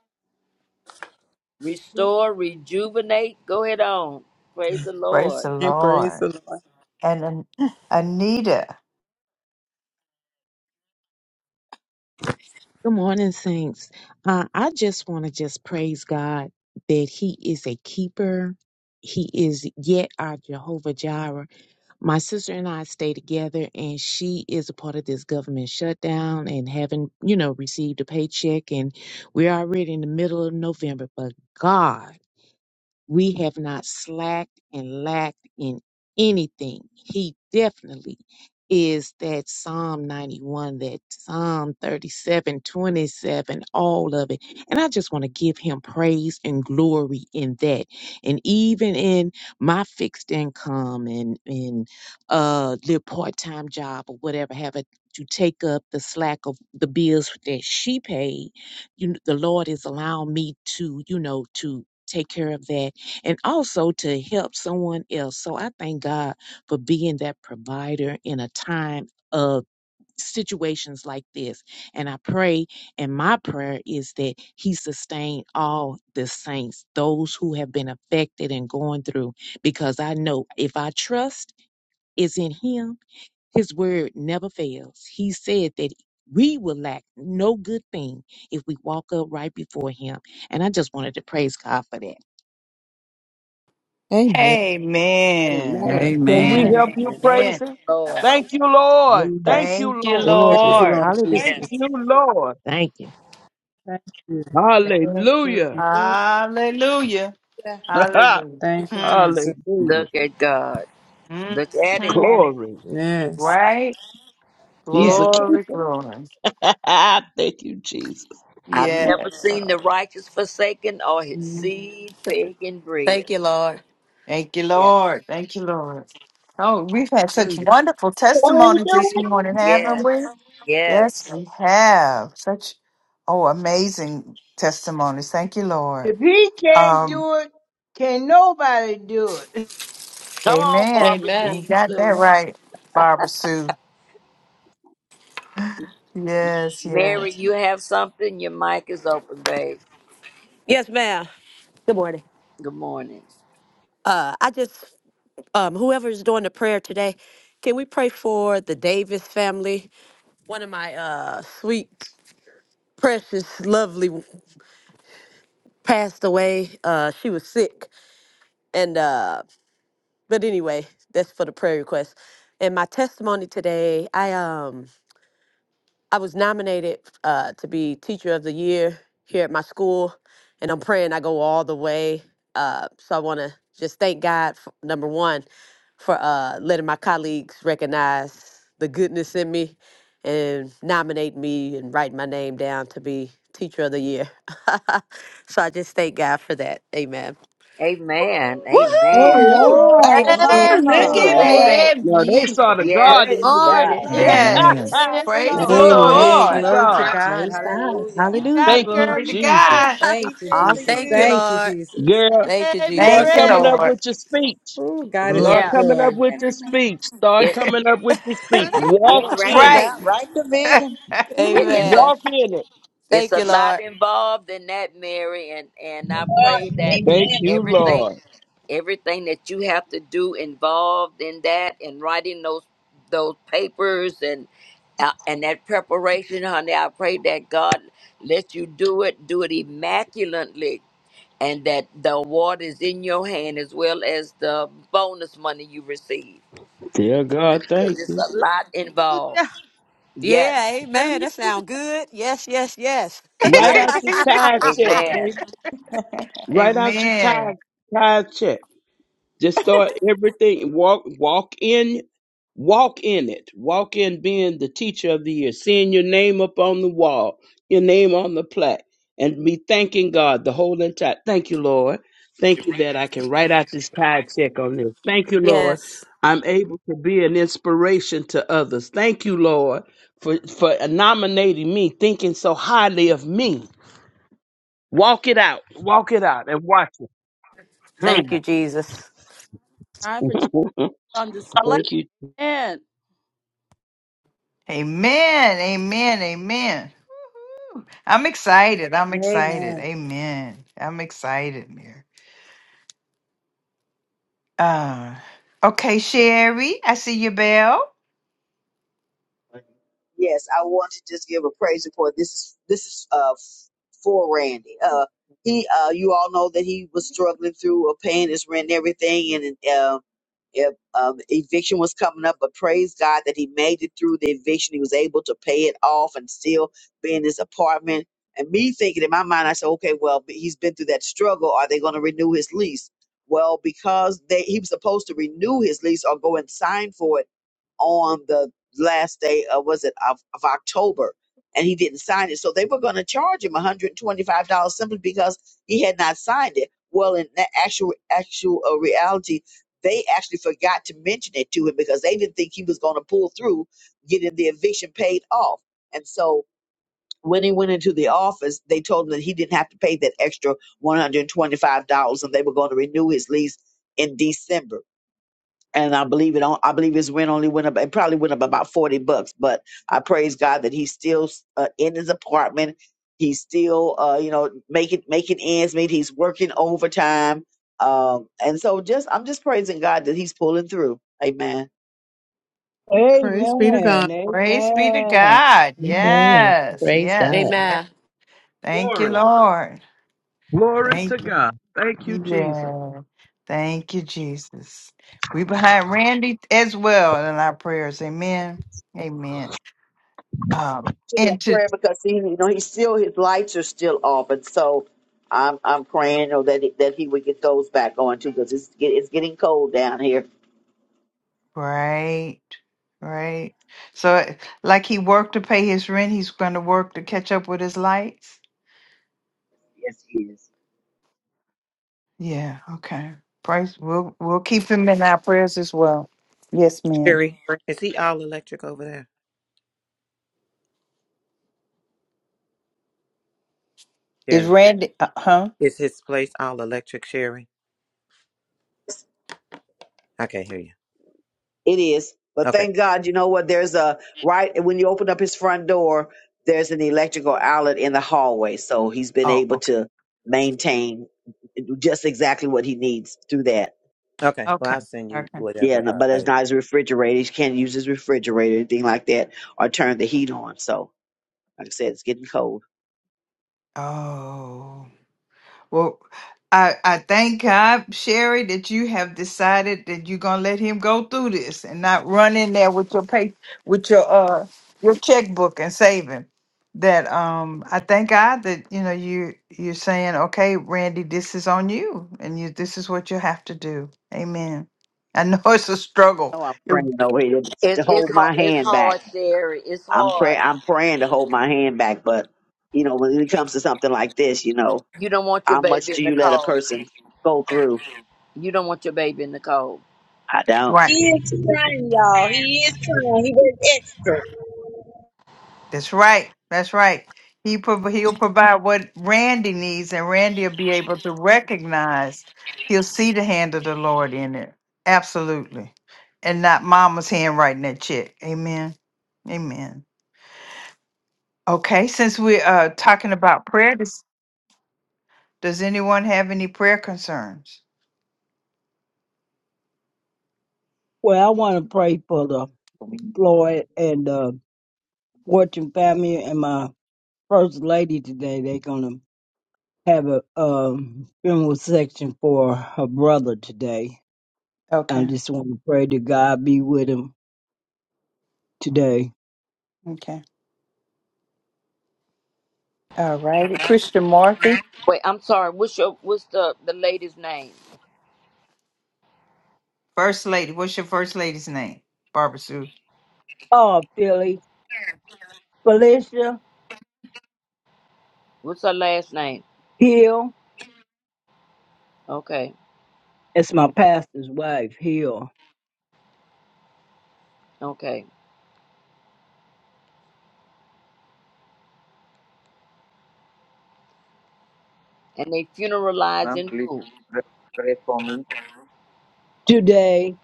Restore, rejuvenate. Go ahead on. Praise the Praise Lord. the And praise Lord. the Lord. And An- Anita. Good morning, Saints. Uh, I just want to just praise God that He is a keeper. He is yet our Jehovah Jireh. My sister and I stay together, and she is a part of this government shutdown and having, you know, received a paycheck. And we're already in the middle of November, but God we have not slacked and lacked in anything. He definitely is that Psalm 91, that Psalm 37, 27, all of it. And I just want to give him praise and glory in that. And even in my fixed income and in uh little part-time job or whatever, have it to take up the slack of the bills that she paid, you kn- the Lord is allowing me to, you know, to take care of that and also to help someone else. So I thank God for being that provider in a time of situations like this. And I pray, and my prayer is that He sustain all the saints, those who have been affected and going through, because I know if I trust is in Him, His word never fails. He said that. We will lack no good thing if we walk up right before him. And I just wanted to praise God for that. Amen. Amen. Amen. Amen. Can we Amen. Amen. help Amen. you Amen. praise Amen. Him? Lord. Thank you, Lord. Thank Yes. you, Thank you, Lord. Yes. Thank Glory. you, Lord. Lord Hallelujah. Jesus. Thank Yes. you, Lord. Thank you. Thank you. Thank you. Hallelujah. Hallelujah. (laughs) You Thank you, God. Hallelujah. Jesus. Hallelujah. Look at God. Hmm. Look at Him. Hmm. Glory. Yes. Right? Yes. He's a Glory, keeper. glory. (laughs) Thank you, Jesus. I've Yeah. never Yes. seen Lord. the righteous forsaken or his Mhm. seed taken bread. Thank you, Lord. Thank you, Yes. Lord. Thank you, Lord. Oh, we've had such Hallelujah. wonderful Only testimonies do this it. morning, haven't Yes. we? Yes, Yes. we have. Such oh amazing testimonies. Thank you, Lord. If he can't Um, do it, can nobody do it? Come on, amen. Barbara Amen. You Jean got that Sue. right, Barbara Sue. (laughs) Yes, Mary, yes. you have something? Your mic is open, babe. Yes, ma'am. Good morning. Good morning. Uh, I just, um, whoever's doing the prayer today, can we pray for the Davis family? One of my uh, sweet, precious, lovely passed away. Uh, she was sick, and uh, but anyway, that's for the prayer request. And my testimony today, I um. I was nominated uh, to be Teacher of the Year here at my school, and I'm praying I go all the way. Uh, so I want to just thank God, for, number one, for uh, letting my colleagues recognize the goodness in me and nominate me and write my name down to be Teacher of the Year. (laughs) so I just thank God for that. Amen. Amen. Amen. Woohoo! Ooh, That is Amen. Yes, look awesome. at Oh, Mary. Baby. Amen. Now they me. saw the God in praise Yes. you, God. baby. Declare It's and in decree, Yes. Amen. (laughs) it Yes. the is Mary. It's Praise in- so. the It Glory is Amen. to Lord. Glory so. to God. God. Praise God. Yes. You Hallelujah. Hallelujah. got Thank it, you, girl. Glory to You got Jesus. it. God. Thank you, Teacher of the Jesus. Thank Awesome. you, year. Thank you, Lord. Jesus. Girl, Thank you, Hey, start Thank you, Jesus. coming Mary. up Lord. with your speech. Oh, God is Glory. so Start Yeah. coming up good. Amen. with your amen. speech. Start It, coming up with your (laughs) speech. That's Walk Yeah, write it in it. right. out. Write the vision. it it's a Amen. Walk in it. it's Thank a you, lot Lord. involved in that mary and and i God, pray that Thank you, amen everything Lord. everything that you have to do involved in that and writing those those papers and uh, and that preparation honey i pray that god let you do it do it immaculately and that the award is in your hand as well as the bonus money you receive Dear God, thank because you. it's a lot Let them use involved ya. yes Yeah, Let 'em amen. use That ya. sound good. Yes, yes, yes. Right yes out your tire check, (laughs) amen baby. (laughs) Write out your Amen. tithe, tithe check. Just start everything. Walk, walk in, walk in it. Walk in being the teacher of the year, seeing your name up on the wall, your name on the plaque, and be thanking God the whole entire. Thank you, Lord. Thank you that I can write out this tithe check on this. Thank you, Lord. yes. I'm able to be an inspiration to others. Thank you, Lord, for for nominating me, thinking so highly of me. Walk it out. Walk it out and watch it. Hmm. Thank you, Yes. Jesus. Time for Jesus (laughs) Thank on display. you. man. Amen. Amen. Amen. I'm excited. I'm excited. Amen. Amen. I'm excited, Mary. Uh, okay, Sherry, I see your bell. Yes, I want to just give a praise report. This is this is uh f- for Randy. Uh, he uh, you all know that he was struggling through uh, paying his rent and everything, and um, if, um, eviction was coming up. But praise God that he made it through the eviction. He was able to pay it off and still be in his apartment. And me thinking in my mind, I said, okay, well, but he's been through that struggle. Are they going to renew his lease? Well, because they he was supposed to renew his lease or go and sign for it on the last day of was it of, of October, and he didn't sign it. So they were going to charge him one hundred twenty five dollars simply because he had not signed it. Well, in the actual actual uh, reality, they actually forgot to mention it to him because they didn't think he was going to pull through getting the eviction paid off. And so when he went into the office, they told him that he didn't have to pay that extra one hundred twenty five dollars, and they were going to renew his lease in December and I believe it on I believe his rent only went up it probably went up about 40 bucks but I praise God that he's still uh, in his apartment he's still uh you know making making ends meet he's working overtime um and so just I'm just praising God that he's pulling through amen Praise be to God. Amen. Praise be to Amen. God. Amen. Yes. Praise Yes. God. yes. Amen. Thank you, Glory. Lord. Glory to Thank you. God. Thank you, Jesus. Yeah. Thank you, Jesus. We behind Randy as well in our prayers. Amen. Amen. Um, To that and to prayer because he, you know he's still his lights are still off and so I'm I'm praying you know, that he, that he would get those back on too because it's get, it's getting cold down here right, right. So like he worked to pay his rent, he's gonna work to catch up with his lights. yes he is Yeah, okay. Praise we'll we'll keep him in our prayers as well. Yes, ma'am. Sherry, is he all electric over there? Is Sherry, Randy uh huh? is his place all electric, Sherry? I can't hear you. It is. But Okay. thank God, you know what? There's a right when you open up his front door, there's an electrical outlet in the hallway. So he's been Oh, able okay. to maintain just exactly what he needs through that. Okay. Well, Okay. I'll send you Okay. Yeah, no- whatever. but uh, it's not his refrigerator. He can't use his refrigerator, anything like that, or turn the heat on. So, like I said, it's getting cold. Oh. Well, I, I thank God, Sherry, that you have decided that you're gonna let him go through this and not run in there with your pay with your uh your checkbook and saving. That um I thank God that you know you you're saying, Okay, Randy, this is on you and you this is what you have to do. Amen. I know (laughs) it's a struggle. No, I'm You're praying over here to It's it's hold my hard. It's hand hard, back. Sherry. It's I'm pray hard. I'm praying to hold my hand back, but you know, when it comes to something like this, you know, You don't want your how much baby in do the you let a cold. person go through? You don't want your baby in the cold. I don't. right. he is trying y'all he is trying he was extra That's right. That's right. He prov- he'll provide what Randy needs, and Randy will be able to recognize. He'll see the hand of the Lord in it. Absolutely, and not Mama's hand writing that check. Amen. Amen. Okay. Since we're uh, talking about prayer, does, does anyone have any prayer concerns? Well, I want to pray for the for me Floyd and the Fortune family and my first lady today. They're going to have a um, funeral section for her brother today. I Okay. just want to pray that God be with him today. Okay. All righty. Christian Marthy, Wait, I'm sorry. What's your what's the the lady's name? First Lady. What's your First Lady's name? Barbara Sue. Oh, Philly, Felicia, What's her last name? Hill. Okay, It's my pastor's wife here. okay. And they ma'am funeralizing please who? pray pray for me Today,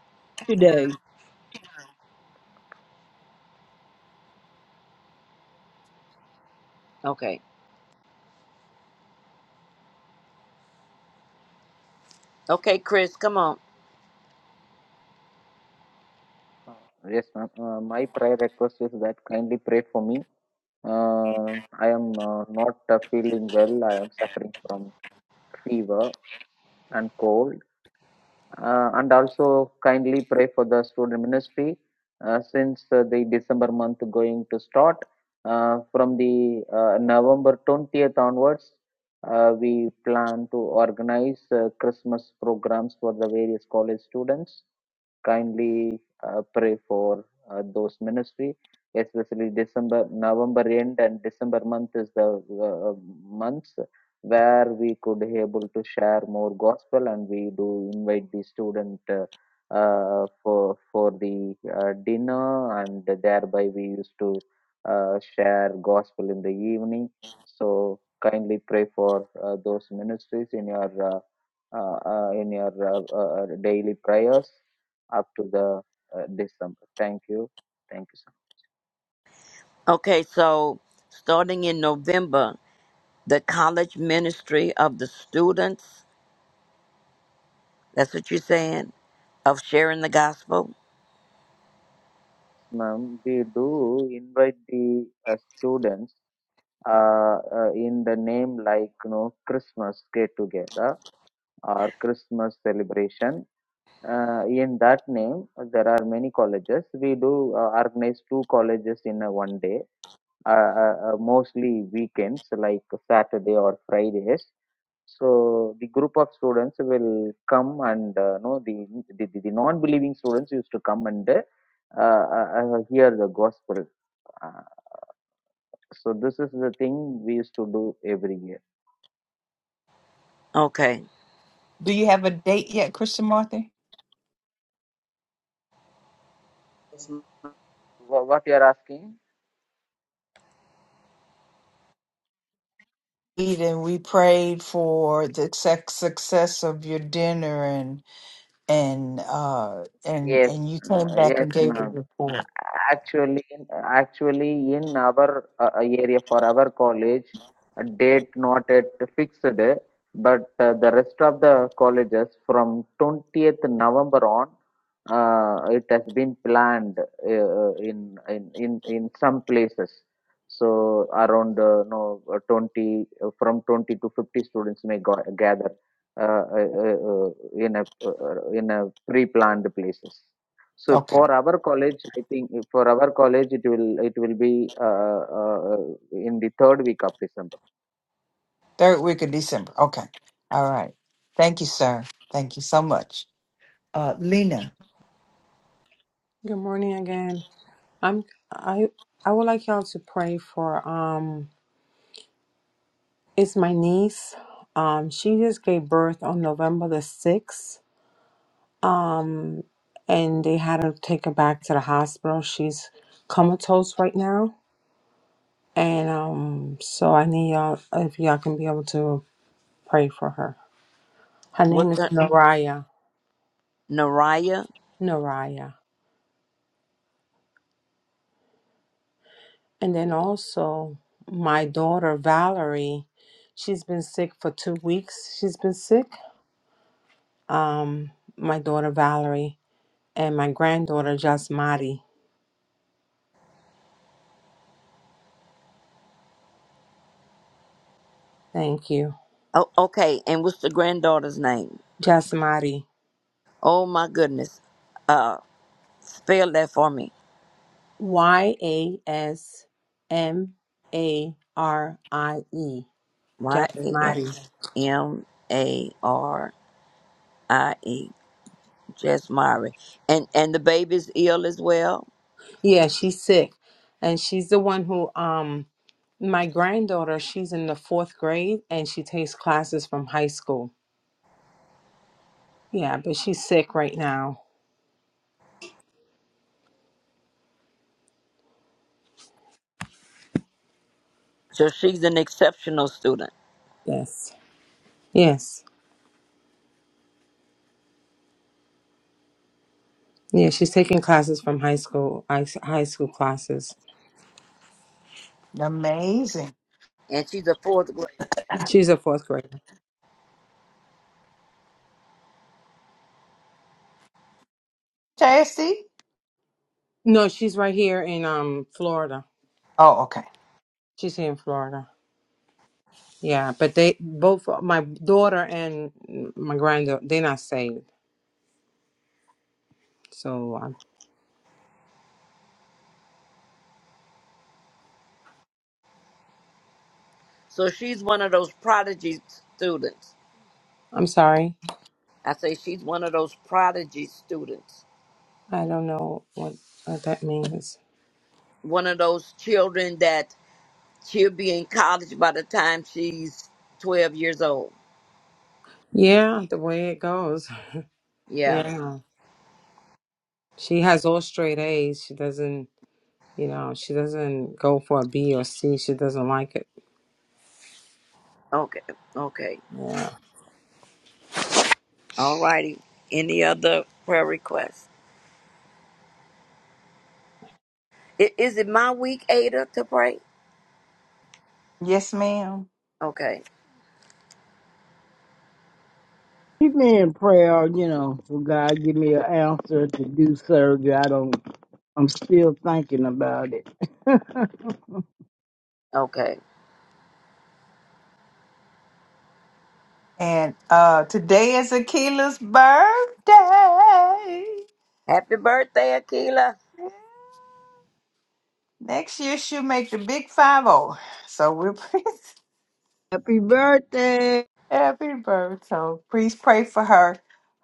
today, Okay, okay. Chris, come on. uh, yes ma'am uh, my prayer request is that kindly pray for me uh, i am uh, not uh, feeling well i am suffering from fever and cold uh, and also kindly pray for the student ministry uh, since uh, the december month going to start uh, from the uh, november 20th onwards uh, we plan to organize uh, christmas programs for the various college students kindly uh, pray for uh, those ministry especially december november end and december month is the uh, month where we could able to share more gospel and we do invite the student uh, uh, for for the uh, dinner and thereby we used to uh, share gospel in the evening so kindly pray for uh, those ministries in your uh, uh, uh, in your uh, uh, daily prayers up to the uh, december thank you thank you so Okay, so starting in November, the College Ministry of the Students. That's what you're saying of sharing the gospel. much ma'am we do invite the uh, students uh, uh, in the name like you know christmas get together or christmas celebration uh, in that name there are many colleges we do uh, organize two colleges in a one day uh, uh, uh, mostly weekends like saturday or fridays so the group of students will come and uh, no the, the the the non-believing students used to come and uh, uh, uh, hear the gospel uh, so this is the thing we used to do every year Okay. Do you have a date yet, Christian Marthy? Yes, ma'am. What you are asking? and we prayed for the suc- success of your dinner and and uh and Yes, and you came uh, back yes, and gave a ma'am. report. actually actually in our uh, area for our college a date not at fixed but uh, the rest of the colleges from 20th november on uh, it has been planned uh, in, in in in some places so around uh, no uh, 20 uh, from 20 to 50 students may go, gather uh, uh, uh, uh, in a uh, in a pre planned places so Okay. for our college, I think for our college it will it will be uh, uh, in the third week of December. Third week of December. Okay. All right. Thank you, sir. Thank you so much. Uh Lena. Good morning again. I'm I I would like y'all to pray for um it's my niece. Um she just gave birth on November the 6th. Um and they had to take her back to the hospital. She's comatose right now. And um so I need y'all if y'all can be able to pray for her. Her name What's is her? Noraya. Naraya. Noraya. And then also, my daughter Valerie, she's been sick for two weeks. She's been sick. Um, my daughter Valerie and my granddaughter Jasmati. Thank you, Oh, okay. And what's the granddaughter's name? Jasmati. Oh my goodness. Uh, spell that for me. Y a s m a r i e. Y a Jasmati. s m a r i e. Jasmari. And and the baby's ill as well. Yeah, she's sick, and she's the one who um. My granddaughter, she's in the fourth grade and she takes classes from high school. Yeah, but she's sick right now. So she's an exceptional student, Yes. Yes. Yeah, she's taking classes from high school, high high school classes. Amazing. and she's a fourth grade. She's a fourth grader. Chastity? No, she's right here in um Florida. Oh, okay. She's here in Florida. Yeah, but they both my daughter and my granddaughter they're not saved. So um, So she's one of those prodigy students. I'm sorry. I say she's one of those prodigy students. I don't know what what that means. One of those children that she'll be in college by the time she's twelve years old. Yeah, the way it goes. (laughs) Yeah. Yeah, she has all straight A's. She doesn't, you know, she doesn't go for a B or C. She doesn't like it. Okay, okay, Yeah. all righty. Any other prayer requests? I- Is it my week, Ada, to pray? Yes, ma'am. Okay, keep me in prayer, you know, for God give me an answer to do surgery. I don't, I'm still thinking about it. (laughs) okay. And uh today is Akila's birthday. Happy birthday, Akila. Next year she'll make the big five oh. So we're (laughs) Happy birthday! Happy birth. So please pray for her,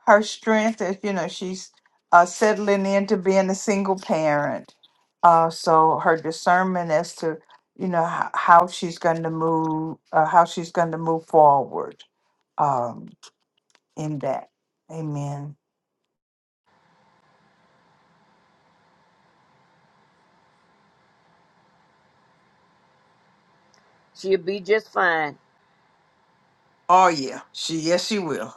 her strength as you know she's uh, settling into being a single parent. Uh, so her discernment as to you know how, how she's going to move, uh, how she's going to move forward um, in that. Amen. She'll be just fine. Oh yeah, she yes she will.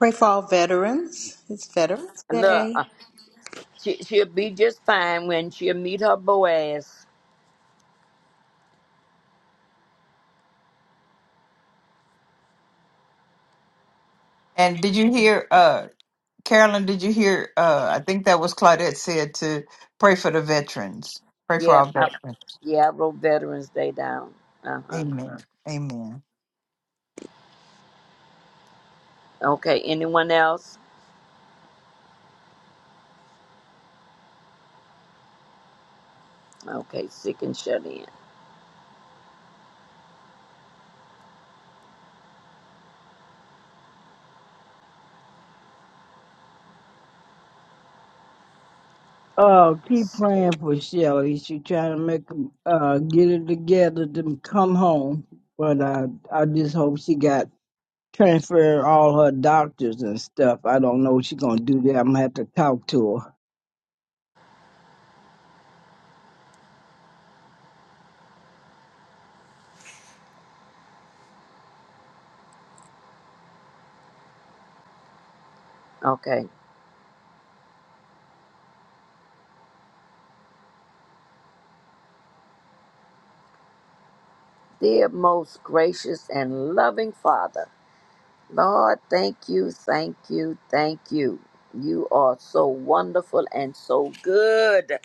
Pray for all veterans. It's Veterans Look, Day. uh, she she'll be just fine when she'll meet her Boaz. (laughs) and did you hear, uh, Carolyn? Did you hear? Uh, I think that was Claudette said to pray for the veterans. Pray for Yeah, our I, veterans. yeah. I wrote Veterans Day down. Uh huh. Amen. Amen. Okay. Anyone else? Okay. Sick and shut in. Oh, keep Stay. praying for Shelly. She trying to make, uh, get it together to come home. But I, I just hope she got transferred all her doctors and stuff. I don't know what she's gonna do there. I'm gonna have to talk to her. Okay. Dear most gracious and loving Father. Lord, thank you, thank you, thank you. You are so wonderful and so good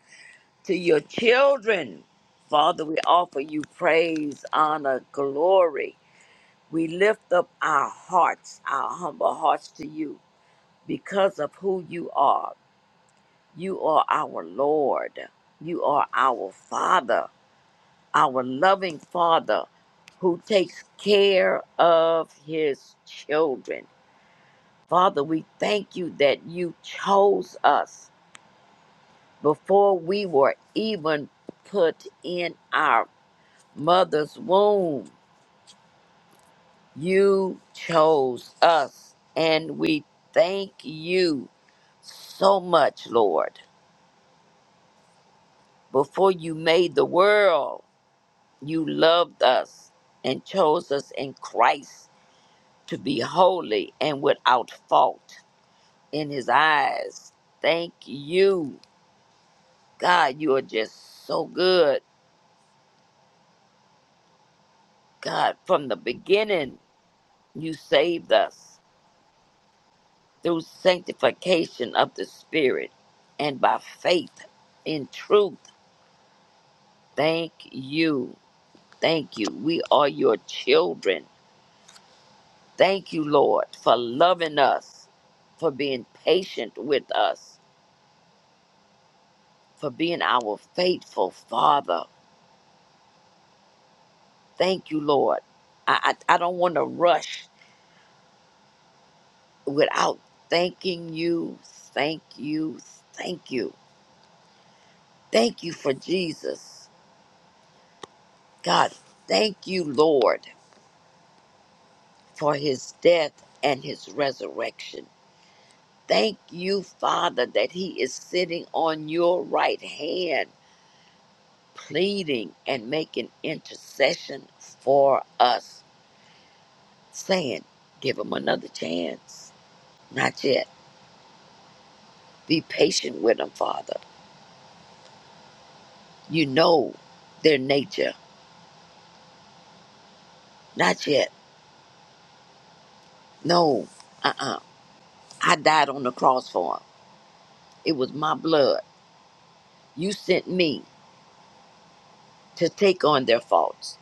to your children. Father, we offer you praise, honor, glory. We lift up our hearts, our humble hearts to you because of who you are. You are our Lord. You are our Father, our loving Father who takes care of his children. Father, we thank you that you chose us before we were even put in our mother's womb. You chose us, and we thank you so much, Lord. Before you made the world, you loved us and chose us in Christ to be holy and without fault in his eyes. Thank you. God, you are just so good God, from the beginning, you saved us through sanctification of the Spirit and by faith in truth. Thank you. Thank you. We are your children. Thank you, Lord, for loving us, for being patient with us, for being our faithful Father. Thank you, Lord. I, I, I don't want to rush without thanking you. Thank you. Thank you. Thank you for Jesus. God, thank you, Lord, for his death and his resurrection. Thank you, Father, that he is sitting on your right hand, pleading and making intercession for us, saying, Give him another chance. Not yet. Be patient with him, Father. You know their nature. Not yet. No. Uh uh I died on the cross for him. It was my blood. You sent me to take on their faults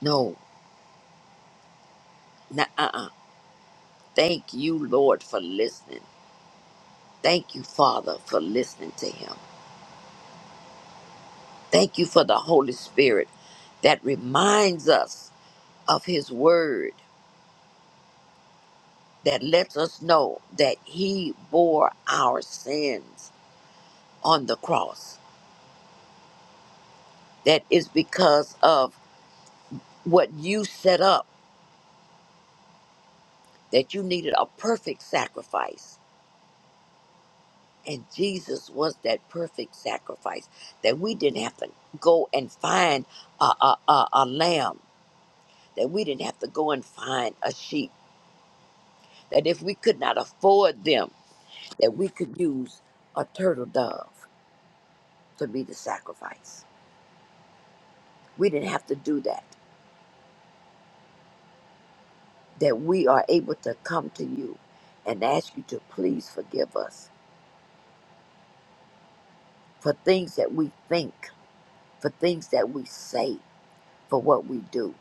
No, nah, uh uh. Thank you, Lord, for listening. Thank you, Father, for listening to him. Thank you for the Holy Spirit that reminds us of his word, that lets us know that he bore our sins on the cross. That is because of what you set up, that you needed a perfect sacrifice. And Jesus was that perfect sacrifice, that we didn't have to go and find a, a, a, a lamb that we didn't have to go and find a sheep, that if we could not afford them, that we could use a turtle dove to be the sacrifice. We didn't have to do that, that we are able to come to you and ask you to please forgive us for things that we think, for things that we say, for what we do.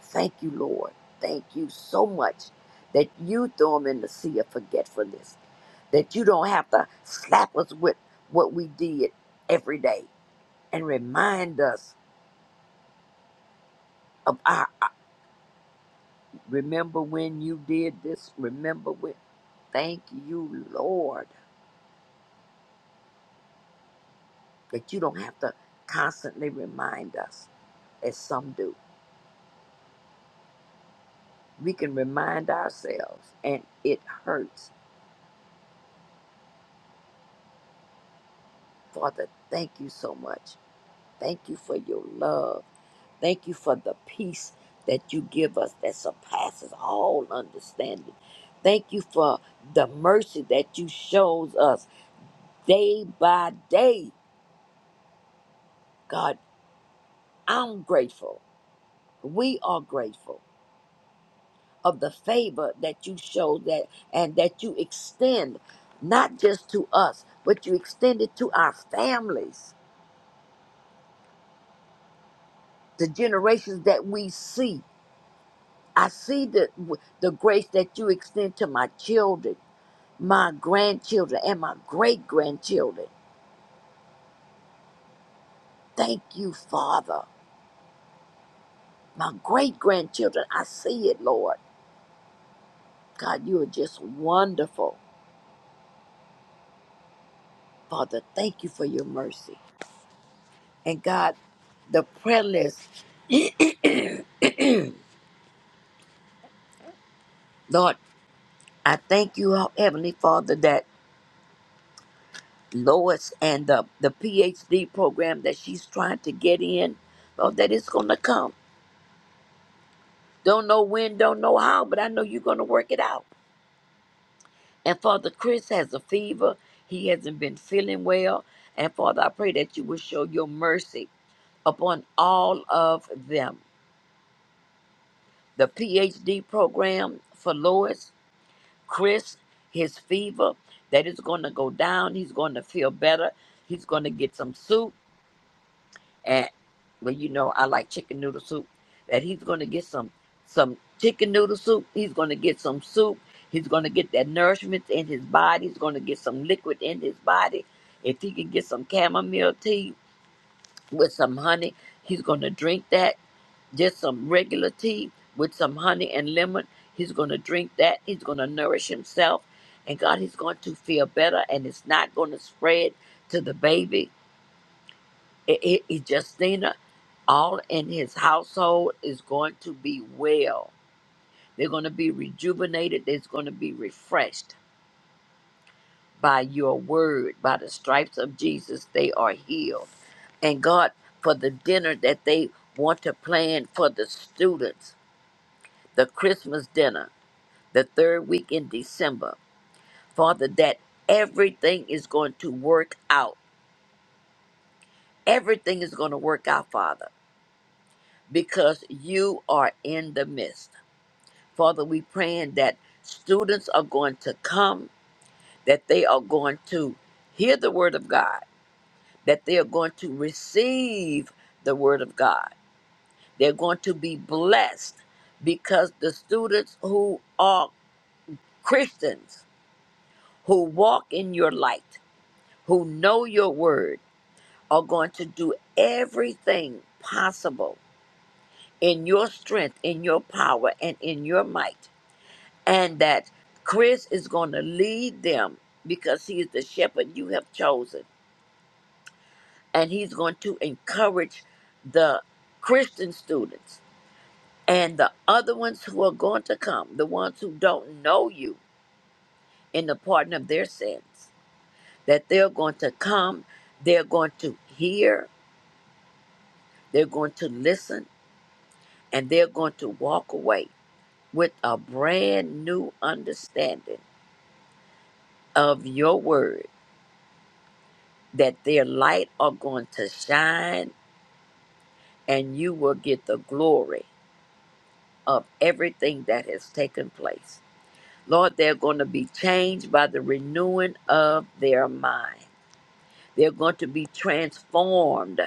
Thank you, Lord. Thank you so much that you throw them in the sea of forgetfulness, that you don't have to slap us with what we did every day and remind us of our remember when you did this remember when thank you lord that you don't have to constantly remind us as some do we can remind ourselves and it hurts father thank you so much thank you for your love thank you for the peace that you give us that surpasses all understanding thank you for the mercy that you shows us day by day god I'm grateful. We are grateful of the favor that you show that and that you extend not just to us, but you extend it to our families, the generations that we see. I see the the grace that you extend to my children, my grandchildren, and my great grandchildren. Thank you, Father. My great grandchildren, I see it, Lord. God, you are just wonderful. Father, thank you for your mercy. And God, the prayer list, (clears throat) Lord, I thank you, oh, Heavenly Father, that Lois and the, the PhD program that she's trying to get in, Lord, that it's going to come. Don't know when, don't know how, but I know you're going to work it out. And Father, Chris has a fever. He hasn't been feeling well. And Father, I pray that you will show your mercy upon all of them. The PhD program for Lois, Chris, his fever, that is going to go down. He's going to feel better. He's going to get some soup. And, well, you know, I like chicken noodle soup. That he's going to get some some chicken noodle soup. He's going to get some soup. He's going to get that nourishment in his body. He's going to get some liquid in his body. If he can get some chamomile tea with some honey, he's going to drink that just some regular tea with some honey and lemon. He's going to drink that. He's going to nourish himself. And God, he's going to feel better and it's not going to spread to the baby. It, it, it- Justina, all in his household is going to be well. They're going to be rejuvenated. They're going to be refreshed by your word. By the stripes of Jesus, they are healed. And God, for the dinner that they want to plan for the students, the Christmas dinner. the third week in December. Father, that everything is going to work out. Everything is going to work out, Father, because you are in the midst. Father, we praying that students are going to come, that they are going to hear the word of God, that they are going to receive the word of God. They're going to be blessed because the students who are Christians, who walk in your light, who know your word, are going to do everything possible in your strength, in your power, and in your might. And that Chris is going to lead them because he is the shepherd you have chosen. And he's going to encourage the Christian students and the other ones who are going to come, the ones who don't know you in the pardon of their sins, that they're going to come, they're going to hear, they're going to listen, and they're going to walk away with a brand new understanding of your word that their light are going to shine and you will get the glory of everything that has taken place. Lord, they're going to be changed by the renewing of their mind. They're going to be transformed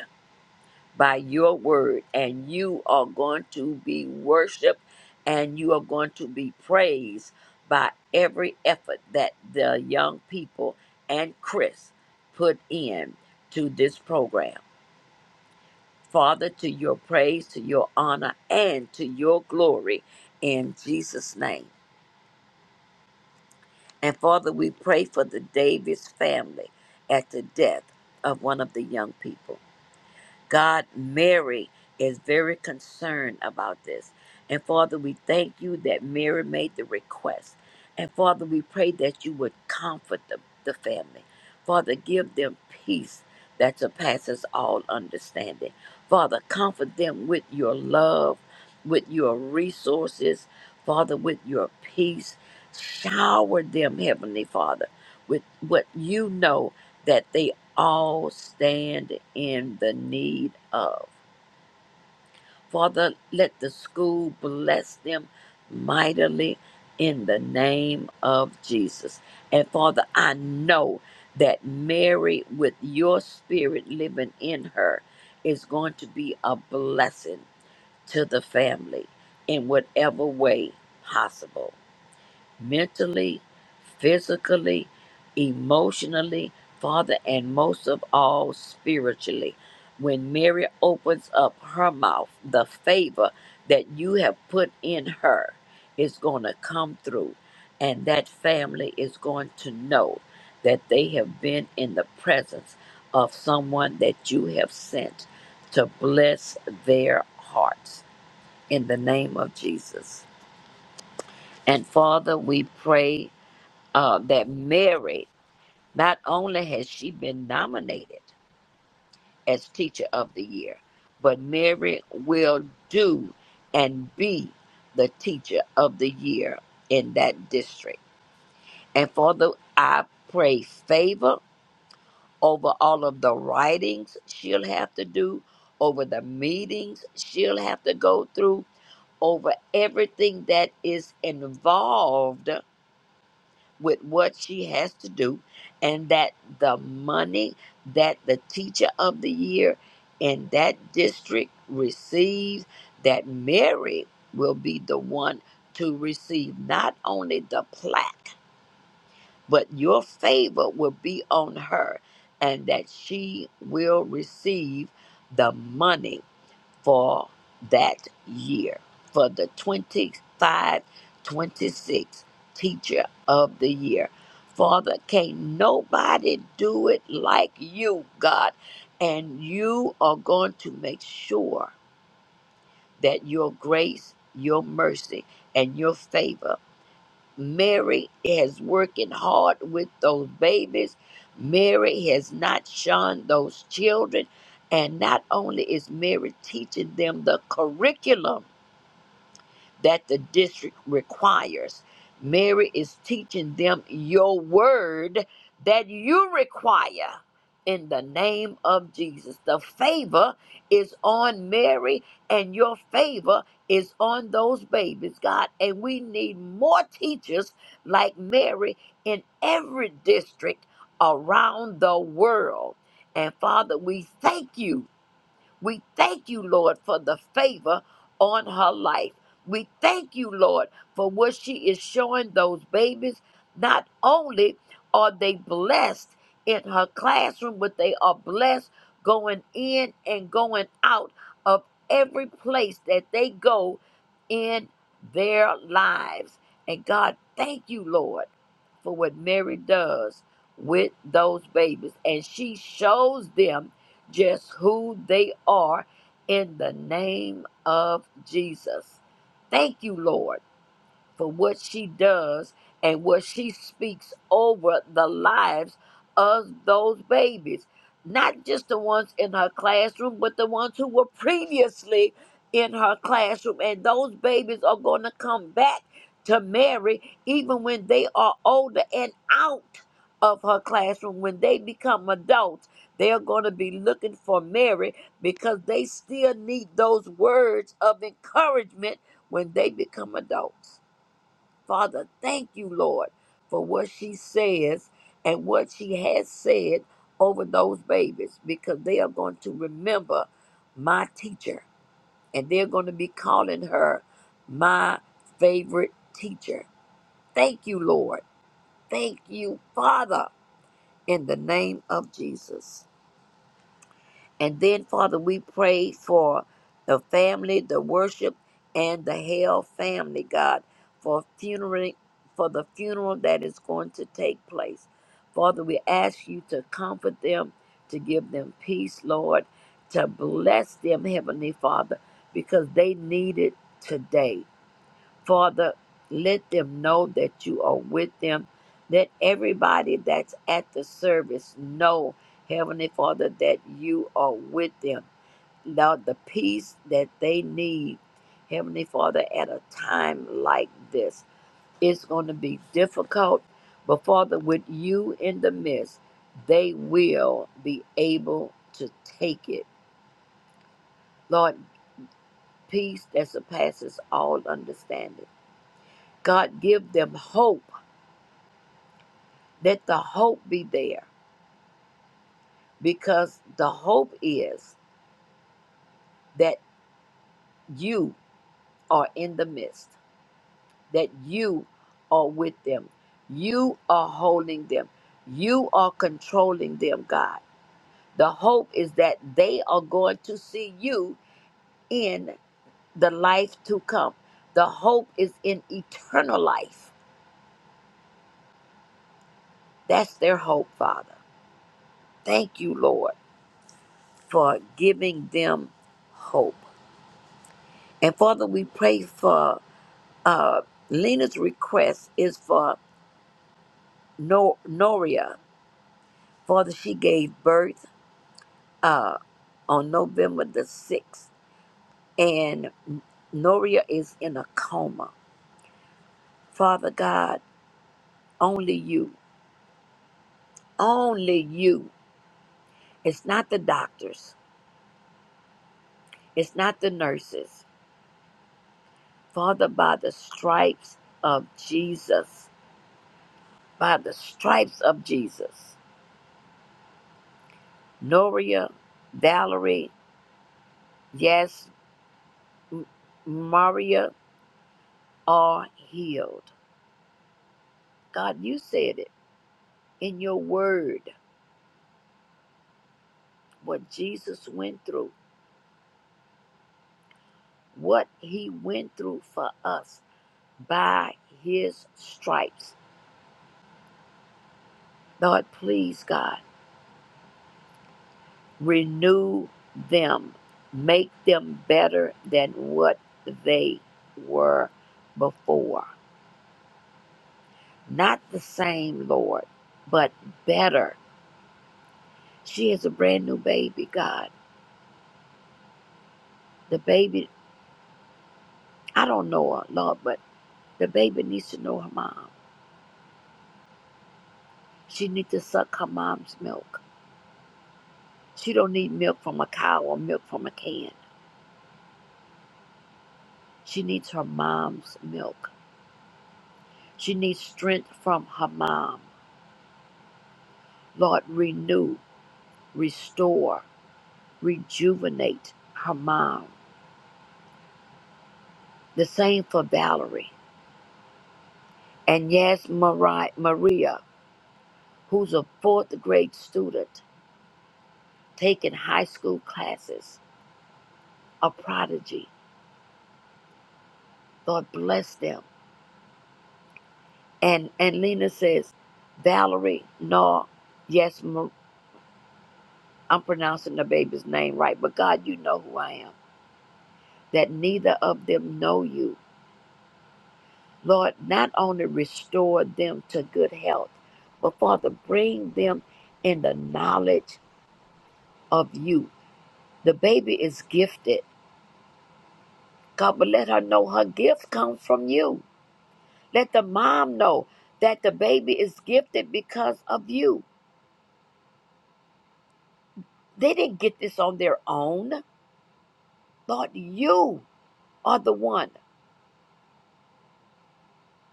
by your word, and you are going to be worshiped and you are going to be praised by every effort that the young people and Chris put in to this program. Father, to your praise, to your honor, and to your glory in Jesus' name. And Father, we pray for the Davis family at the death of one of the young people. God, Mary is very concerned about this. And Father, we thank you that Mary made the request. And Father, we pray that you would comfort the, the family. Father, give them peace that surpasses all understanding. Father, comfort them with your love, with your resources, Father, with your peace. Shower them, Heavenly Father, with what you know that they all stand in the need of. Father, let the school bless them mightily in the name of Jesus. And Father, I know that Mary, with your spirit living in her, is going to be a blessing to the family in whatever way possible mentally, physically, emotionally, Father, and most of all, spiritually. When Mary opens up her mouth, the favor that you have put in her is going to come through, and that family is going to know that they have been in the presence of someone that you have sent to bless their hearts in the name of Jesus. And Father, we pray uh, that Mary, not only has she been nominated as Teacher of the Year, but Mary will do and be the Teacher of the Year in that district. And for the, I pray favor over all of the writings she'll have to do, over the meetings she'll have to go through, over everything that is involved with what she has to do, and that the money that the teacher of the year in that district receives, that Mary will be the one to receive not only the plaque, but your favor will be on her, and that she will receive the money for that year for the 25, 26 teacher of the year. Father, can't nobody do it like you, God. And you are going to make sure that your grace, your mercy, and your favor Mary has working hard with those babies. Mary has not shunned those children. And not only is Mary teaching them the curriculum that the district requires. Mary is teaching them your word that you require in the name of Jesus. The favor is on Mary, and your favor is on those babies, God. And we need more teachers like Mary in every district around the world. And Father, we thank you we thank you, Lord, for the favor on her life. We thank you, Lord, for what she is showing those babies. Not only are they blessed in her classroom, but they are blessed going in and going out of every place that they go in their lives. And God, thank you, Lord, for what Mary does with those babies. And she shows them just who they are in the name of Jesus. Thank you, Lord for what she does and what she speaks over the lives of those babies. Not just the ones in her classroom, but the ones who were previously in her classroom. And those babies are going to come back to Mary even when they are older and out of her classroom. When they become adults, they are going to be looking for Mary because they still need those words of encouragement when they become adults. Father, thank you, Lord, for what she says and what she has said over those babies because they are going to remember my teacher and they're going to be calling her my favorite teacher. Thank you, Lord. Thank you, Father, in the name of Jesus. And then, Father, we pray for the family, the worship, and the Hale family, God, for funeral, for the funeral that is going to take place. Father, we ask you to comfort them, to give them peace, Lord, to bless them, Heavenly Father, because they need it today. Father, let them know that you are with them. Let everybody that's at the service know, Heavenly Father, that you are with them. Lord, the peace that they need, Heavenly Father, at a time like this, it's going to be difficult. But Father, with you in the midst, they will be able to take it. Lord, peace that surpasses all understanding. God, give them hope Let the hope be there because the hope is that you are in the midst, that you are with them, you are holding them, you are controlling them, God. The hope is that they are going to see you in the life to come. The hope is in eternal life. That's their hope, Father. Thank you, Lord, for giving them hope. And Father, we pray for Uh, Lena's request is for no- Noria, Father, she gave birth uh, on November the 6th, and Noria is in a coma. Father God, only you, only you. It's not the doctors, it's not the nurses. Father, by the stripes of Jesus, by the stripes of Jesus, Noria, Valerie, yes, M- Maria, are healed. God, you said it in your word, what Jesus went through, what he went through for us by his stripes. Lord, please, God, renew them, make them better than what they were before. Not the same, Lord, but better. She is a brand new baby, God. The baby, I don't know her, Lord, but the baby needs to know her mom. She needs to suck her mom's milk. She don't need milk from a cow or milk from a can. She needs her mom's milk. She needs strength from her mom. Lord, renew, restore, rejuvenate her mom. The same for Valerie. And yes, Mari- Maria, who's a fourth grade student taking high school classes, a prodigy. Lord, bless them. And, and Lena says, Valerie, no, yes, I'm pronouncing the baby's name right, but God, you know who I am, that neither of them know you. Lord, not only restore them to good health, but Father, bring them in the knowledge of you. The baby is gifted. God, but let her know her gift comes from you. Let the mom know that the baby is gifted because of you. They didn't get this on their own. Lord, you are the one.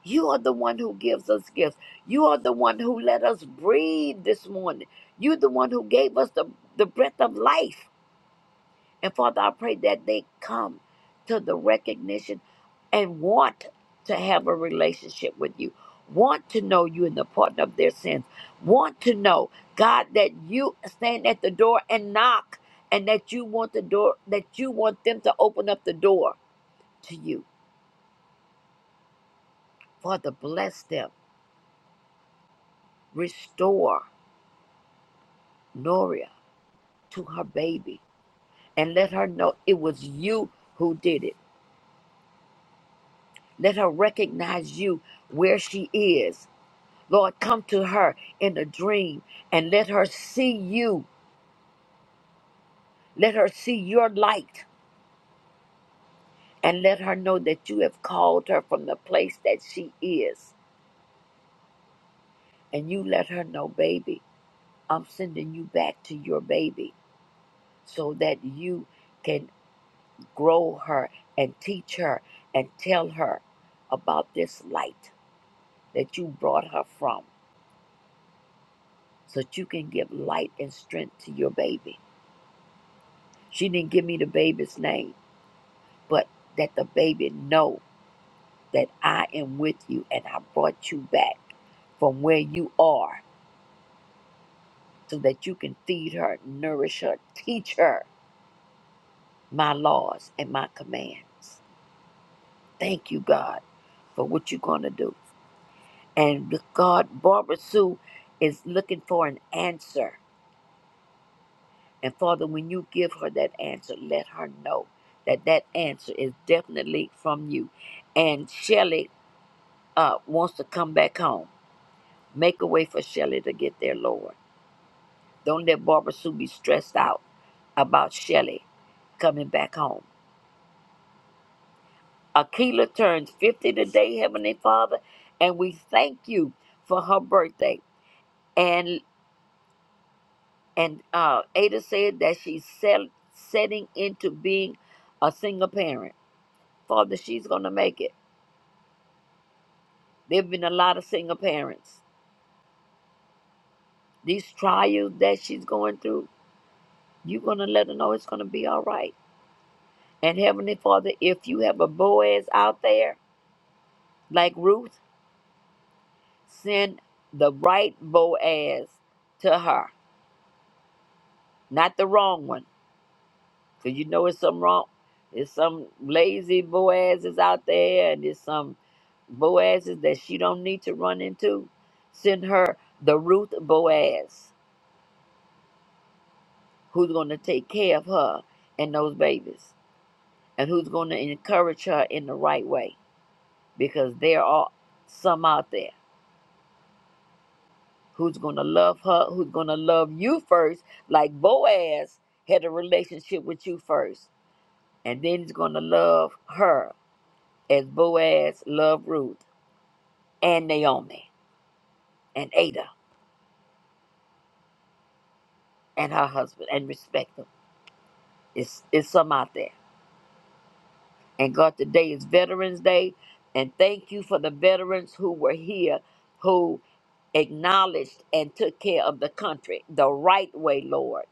You are the one who gives us gifts. You are the one who let us breathe this morning. You're the one who gave us the, the breath of life. And Father, I pray that they come to the recognition and want to have a relationship with you, want to know you in the pardon of their sins, want to know, God, that you stand at the door and knock, and that you want the door, that you want them to open up the door to you. Father, bless them, restore, nourish. to her baby and let her know it was you who did it. Let her recognize you where she is. Lord, come to her in a dream and let her see you. Let her see your light and let her know that you have called her from the place that she is. And you let her know, baby, I'm sending you back to your baby so that you can grow her and teach her and tell her about this light that you brought her from so that you can give light and strength to your baby. She didn't give me the baby's name, but that the baby know that I am with you and I brought you back from where you are so that you can feed her, nourish her, teach her my laws and my commands. Thank you, God, for what you're going to do. And God, Barbara Sue is looking for an answer And Father, when you give her that answer, let her know that that answer is definitely from you. And Shelley uh, wants to come back home. Make a way for Shelley to get there, Lord. Don't let Barbara Sue be stressed out about Shelley coming back home. Akila turns 50 today, Heavenly Father, and we thank you for her birthday. And and uh, Ada said that she's sell, setting into being a single parent. Father, she's going to make it. There've been a lot of single parents. These trials that she's going through, you're gonna let her know it's gonna be all right. And Heavenly Father, if you have a Boaz out there like Ruth, send the right Boaz to her, not the wrong one, because you know it's some wrong. There's some lazy Boazes out there, and there's some Boazes that she don't need to run into. Send her the Ruth Boaz, who's gonna take care of her and those babies. and who's going to encourage her in the right way because there are some out there who's going to love her, who's going to love you first, like Boaz had a relationship with you first, and then he's going to love her as Boaz loved Ruth and Naomi and Ada and her husband and respect them. It's, it's some out there. And God, today is Veterans Day, and thank you for the veterans who were here who. acknowledged and took care of the country the right way, Lord.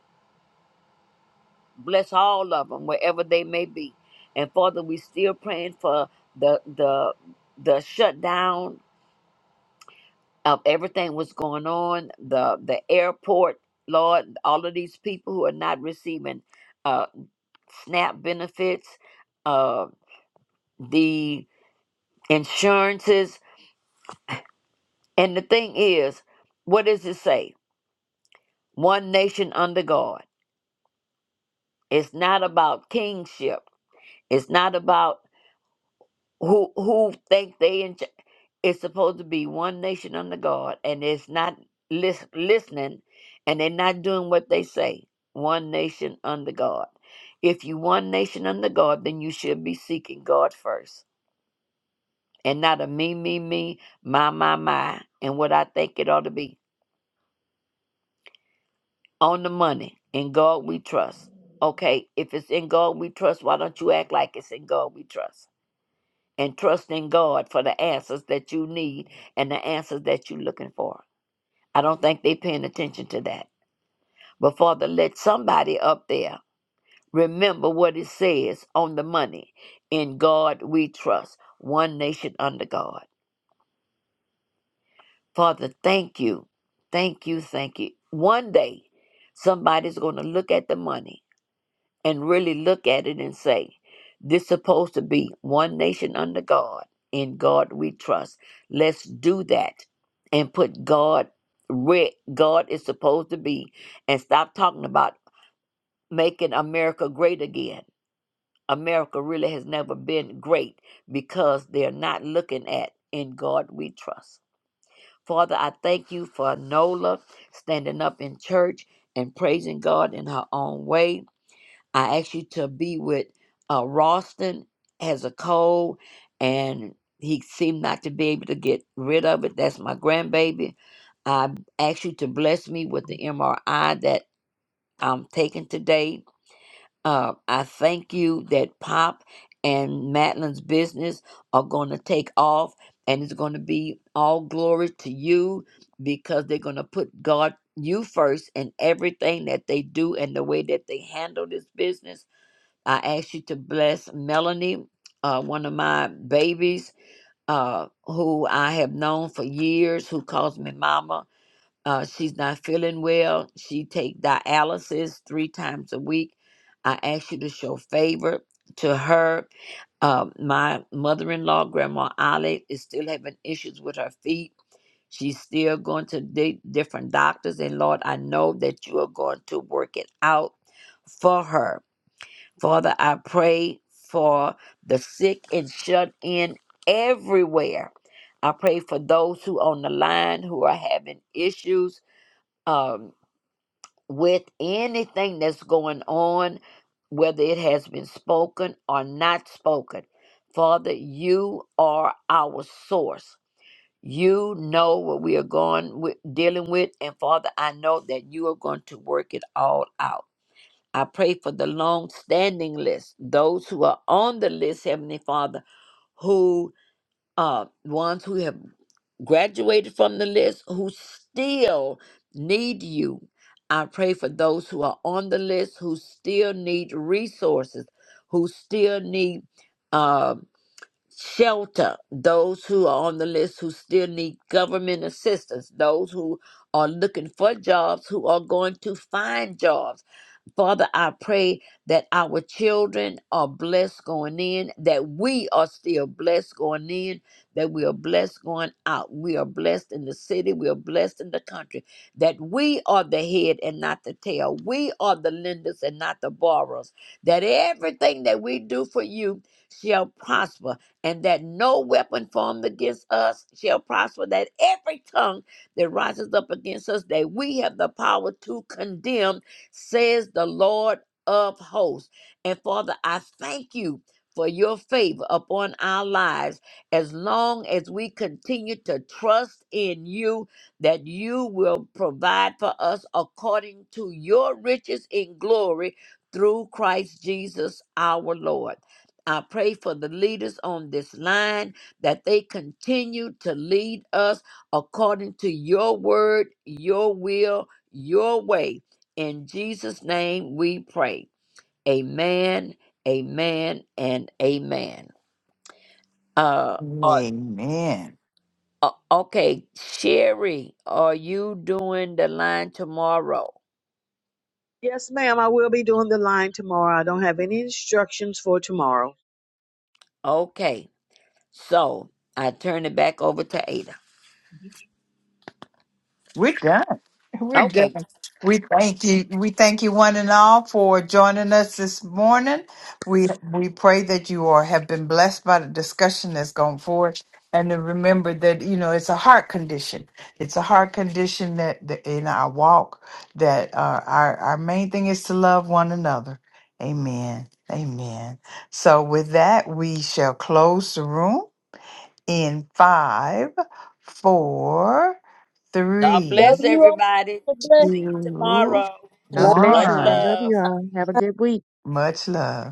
Bless all of them wherever they may be. And Father, we still praying for the the the shutdown of everything was going on, the the airport, Lord, all of these people who are not receiving uh SNAP benefits, uh the insurances. And the thing is, what does it say? One nation under God. It's not about kingship. It's not about who who think they in. ch- It's supposed to be one nation under God, and it's not lis- listening, and they're not doing what they say. One nation under God. If you one nation under God, then you should be seeking God first, and not a me me me my my my, and what I think it ought to be on the money. In God we trust. Okay, if it's in God we trust, why don't you act like it's in God we trust? and trusting God for the answers that you need and the answers that you're looking for. I don't think they're paying attention to that. But Father, let somebody up there remember what it says on the money. In God we trust, one nation under God. Father, thank you. Thank you, thank you. One day, somebody's going to look at the money and really look at it and say, this supposed to be one nation under God. In God we trust. Let's do that and put God where God is supposed to be and stop talking about making America great again. America really has never been great because they're not looking at in God we trust. Father, I thank you for Nola standing up in church and praising God in her own way. I asked you to be with uh, Ralston has a cold and he seemed not to be able to get rid of it. That's my grandbaby. I asked you to bless me with the MRI that I'm taking today. Uh, I thank you that Pop and Madeline's business are going to take off and it's going to be all glory to you because they're going to put God, you first in everything that they do and the way that they handle this business I ask you to bless Melanie, uh, one of my babies, uh, who I have known for years, who calls me mama. Uh, she's not feeling well. She take dialysis three times a week. I ask you to show favor to her. Uh, my mother-in-law, Grandma Ollie, is still having issues with her feet. She's still going to di- different doctors. And Lord, I know that you are going to work it out for her. Father, I pray for the sick and shut in everywhere. I pray for those who on the line who are having issues um, with anything that's going on, whether it has been spoken or not spoken. Father, you are our source. You know what we are going with, dealing with, and Father, I know that you are going to work it all out. I pray for the long standing list, those who are on the list, Heavenly Father, who uh ones who have graduated from the list who still need you. I pray for those who are on the list who still need resources, who still need uh, shelter, those who are on the list who still need government assistance, those who are looking for jobs, who are going to find jobs. Father, I pray that our children are blessed going in, that we are still blessed going in, that we are blessed going out. We are blessed in the city, we are blessed in the country, that we are the head and not the tail. We are the lenders and not the borrowers, that everything that we do for you shall prosper, and that no weapon formed against us shall prosper, that every tongue that rises up against us, that we have the power to condemn says the Lord of hosts. And Father, I thank you for your favor upon our lives as long as we continue to trust in you that you will provide for us according to your riches in glory through Christ Jesus our Lord. I pray for the leaders on this line that they continue to lead us according to your word, your will, your way in Jesus' name we pray. Amen, amen, and amen. Uh, uh, Amen. uh, okay, Sherry, are you doing the line tomorrow? Yes, ma'am. I will be doing the line tomorrow. I don't have any instructions for tomorrow. Okay, so I turn it back over to Ada. We're done. We're done. Okay, We thank you. We thank you one and all for joining us this morning. We we pray that you are have been blessed by the discussion that's gone forth. And to remember that, you know, it's a heart condition. It's a heart condition that, that in our walk that uh, our, our main thing is to love one another. Amen. Amen. So with that, we shall close the room. in five, four, God Love bless three, everybody. you. See you two, tomorrow. God bless Much you all. one. Love love. you all. Have a good week. Much love.